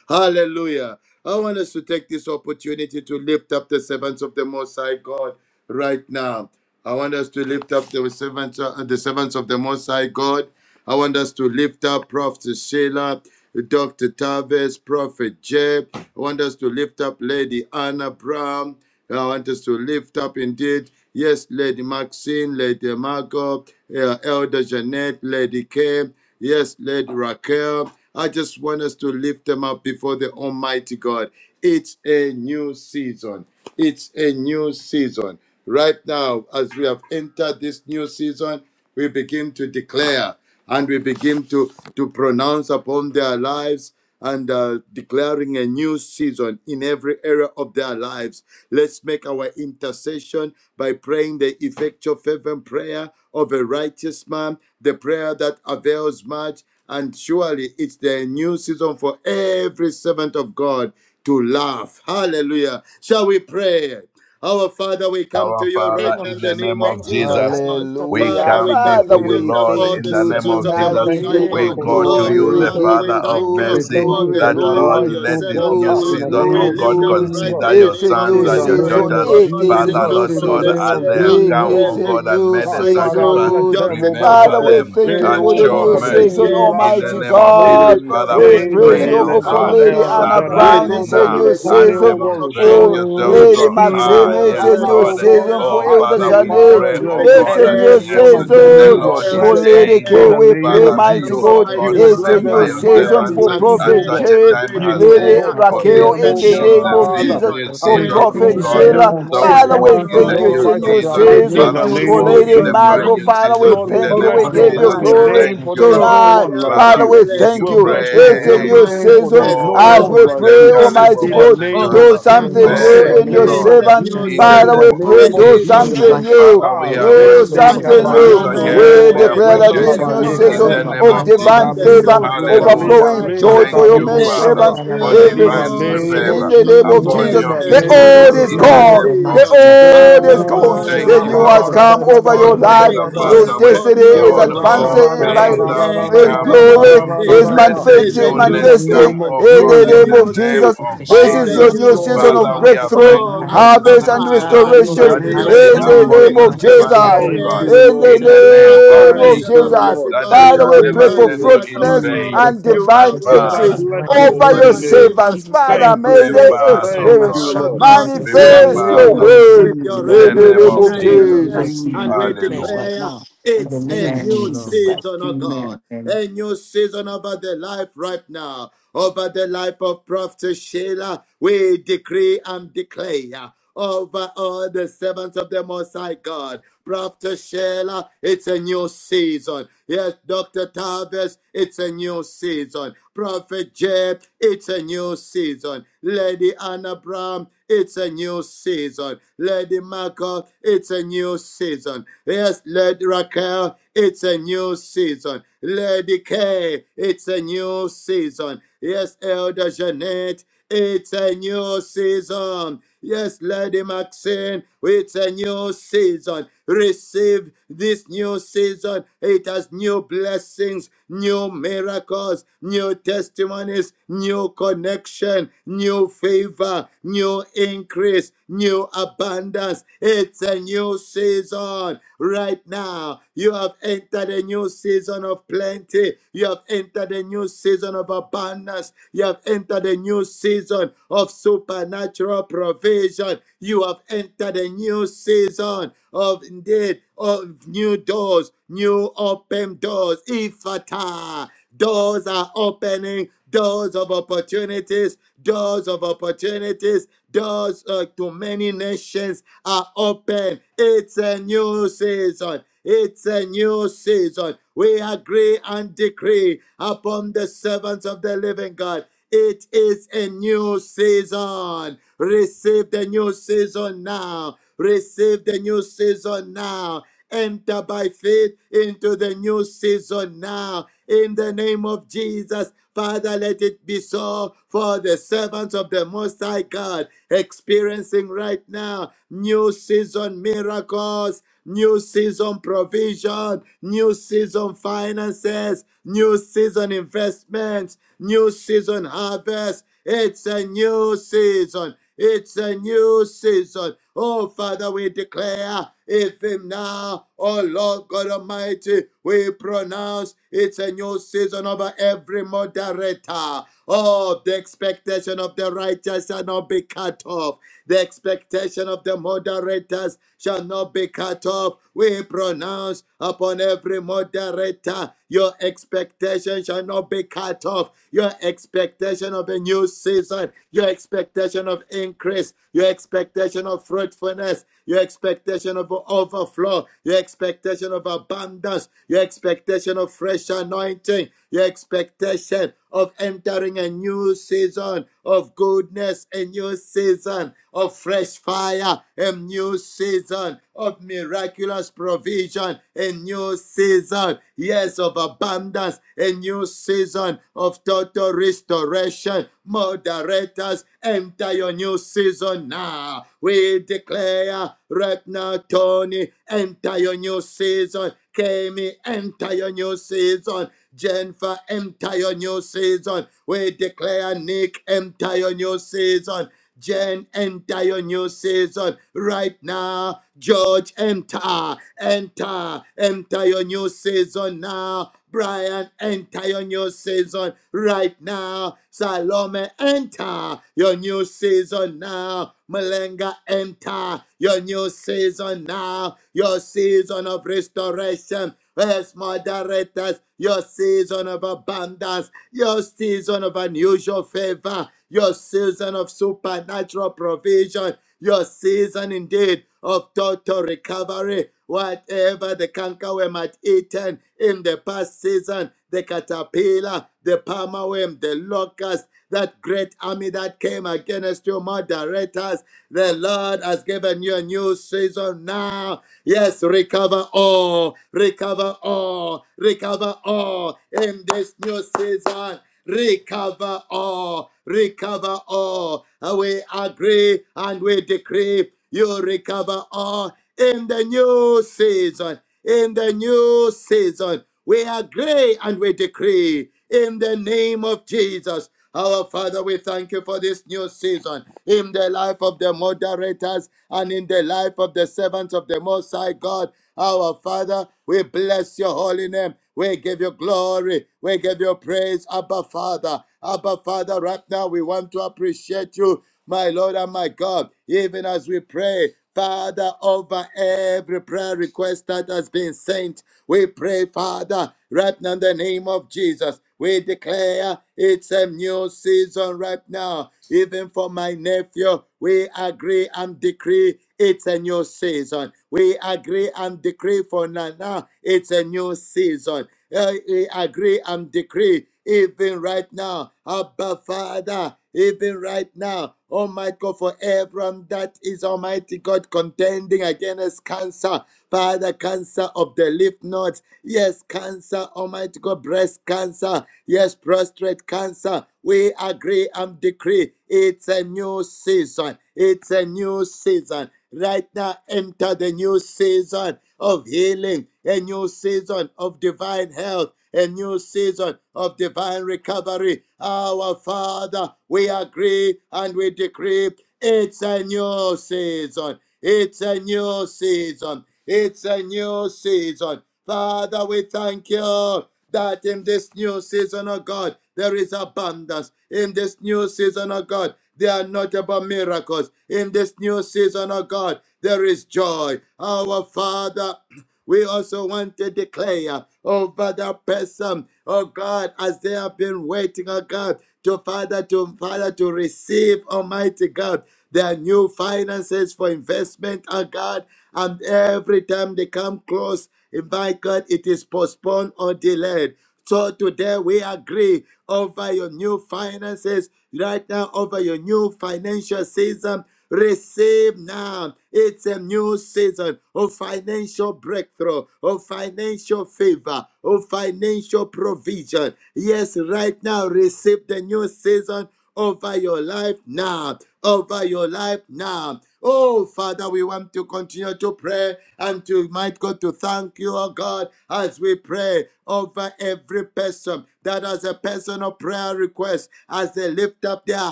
E: Hallelujah. I want us to take this opportunity to lift up the servants of the Most High God right now. I want us to lift up the servants, uh, the servants of the Most High God. I want us to lift up Prophet Sheila, Dr. Tavis, Prophet Jeb. I want us to lift up Lady Anna Brown. I want us to lift up indeed. Yes, Lady Maxine, Lady Margot, uh, Elder Jeanette, Lady Kim. Yes, Lady Raquel. I just want us to lift them up before the Almighty God. It's a new season. It's a new season. Right now, as we have entered this new season, we begin to declare and we begin to, to pronounce upon their lives and uh, declaring a new season in every area of their lives. Let's make our intercession by praying the effectual fervent prayer of a righteous man, the prayer that avails much. And surely it's the new season for every servant of God to laugh. Hallelujah. Shall we pray? Our Father, we come to
A: Our
E: you
F: In the
E: right
F: name
A: Father,
E: now
A: in
F: of
E: in
A: the
E: the
F: Jesus, we
E: name
A: name of
E: of
F: thank you,
E: Jesus,
F: Lord.
E: oh
F: I
A: Jesus,
F: will
E: God.
F: lift up your
A: we
C: Hallelujah.
E: Father,
F: servant
E: we
A: come
E: come
F: before
E: to
C: Father,
A: before
F: you
A: you,
C: we
E: lift up
A: Lord,
E: all
A: in
C: thank
E: the
A: the
C: you
A: name
E: servants
A: of
E: of
G: Now
E: the
F: in
C: tonight.
G: we
F: the
A: Jesus.
C: We
E: Most
G: thank you,
E: High
G: O
C: give
G: God,
F: name
A: We
E: God.
C: you
F: of
G: for the
A: call
F: Jesus
A: to
E: Oh,
C: glory.
F: Christ,
A: you,
C: We
A: the
F: Lord.
G: moderators.
E: Father,
C: give
E: we
A: Father
C: you
A: of
E: thank you
C: glory,
G: We
A: mercy,
G: thank
E: for
G: you
C: glory,
G: for
E: the
A: that,
G: your
E: life
A: Lord,
E: of
C: glory,
G: life,
E: your
G: oh
A: let this
G: God,
E: servants, oh
A: new
F: In
G: Ah,
F: the
G: in
C: glory,
E: God.
G: the
A: season,
F: name
E: We
G: name
C: glory,
A: oh
F: of
G: of
A: God,
E: lift up
C: glory.
F: Jesus,
E: right
G: Jesus.
E: now
A: consider
E: in the
A: your
C: It's
E: name
C: a
E: of
A: sons
C: new
G: In
A: and
G: the
A: your
F: in
E: Jesus.
F: the
C: season.
G: name
F: name of
A: daughters.
G: of
E: Oh
C: It
E: God, we
F: Jesus,
C: is a
E: lift
A: Father,
G: Jesus.
E: up
C: new
A: Lord
G: In the
A: God,
E: Prophet
C: season.
G: name
A: as
G: of
A: they have
E: Sheila.
C: It
G: Jesus.
A: come,
C: is
A: oh
E: We
C: a
E: lift
A: God,
E: up
A: and
C: new
A: made
G: Ah,
A: a
E: Almighty
G: Father,
E: God,
A: sacrifice,
G: bless
C: season.
G: them,
E: Dr.
G: oh God,
A: remember
C: Father,
E: Tavis.
C: we
G: Prophetess
A: them
C: thank
E: We
G: Jay,
C: you
A: and
C: for
E: lift
G: oh
C: the
E: up
G: God,
A: show
F: in
C: new
F: the
G: Prophetess
E: Prophet
A: mercy
C: season,
F: name
E: Jay,
F: of
G: Sheila,
A: in
E: oh
A: the
C: Almighty
E: God.
F: Jesus,
A: name of
F: I
G: Father,
E: We
C: God.
A: Jesus.
G: Lady
E: lift up
A: Father,
C: We
F: thank
A: we
E: Almighty
F: you,
G: Jay,
E: God,
C: praise
A: pray,
F: Lord,
C: you,
E: Lady
G: Lady,
A: oh
F: in
C: God,
F: the
C: for
G: ah,
E: Anna
A: God,
F: name of
C: Lady
G: Elder
E: Brown.
F: Jesus,
C: Anna
F: God.
E: We
G: Janet,
C: Brown.
A: arise
G: oh
C: It's
E: lift up
C: a
G: God,
A: now
C: new
G: Lady
E: Lady
A: and
G: Tony, oh
C: season.
E: Margot,
G: God,
E: oh
A: demonstrate
E: God.
G: Rochelle,
C: For
A: yourself
E: We
F: Oh,
C: Lady
E: lift
A: strong.
E: up
G: Maxine, oh
E: right
A: Ah,
C: Maxime.
E: now,
C: it's
G: God,
A: yes,
C: a
G: Anna,
E: Lady
C: new
G: oh
A: Lord.
G: God,
C: season. For
E: Raquel.
A: Oh,
G: I
C: Elder
A: Father,
G: pray,
E: We
A: we
E: lift up
C: Janet,
G: Father,
A: pray, oh
G: that
E: Lady
C: it's
A: God,
C: a
A: that
G: every
E: Kay.
C: new
G: one
A: yes,
E: We
G: of
F: in the
E: lift
G: them
E: up
A: the
G: you
F: name
C: season.
E: the
F: of
G: will
A: Lord
C: For
G: bless
E: Elder
F: Jesus,
A: is
F: God,
C: Lady
G: in
C: K,
E: Jeanette.
G: the
A: able.
C: we
E: We
G: name
C: pray,
G: of
A: Father,
E: lift
A: may
E: up
C: mighty
G: Jesus.
A: you, oh
C: God,
G: You
A: God,
E: Almighty
G: will
C: it's a
G: bless them
A: remember
C: new
E: Father,
A: your
G: in
C: season
G: mighty
E: Lady
A: servants
C: for
G: ways,
A: at
G: oh
C: Prophet
E: Maxim,
A: such
G: God.
A: a
E: and
C: J,
A: time
E: we
G: You
A: as
G: will, oh
A: this,
C: Lady
G: God,
E: declare
A: for
G: touch
A: this
C: Raquel,
E: it's
G: them,
E: a
C: in
G: oh
C: the
G: God,
A: is
C: name
E: new
A: the
C: of
G: Father
A: sea-
C: Jesus,
E: season.
A: new
G: and
C: for
E: We
A: season, oh
C: Prophet
F: in
G: increase
F: the
A: God.
G: them
E: declare
F: name
G: on
F: of
C: Sheila.
A: So
G: all
A: we
E: it's
F: Jesus,
C: Father,
E: a
F: God,
C: we
A: walk
G: corners
F: thank you,
A: in
G: and
E: new
C: thank
A: the
C: you,
G: all
C: it's
A: new
F: Lord,
C: a
G: sides
E: season.
G: of
C: new
G: their
A: season.
F: in the
G: life
E: It's a
G: in
F: name
C: season
G: the
F: of
A: Father,
H: Thank
A: we
E: new
C: for
F: Jesus,
G: name
H: you,
A: walk
F: God,
G: of
C: Lady
A: in
F: in
A: the
F: the
E: season
A: brand
G: Jesus.
C: Margot.
E: right
A: new
F: name,
C: Father, we
E: now.
A: season
G: Lord,
A: in
G: we
A: the
C: thank you,
E: Over
A: name
G: bless
C: we
A: of
G: your
C: give you
A: Jesus.
E: their
G: holy
C: glory
E: lives,
A: Thank
G: name,
H: Lord.
G: for
A: you,
G: there is no
A: Lord.
E: over
C: tonight.
G: one
E: their
G: like
A: Father,
C: Father,
A: we
G: you.
C: we
A: give
E: families,
C: thank
A: you
G: We'll
H: Master,
C: you,
E: over
G: bless
H: thankfully,
G: your
C: it's a
E: their
H: we I
G: holy
H: will
C: new
A: praise.
G: name,
H: thank
G: for
H: you,
G: there
C: season
G: is
E: finances,
G: no
A: Oh,
H: Father,
C: as
E: over
H: with
G: one
C: we
A: Rebo
G: like
H: the
E: their
C: pray,
G: you.
H: new
A: Sekale
C: Almighty
G: In
H: season.
A: Bobo
E: ministry,
G: the
C: God,
G: name
H: Master,
C: do
E: over
A: Sintoriba.
G: of
E: their
H: total by
C: something
G: Jesus, in
E: calling.
C: new
G: the
A: Thank
C: in
H: Sunday,
A: you,
C: your
G: name
H: the
A: Lord.
E: It's
G: of
E: a
C: servants.
H: sunshine,
E: new
A: In
G: Jesus,
H: God,
A: the
H: I
G: in
C: Father,
E: season,
G: the
A: name
C: we
H: will.
A: of
C: pray,
E: a
G: name of
H: My
C: do
A: Jesus.
E: season
H: total
E: that
C: something
G: Jesus.
H: by
E: has
C: new.
E: brought
A: Father,
G: Ah,
E: the
A: we
H: Sunday,
A: are
H: I will
E: former
C: Oh,
F: in
H: so
F: the
G: zende
A: grateful.
E: and
F: name
E: the
C: something
F: of
H: completely
A: Once
C: new.
E: latter
H: and
G: kabayono
H: I
F: Jesus, God,
H: will.
A: again,
C: We
A: we
E: rain.
C: declare
H: Make
C: that
G: rorobazonda
F: thank
A: appreciate
F: you,
H: us
C: this
E: Yes,
A: you.
H: all
C: new
H: in
G: labayeka
A: In
C: season
E: falling
A: the
G: zonda.
H: the
F: Father,
A: name
C: of
A: of
H: mighty
E: upon
C: divine
A: Jesus.
E: the
H: name
C: favor,
G: Labrido
E: servants
H: of
E: of the Most
H: Jesus.
A: Hallelujah.
G: Zumbalema
C: overflowing
E: High
H: My
G: Reke
C: joy
E: God.
A: Thank
C: for your
H: total
A: you,
H: by
G: Taribo
C: maid
E: It's
A: Father,
E: a
G: Zanta.
C: servants
H: Sunday, I
A: for
C: in
H: will
C: the
G: In the
H: bless
A: divine
E: new
H: you,
G: name of
H: Lord.
C: in
A: favor
C: the
E: season.
C: name
H: In
C: of
G: Jesus,
A: upon
H: the
C: Jesus,
G: in
E: It's
A: your
G: the
H: mighty
E: a
C: the
H: name of
A: people.
G: name
C: old
G: of
C: is
H: Jesus,
A: In
H: Our
A: the
E: new
H: Lord
C: gone.
G: Jesus.
A: name of
H: Almighty,
E: season.
H: God.
A: Jesus.
C: The old
F: in the
C: is
E: Abba,
F: name
H: Everything
F: of
C: gone.
H: that is
G: Oh,
A: Thank
H: so
C: The
F: Jesus,
A: you,
H: that
E: Father.
C: new
F: God,
H: I'm
G: rabba
C: has
G: da
H: still
A: Lord.
H: in
G: da da
C: come
G: da
C: over
G: da
A: All
G: da
C: your
H: the
G: da
A: things
G: da
H: mighty
C: life.
E: We
G: da
A: are
G: da.
A: passed
H: name
C: Your
E: call
H: of
A: away.
E: upon
C: destiny
H: Jesus,
E: you,
C: is
E: O
G: Oh,
A: Behold,
H: thank you for
E: God,
G: raka
A: all
G: da
C: advancing
H: your
E: that
G: da
C: by
A: things
G: da
H: journey.
A: are
G: da da
E: today
G: da
E: is
G: da
C: and
E: a
A: become
G: da da
E: new
C: glory
A: new.
H: Amen.
G: da da da
C: is
G: da
E: season.
A: Let
G: da.
F: in the
A: the
E: Is a
C: manifesting,
F: name,
G: In
E: new
A: newness
G: the
A: come,
C: manifesting
G: name
E: season.
G: of
A: O
C: in
E: Is
A: God,
C: the
E: a
A: in
G: Jesus.
C: name
A: the
C: of
E: new
A: name
C: Jesus.
E: season.
A: of
C: This
G: Ah,
E: Is
C: is
E: a
A: Jesus.
C: your
G: yes,
C: new
E: new
G: Lord.
C: season of
A: Father,
E: season.
A: we are
F: in the
C: breakthrough,
E: Oh,
A: thankful for
F: name of
A: this
E: Abba
C: harvest,
A: new
F: Jesus,
C: and
E: Father,
A: season
F: Father,
G: In
F: Lord,
G: the
E: we
C: restoration
F: I
A: that
E: give
A: is
G: name
E: you
F: declare,
G: of
A: laid
C: in the
F: in
A: upon
G: Jesus.
F: the
E: glory.
C: name
A: your
C: of
F: name
E: We
F: of
E: give
F: Jesus,
A: servants,
E: you
F: Christ,
C: Jesus.
F: for
A: O
G: Thank
F: one
A: God,
E: praise.
F: more
G: you,
C: In
G: Lord.
E: We
A: in
E: give
A: the
F: repentance,
E: you
A: name of
C: the name of
G: Thank
E: adoration,
A: Jesus,
G: you,
C: Jesus.
E: Almighty
G: Lord.
A: that they
E: God.
G: In
C: Father,
A: shall
G: the
C: we
E: We
A: never
C: pray for
E: thank
A: serve
G: name
E: you
G: of
A: you
E: that
A: in
E: our
C: fruitfulness
E: God,
A: vain.
C: and
G: Jesus.
E: you
A: But
E: are
C: divine
E: with
G: Lord, I
A: Father,
E: us
C: increase
G: bless
E: and
A: we
E: you
G: your
C: over
F: in the
A: pray
C: your
G: holy
E: never
A: to
G: name.
H: Amen.
F: name of
E: leave
A: you.
E: us
C: servants.
F: Jesus, God.
E: nor
C: Father,
G: Thank you,
C: may
A: Remember
E: forsake
G: Lord.
C: they
E: us.
A: us, O
G: Thank
E: But
C: experience,
G: you,
A: God.
E: our
G: Lord.
F: New
E: God,
G: In
E: you
F: season
G: the
A: Remember
C: manifest
F: for
A: us,
E: uphold
C: your
G: name
F: all
G: of
E: us
A: O
F: your
C: word
E: with
F: servants
E: your
F: in the
A: in
G: Jesus.
E: right
C: in
A: the
F: name
C: the
E: hand
F: of
G: In
A: name
G: the
E: of
C: name
A: of
F: Jesus.
C: of
G: name of
A: Jesus.
F: New
E: righteousness,
C: Jesus.
F: season
E: and
F: we
E: we
F: declare
G: Jesus.
F: it
A: Hallelujah.
F: right
E: declare
F: now in the
E: it's a
F: name of
C: Thank you,
E: new
F: Jesus
C: Lord.
F: Christ.
E: season, O God
F: Amen.
E: a new season over the life right now, over the life of Prophet Sheila. We decree and declare over all the servants of the Most High God. Prophet Sheila, it's a new season. Yes, Dr. Tavis, it's a new season. Prophet Jeb, it's a new season. Lady Anna Brown, it's a new season. Lady Marco, it's a new new season. Yes, Lady Raquel, it's a new season. Lady Kay, it's a new season. Yes, Elder Jeanette, it's a new season. Yes, Lady Maxine, it's a new season. Receive this new season. It has new blessings, new miracles, new testimonies, new connection, new favor favor, new increase, new abundance. It's a new season right now. You have entered a new season of plenty. You have entered a new season of abundance. You have entered a new season of supernatural provision. You have entered a new season of indeed of new doors, new open doors. Ifata. Doors are opening, doors of opportunities, doors of opportunities, doors uh, to many nations are open. It's a new season. It's a new season. We agree and decree upon the servants of the living God it is a new season. Receive the new season now. Receive the new season now. Enter by faith into the new season now. In the name of Jesus, Father, let it be so for the servants of the Most High God experiencing right now new season miracles new season provision, new season finances, new season investments, new season harvest. It's a new season. It's a new season. Oh, Father, we declare, even now, Oh Lord God Almighty, we pronounce it's a new season over every moderator. Oh, the expectation of the righteous shall not be cut off. The expectation of the moderators shall not be cut off. We pronounce upon every moderator, your expectation shall not be cut off. Your expectation of a new season, your expectation of increase, your expectation of fruitfulness, your expectation of overflow, your expectation of abundance, your expectation of fresh anointing, your expectation of entering a new season of goodness, a new season of fresh fire, a new new season of miraculous provision, a new season, yes, of abundance, a new season of total restoration. Moderators, enter your new season now. We declare right now, Tony, enter your new season. Kemi, enter your new season. Jennifer, enter your new season. We declare Nick, enter your new season. Jen, enter your new season right now. George, enter, enter, enter your new season now. Brian, enter your new season right now. Salome, enter your new season now. Malenga, enter your new season now. Your season of restoration. Yes, moderators, your season of abundance your season of unusual favor, your season of supernatural provision, your season indeed of total recovery. Whatever the cankerworm had eaten in the past season, the caterpillar, the palmerworm, the locust, that great army that came against you, moderators, the Lord has given you a new season now. Yes, recover all, recover all, recover all in this new season recover all, recover all. We agree and we decree you recover all in the new season. In the new season, we agree and we decree in the name of Jesus. Our Father, we thank you for this new season in the life of the moderators and in the life of the servants of the Most High God. Our Father, we bless your holy name. We give you glory. We give you praise, Abba Father. Abba Father, right now we want to appreciate you, my Lord and my God, even as we pray. Father, over every prayer request that has been sent, we pray, Father, right now in the name of Jesus. We declare it's a new season right now. Even for my nephew, we agree and decree it's a new season. We agree and decree for Nana, it's a new season. Uh, we agree and decree even right now. Abba, Father, even right now. Almighty God, for everyone that is Almighty God contending against cancer, Father, cancer of the lymph nodes, yes, cancer, Almighty God, breast cancer, yes, prostate cancer. We agree and decree it's a new season. It's a new season right now enter the new season of healing, a new season of divine health, a new season of divine recovery. Our Father, we agree and we decree it's a new season. It's a new season. It's a new season. Father, we thank you that in this new season, oh God, there is abundance. In this new season, oh God, there are notable miracles. In this new season, oh God, there is joy. Our Father, we also want to declare over that person, oh God, as they have been waiting, oh God, to Father, to Father, to receive Almighty God, their new finances for investment, oh God. And every time they come close, and By God, it is postponed or delayed. So today we agree over your new finances, right now over your new financial season. Receive now. It's a new season of financial breakthrough, of financial favor, of financial provision. Yes, right now, receive the new season over your life now, over your life now. Oh, Father, we want to continue to pray and to, might God, to thank you, oh God, as we pray over every person that has a personal prayer request, as they lift up their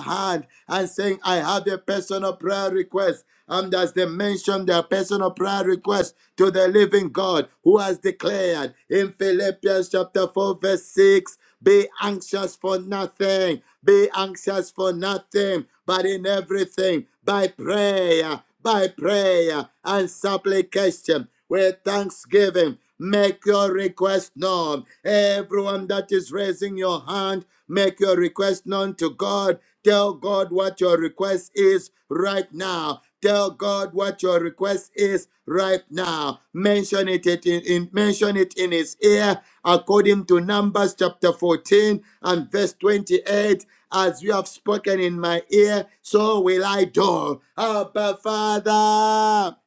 E: hand and saying, I have a personal prayer request. And as they mention their personal prayer request to the living God who has declared in Philippians chapter 4, verse 6. Be anxious for nothing. Be anxious for nothing, but in everything, by prayer, by prayer and supplication, with thanksgiving, make your request known. Everyone that is raising your hand, make your request known to God. Tell God what your request is right now Tell God what your request is right now. Mention it it in, in- mention it in his ear according to Numbers chapter 14 and verse 28. As you have spoken in my ear, so will I do. Abba Father.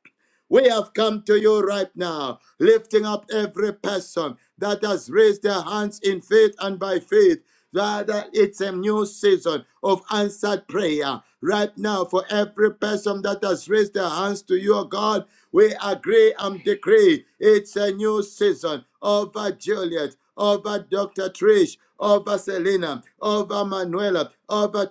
E: We have come to you right now, lifting up every person that has raised their hands in faith and by faith. Father, it's a new season of answered prayer. Right now, for every person that has raised their hands to you, God, we agree and decree it's a new season over Juliet, over Dr. Trish, over Selena, over Manuela, over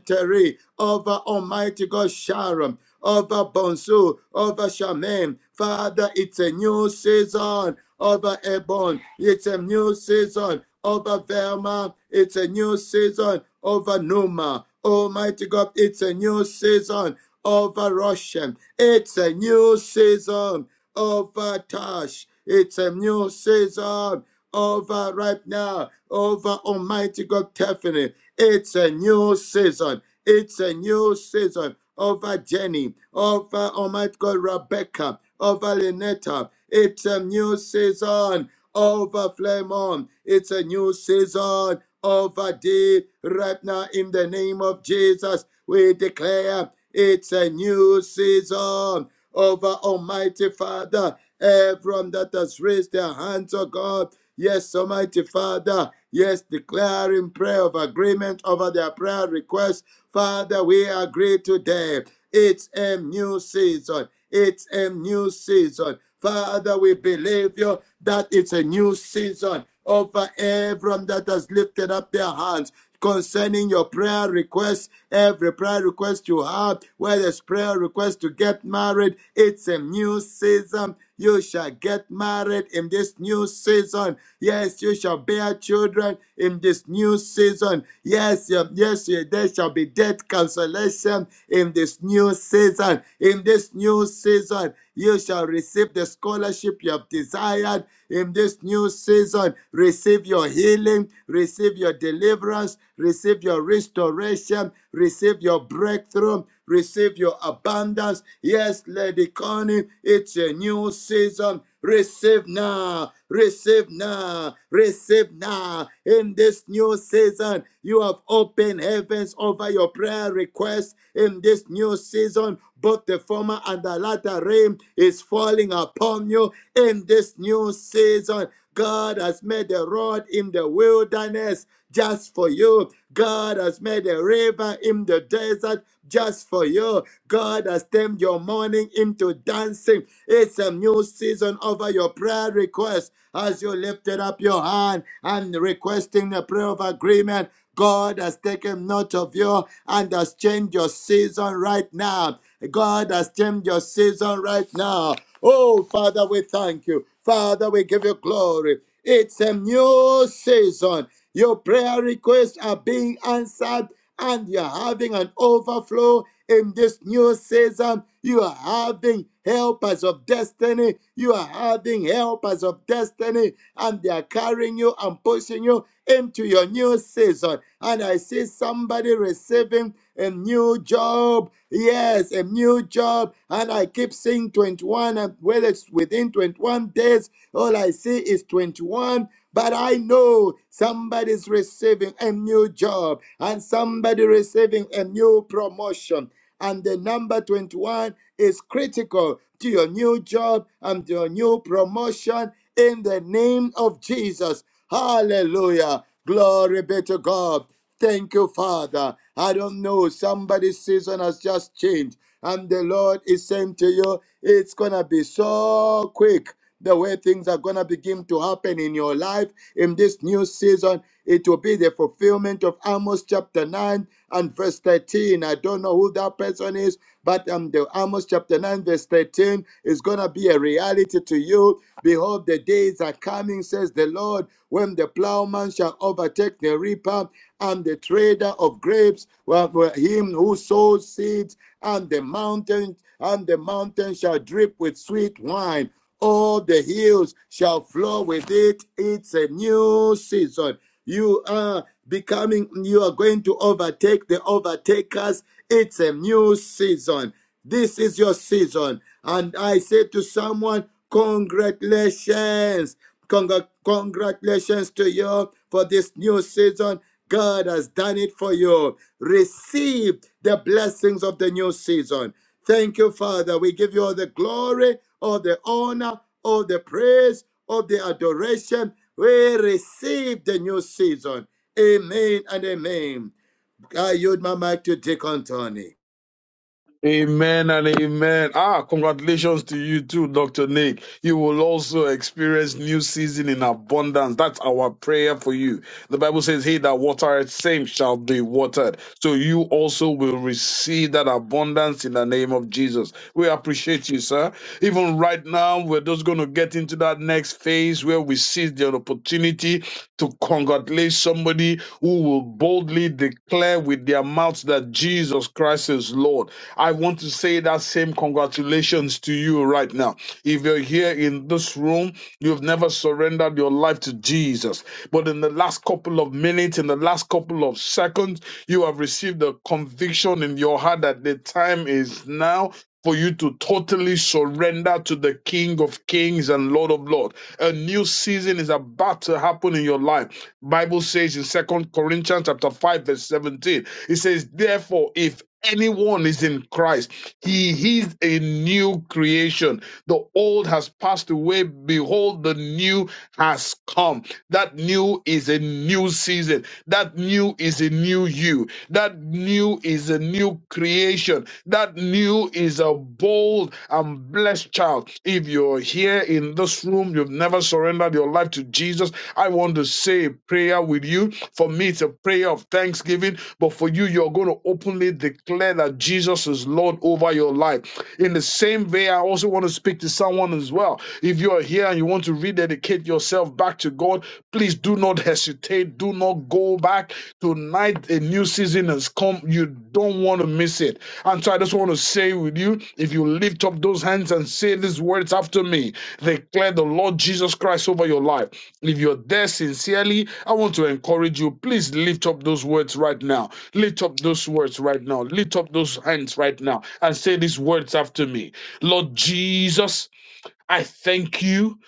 E: Terry, over Almighty God Sharon, over Bonsu, over Shaman. Father, it's a new season over Ebon. It's a new season over Velma. It's a new season over Numa. Almighty God, it's a new season over Russian. It's a new season over Tash. It's a new season over right now, over Almighty God Tiffany. It's a new season. It's a new season over Jenny, over Almighty God Rebecca, over Lynetta. It's a new season over Flamon. It's a new season over Dee. Right now, in the name of Jesus, we declare it's a new season over Almighty Father, everyone that has raised their hands, oh God. Yes, Almighty Father. Yes, declaring prayer of agreement over their prayer request Father, we agree today. It's a new season. It's a new season. Father, we believe you that it's a new season over everyone that has lifted up their hands concerning your prayer requests, every prayer request you have, whether it's prayer request to get married, it's a new season. You shall get married in this new season. Yes, you shall bear children in this new season. Yes, yeah, yes, yeah, there shall be death consolation in this new season. In this new season, you shall receive the scholarship you have desired. In this new season, receive your healing, receive your deliverance, receive your restoration, receive your breakthrough, receive your abundance. Yes, Lady Connie, it's a new season. Receive now, receive now, receive now. In this new season, you have opened heavens over your prayer requests. In this new season, both the former and the latter rain is falling upon you. In this new season, God has made a road in the wilderness just for you. God has made a river in the desert just for you. God has turned your mourning into dancing. It's a new season over your prayer request. As you lifted up your hand and requesting the prayer of agreement, God has taken note of you and has changed your season right now. God has changed your season right now. Oh, Father, we thank you. Father, we give you glory. It's a new season. Your prayer requests are being answered and you're having an overflow in this new season. You are having helpers of destiny. You are having helpers of destiny, and they are carrying you and pushing you into your new season. And I see somebody receiving a new job. Yes, a new job. And I keep seeing 21, and whether it's within 21 days, all I see is 21. But I no, somebody's receiving a new job and somebody receiving a new promotion. And the number 21 is critical to your new job and to your new promotion in the name of Jesus. Hallelujah. Glory be to God. Thank you, Father. I don't know, somebody's season has just changed. And the Lord is saying to you, it's going to be so quick the way things are going to begin to happen in your life in this new season. It will be the fulfillment of Amos chapter 9 and verse 13. I don't know who that person is, but um, the Amos chapter 9, verse 13 is going to be a reality to you. Behold, the days are coming, says the Lord, when the plowman shall overtake the reaper and the trader of grapes, well, well, him who sows seeds, and the mountain, and the mountain shall drip with sweet wine all the hills shall flow with it. It's a new season. You are becoming, you are going to overtake the overtakers. It's a new season. This is your season. And I say to someone, congratulations. Congra- congratulations to you for this new season. God has done it for you. Receive the blessings of the new season. Thank you, Father. We give you all the glory, all the honor, all the praise, all the adoration. We receive the new season. Amen and amen. I yield my mic to Deacon Tony.
G: Amen and amen. Ah, congratulations to you too, Dr. Nick. You will also experience new season in abundance. That's our prayer for you. The Bible says, He that watereth same shall be watered. So you also will receive that abundance in the name of Jesus. We appreciate you, sir. Even right now, we're just going to get into that next phase where we seize the opportunity to congratulate somebody who will boldly declare with their mouths that Jesus Christ is Lord. I want to say that same congratulations to you right now. If you're here in this room You've never surrendered your life to Jesus. But in the last couple of minutes, in the last couple of seconds, you have received a conviction in your heart that the time is now for you to totally surrender to the King of Kings and Lord of Lords. A new season is about to happen in your life. Bible says in Second Corinthians chapter 5 verse 17, it says, "Therefore, if anyone is in Christ, he is a new creation. The old has passed away. Behold, the new has come. That new is a new season. That new is a new you. That new is a new creation. That new is a bold and blessed child. If you're here in in this room, you've never surrendered your life to Jesus, I want to say a prayer with you. For me, it's a prayer of thanksgiving, but for you, you're going to openly declare that Jesus is Lord over your life. In the same way, I also want to speak to someone as well. If you are here and you want to rededicate yourself back to God, please do not hesitate. Do not go back. Tonight, a new season has come. You don't want to miss it. And so I just want to say with you, if you lift up those hands and say these words after me, Declare the Lord Jesus Christ over your life. If you're there sincerely, I want to encourage you. Please lift up those words right now. Lift up those words right now. Lift up those hands right now and say these words after me. Lord Jesus, I thank you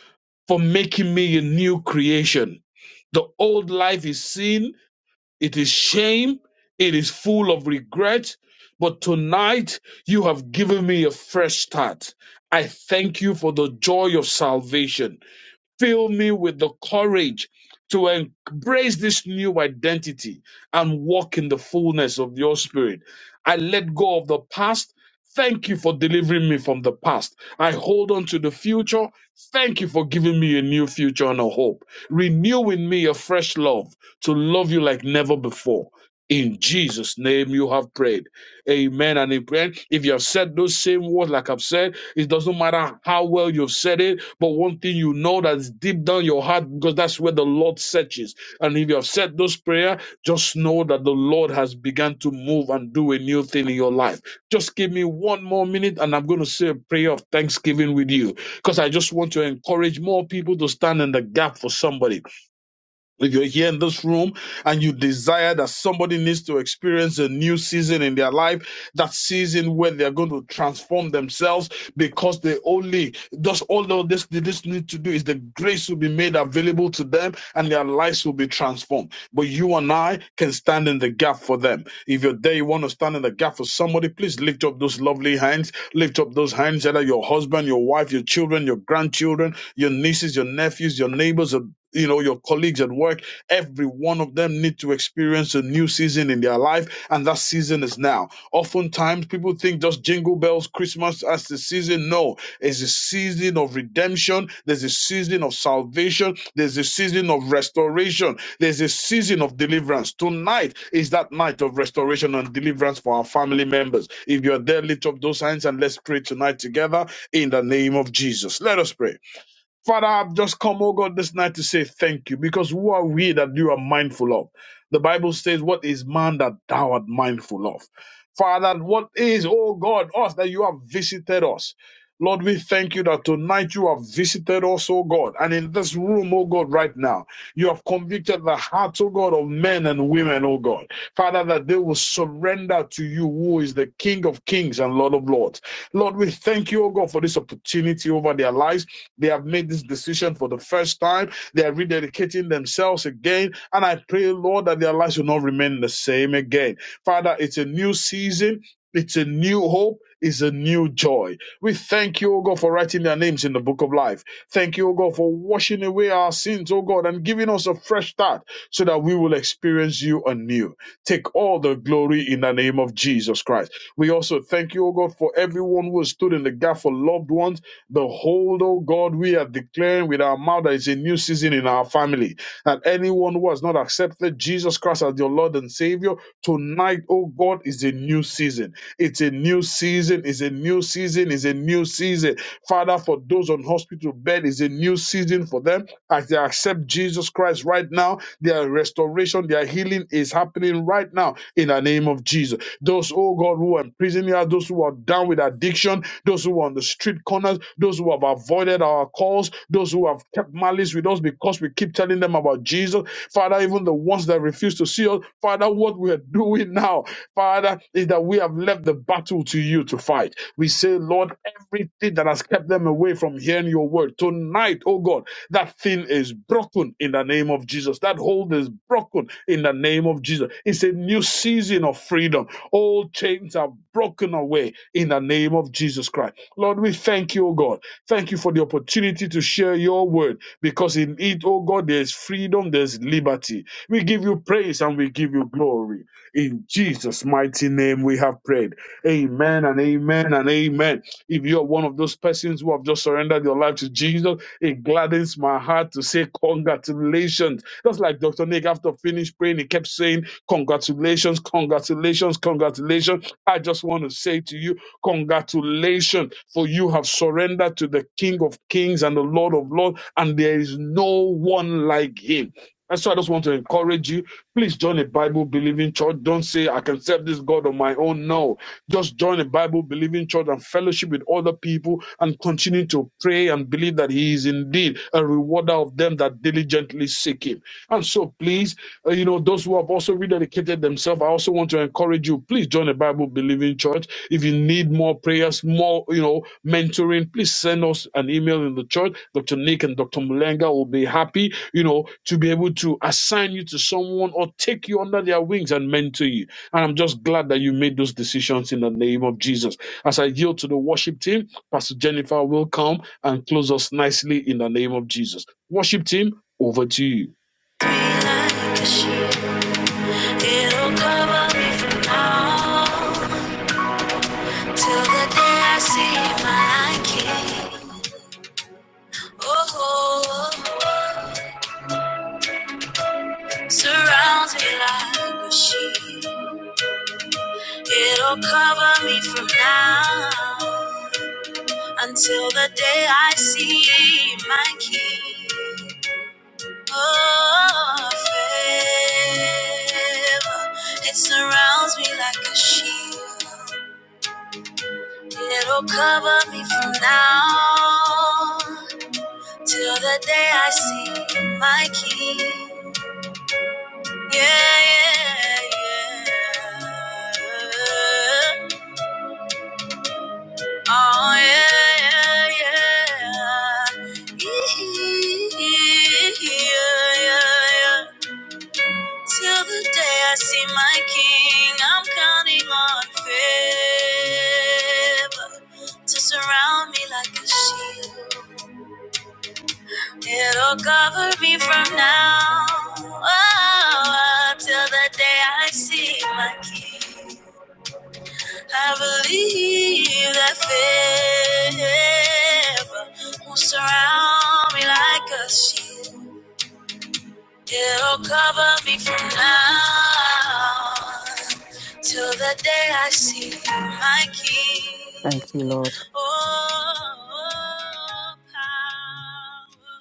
G: for making me a new creation. The old life is sin, it is shame, it is full of regret. But tonight, you have given me a fresh start. I thank you for the joy of salvation. Fill me with the courage to embrace this new identity and walk in the fullness of your spirit. I let go of the past. Thank you for delivering me from the past. I hold on to the future. Thank you for giving me a new future and a hope. Renew in me a fresh love to love you like never before. In Jesus' name you have prayed. Amen and amen. If you have said those same words, like I've said, it doesn't matter how well you've said it, but one thing you know that's deep down your heart, because that's where the Lord searches. And if you have said those prayer, just know that the Lord has begun to move and do a new thing in your life. Just give me one more minute and I'm going to say a prayer of thanksgiving with you because I just want to encourage more people to stand in the gap for somebody. If you're here in this room and you desire that somebody needs to experience a new season in their life, that season where they're going to transform themselves because they only, just all of this, they just need to do is the grace will be made available to them and their lives will be transformed. But you and I can stand in the gap for them. If you're there, you want to stand in the gap for somebody, please lift up those lovely hands. Lift up those hands, either your husband, your wife, your children, your grandchildren, your nieces, your nephews, your neighbors, your you know your colleagues at work every one of them need to experience a new season in their life and that season is now oftentimes people think just jingle bells christmas as the season no it's a season of redemption there's a season of salvation there's a season of restoration there's a season of deliverance tonight is that night of restoration and deliverance for our family members if you're there lift up those hands and let's pray tonight together in the name of jesus let us pray Father, I've just come, oh God, this night to say thank you because who are we that you are mindful of? The Bible says, What is man that thou art mindful of? Father, what is, oh God, us that you have visited us? Lord, we thank you that tonight you have visited us, oh God, and in this room, oh God, right now, you have convicted the hearts, oh God, of men and women, oh God. Father, that they will surrender to you, who is the King of kings and Lord of lords. Lord, we thank you, oh God, for this opportunity over their lives. They have made this decision for the first time. They are rededicating themselves again. And I pray, Lord, that their lives will not remain the same again. Father, it's a new season. It's a new hope. It's a new joy. We thank you, O God, for writing their names in the book of life. Thank you, O God, for washing away our sins, O God, and giving us a fresh start so that we will experience you anew. Take all the glory in the name of Jesus Christ. We also thank you, O God, for everyone who has stood in the gap for loved ones. Behold, O God, we are declaring with our mouth that it's a new season in our family. That anyone who has not accepted Jesus Christ as your Lord and Savior, tonight, O God, is a new season. It's a new season, it's a new season, it's a new season. Father, for those on hospital bed, it's a new season for them as they accept Jesus Christ right now, their restoration, their healing is happening right now in the name of Jesus. Those, oh God, who are in prison here, those who are down with addiction, those who are on the street corners, those who have avoided our calls, those who have kept malice with us because we keep telling them about Jesus. Father, even the ones that refuse to see us, Father, what we are doing now, Father, is that we have left the battle to you to fight. We say, Lord, everything that has kept them away from hearing your word tonight, oh God. That thing is broken in the name of Jesus. That hold is broken in the name of Jesus. It's a new season of freedom. All chains are broken away in the name of Jesus Christ. Lord, we thank you, O God. Thank you for the opportunity to share your word because in it, O God, there's freedom, there's liberty. We give you praise and we give you glory. In Jesus' mighty name, we have prayed. Amen and amen and amen. If you're one of those persons who have just surrendered your life to Jesus, it gladdens my heart to say congratulations. Just like Dr. Nick after finished praying, he kept saying congratulations, congratulations, congratulations. I just want to say to you, congratulations, for you have surrendered to the King of Kings and the Lord of Lords, and there is no one like him. And so I just want to encourage you. Please join a Bible believing church. Don't say, I can serve this God on my own. No just join a Bible believing church and fellowship with other people and continue to pray and believe that He is indeed a rewarder of them that diligently seek Him. And so, please, uh, you know, those who have also rededicated themselves, I also want to encourage you, please join a Bible believing church. If you need more prayers, more, you know, mentoring, please send us an email in the church. Dr. Nick and Dr. Mulenga will be happy, you know, to be able to assign you to someone or take you under their wings and mentor you. And I'm just glad that you made those decisions in the name of Jesus. As I yield to the worship team, Pastor Jennifer will come and close us nicely in the name of Jesus. Worship team, over to you.
A: Be like a sheep, it'll cover me from now till the day I see my King. Oh, oh, oh. surrounds me like a sheep. It'll cover me from now until the day I see my King. Oh, favor, it surrounds me like a shield. It'll cover me from now till the day I see my King. Yeah, yeah, yeah. Oh, yeah, yeah, yeah. Yeah, yeah, yeah. yeah. Till the day I see my king, I'm counting on favor to surround me like a shield. It'll cover me from now oh, till the day I see my king. I believe that favor will surround me like a shield. It'll cover me from now till the day I see my King.
F: Thank you, Lord.
A: Oh, power.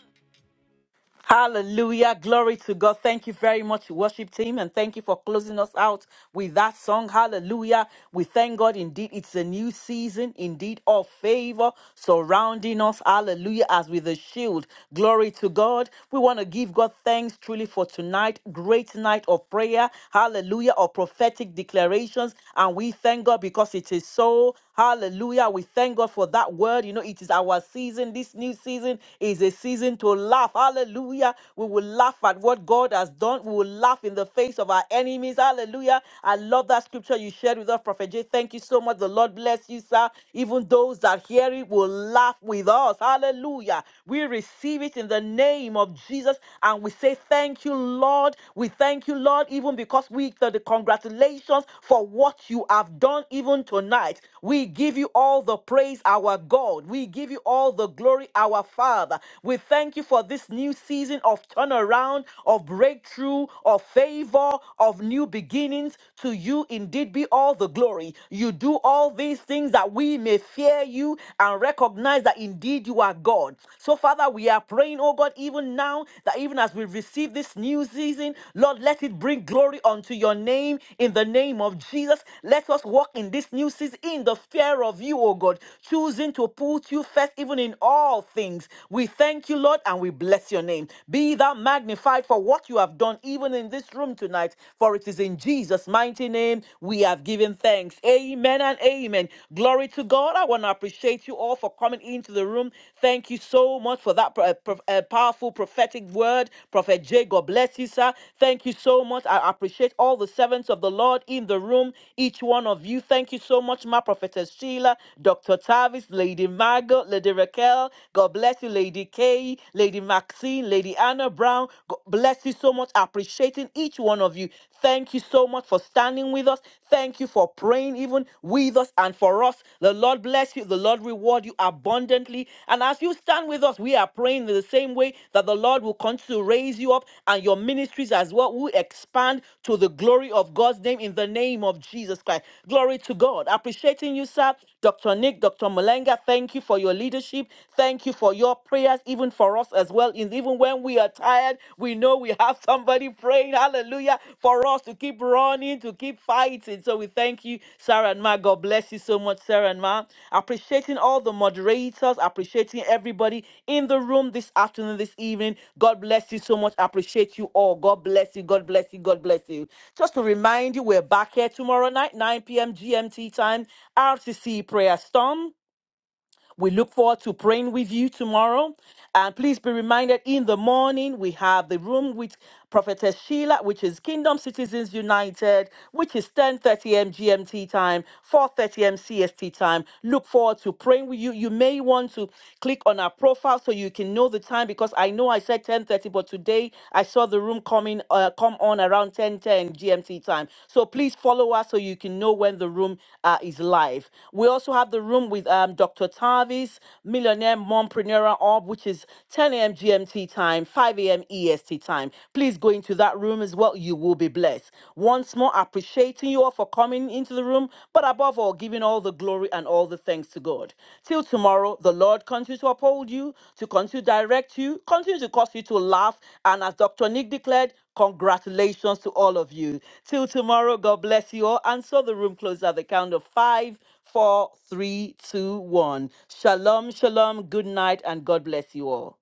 F: Hallelujah. Glory to God. Thank you very much, worship team, and thank you for closing us out with that song. Hallelujah. We thank God indeed. It's a new season, indeed, of favor surrounding us. Hallelujah. As with a shield. Glory to God. We want to give God thanks truly for tonight. Great night of prayer. Hallelujah. Of prophetic declarations. And we thank God because it is so. Hallelujah. We thank God for that word. You know, it is our season. This new season is a season to laugh. Hallelujah. We will laugh at what God has done. We will laugh in the face of our enemies. Hallelujah. I love that scripture you shared with us, Prophet J. Thank you so much. The Lord bless you, sir. Even those that hear it will laugh with us. Hallelujah. We receive it in the name of Jesus and we say, Thank you, Lord. We thank you, Lord, even because we the, the congratulations for what you have done even tonight. We give you all the praise, our God. We give you all the glory, our Father. We thank you for this new season of turnaround, of breakthrough, of favor, of new beginnings. To you indeed be all the glory. You do all these things that we may fear you and recognize that indeed you are God. So, Father, we are praying, oh God, even now that even as we receive this new season, Lord, let it bring glory unto your name in the name of Jesus. Let us walk in this new season in the fear of you, oh God, choosing to put you first, even in all things. We thank you, Lord, and we bless your name. Be thou magnified for what you have done, even in this room tonight, for it is in Jesus' mighty name we have given thanks. Amen and amen. Glory to God. I want to appreciate you all for coming into the room. Thank you so much for that uh, pro- uh, powerful prophetic word. Prophet Jay, God bless you, sir. Thank you so much. I appreciate all the servants of the Lord in the room, each one of you. Thank you so much, my prophetess Sheila, Dr. Tavis, Lady Margot, Lady Raquel. God bless you, Lady Kay, Lady Maxine, Lady Anna Brown. God bless you so much. Appreciating each one of you. Thank you so much for standing with us. Thank you for praying even with us and for us. The Lord bless you. The Lord reward you abundantly. And as you stand with us, we are praying in the same way that the Lord will continue to raise you up and your ministries as well will expand to the glory of God's name in the name of Jesus Christ. Glory to God. Appreciating you, sir. Dr. Nick, Dr. Malenga, thank you Thank you for your leadership. Thank you for your prayers, even for us as well. And even when we are tired, we know we have somebody praying, hallelujah, for us to keep running, to keep fighting. So we thank you, Sarah and Ma. God bless you so much, Sarah and Ma. Appreciating all the moderators, appreciating everybody in the room this afternoon, this evening. God bless you so much. Appreciate you all. God bless you. God bless you. God bless you. Just to remind you, we're back here tomorrow night, 9 p.m. GMT time, RCC Prayer Storm. We look forward to praying with you tomorrow. And please be reminded in the morning, we have the room with Prophetess Sheila, which is Kingdom Citizens United, which is 10:30 a.m. GMT time, 4:30 a.m. CST time. Look forward to praying with you. You may want to click on our profile so you can know the time because I know I said 10:30, but today I saw the the room coming uh, come on around 10:10 GMT time. So please follow us so you can know when the room uh, is live. We also have the room with um, Dr. Tavis, Millionaire Mompreneur Orb, which is 10 a.m. GMT time, 5 a.m. EST time. Please go into that room as well. You will be blessed. Once more, appreciating you all for coming into the room, but above above all, giving all the glory and all the thanks to God. Till tomorrow, the Lord continue to uphold you, to continue to direct you, continue to cause you to laugh. And as Dr. Nick declared, congratulations to all of you. Till tomorrow, God bless you all. And so the room closes at the count of five, four, three, two, one. Shalom, shalom, good night, and God bless you all.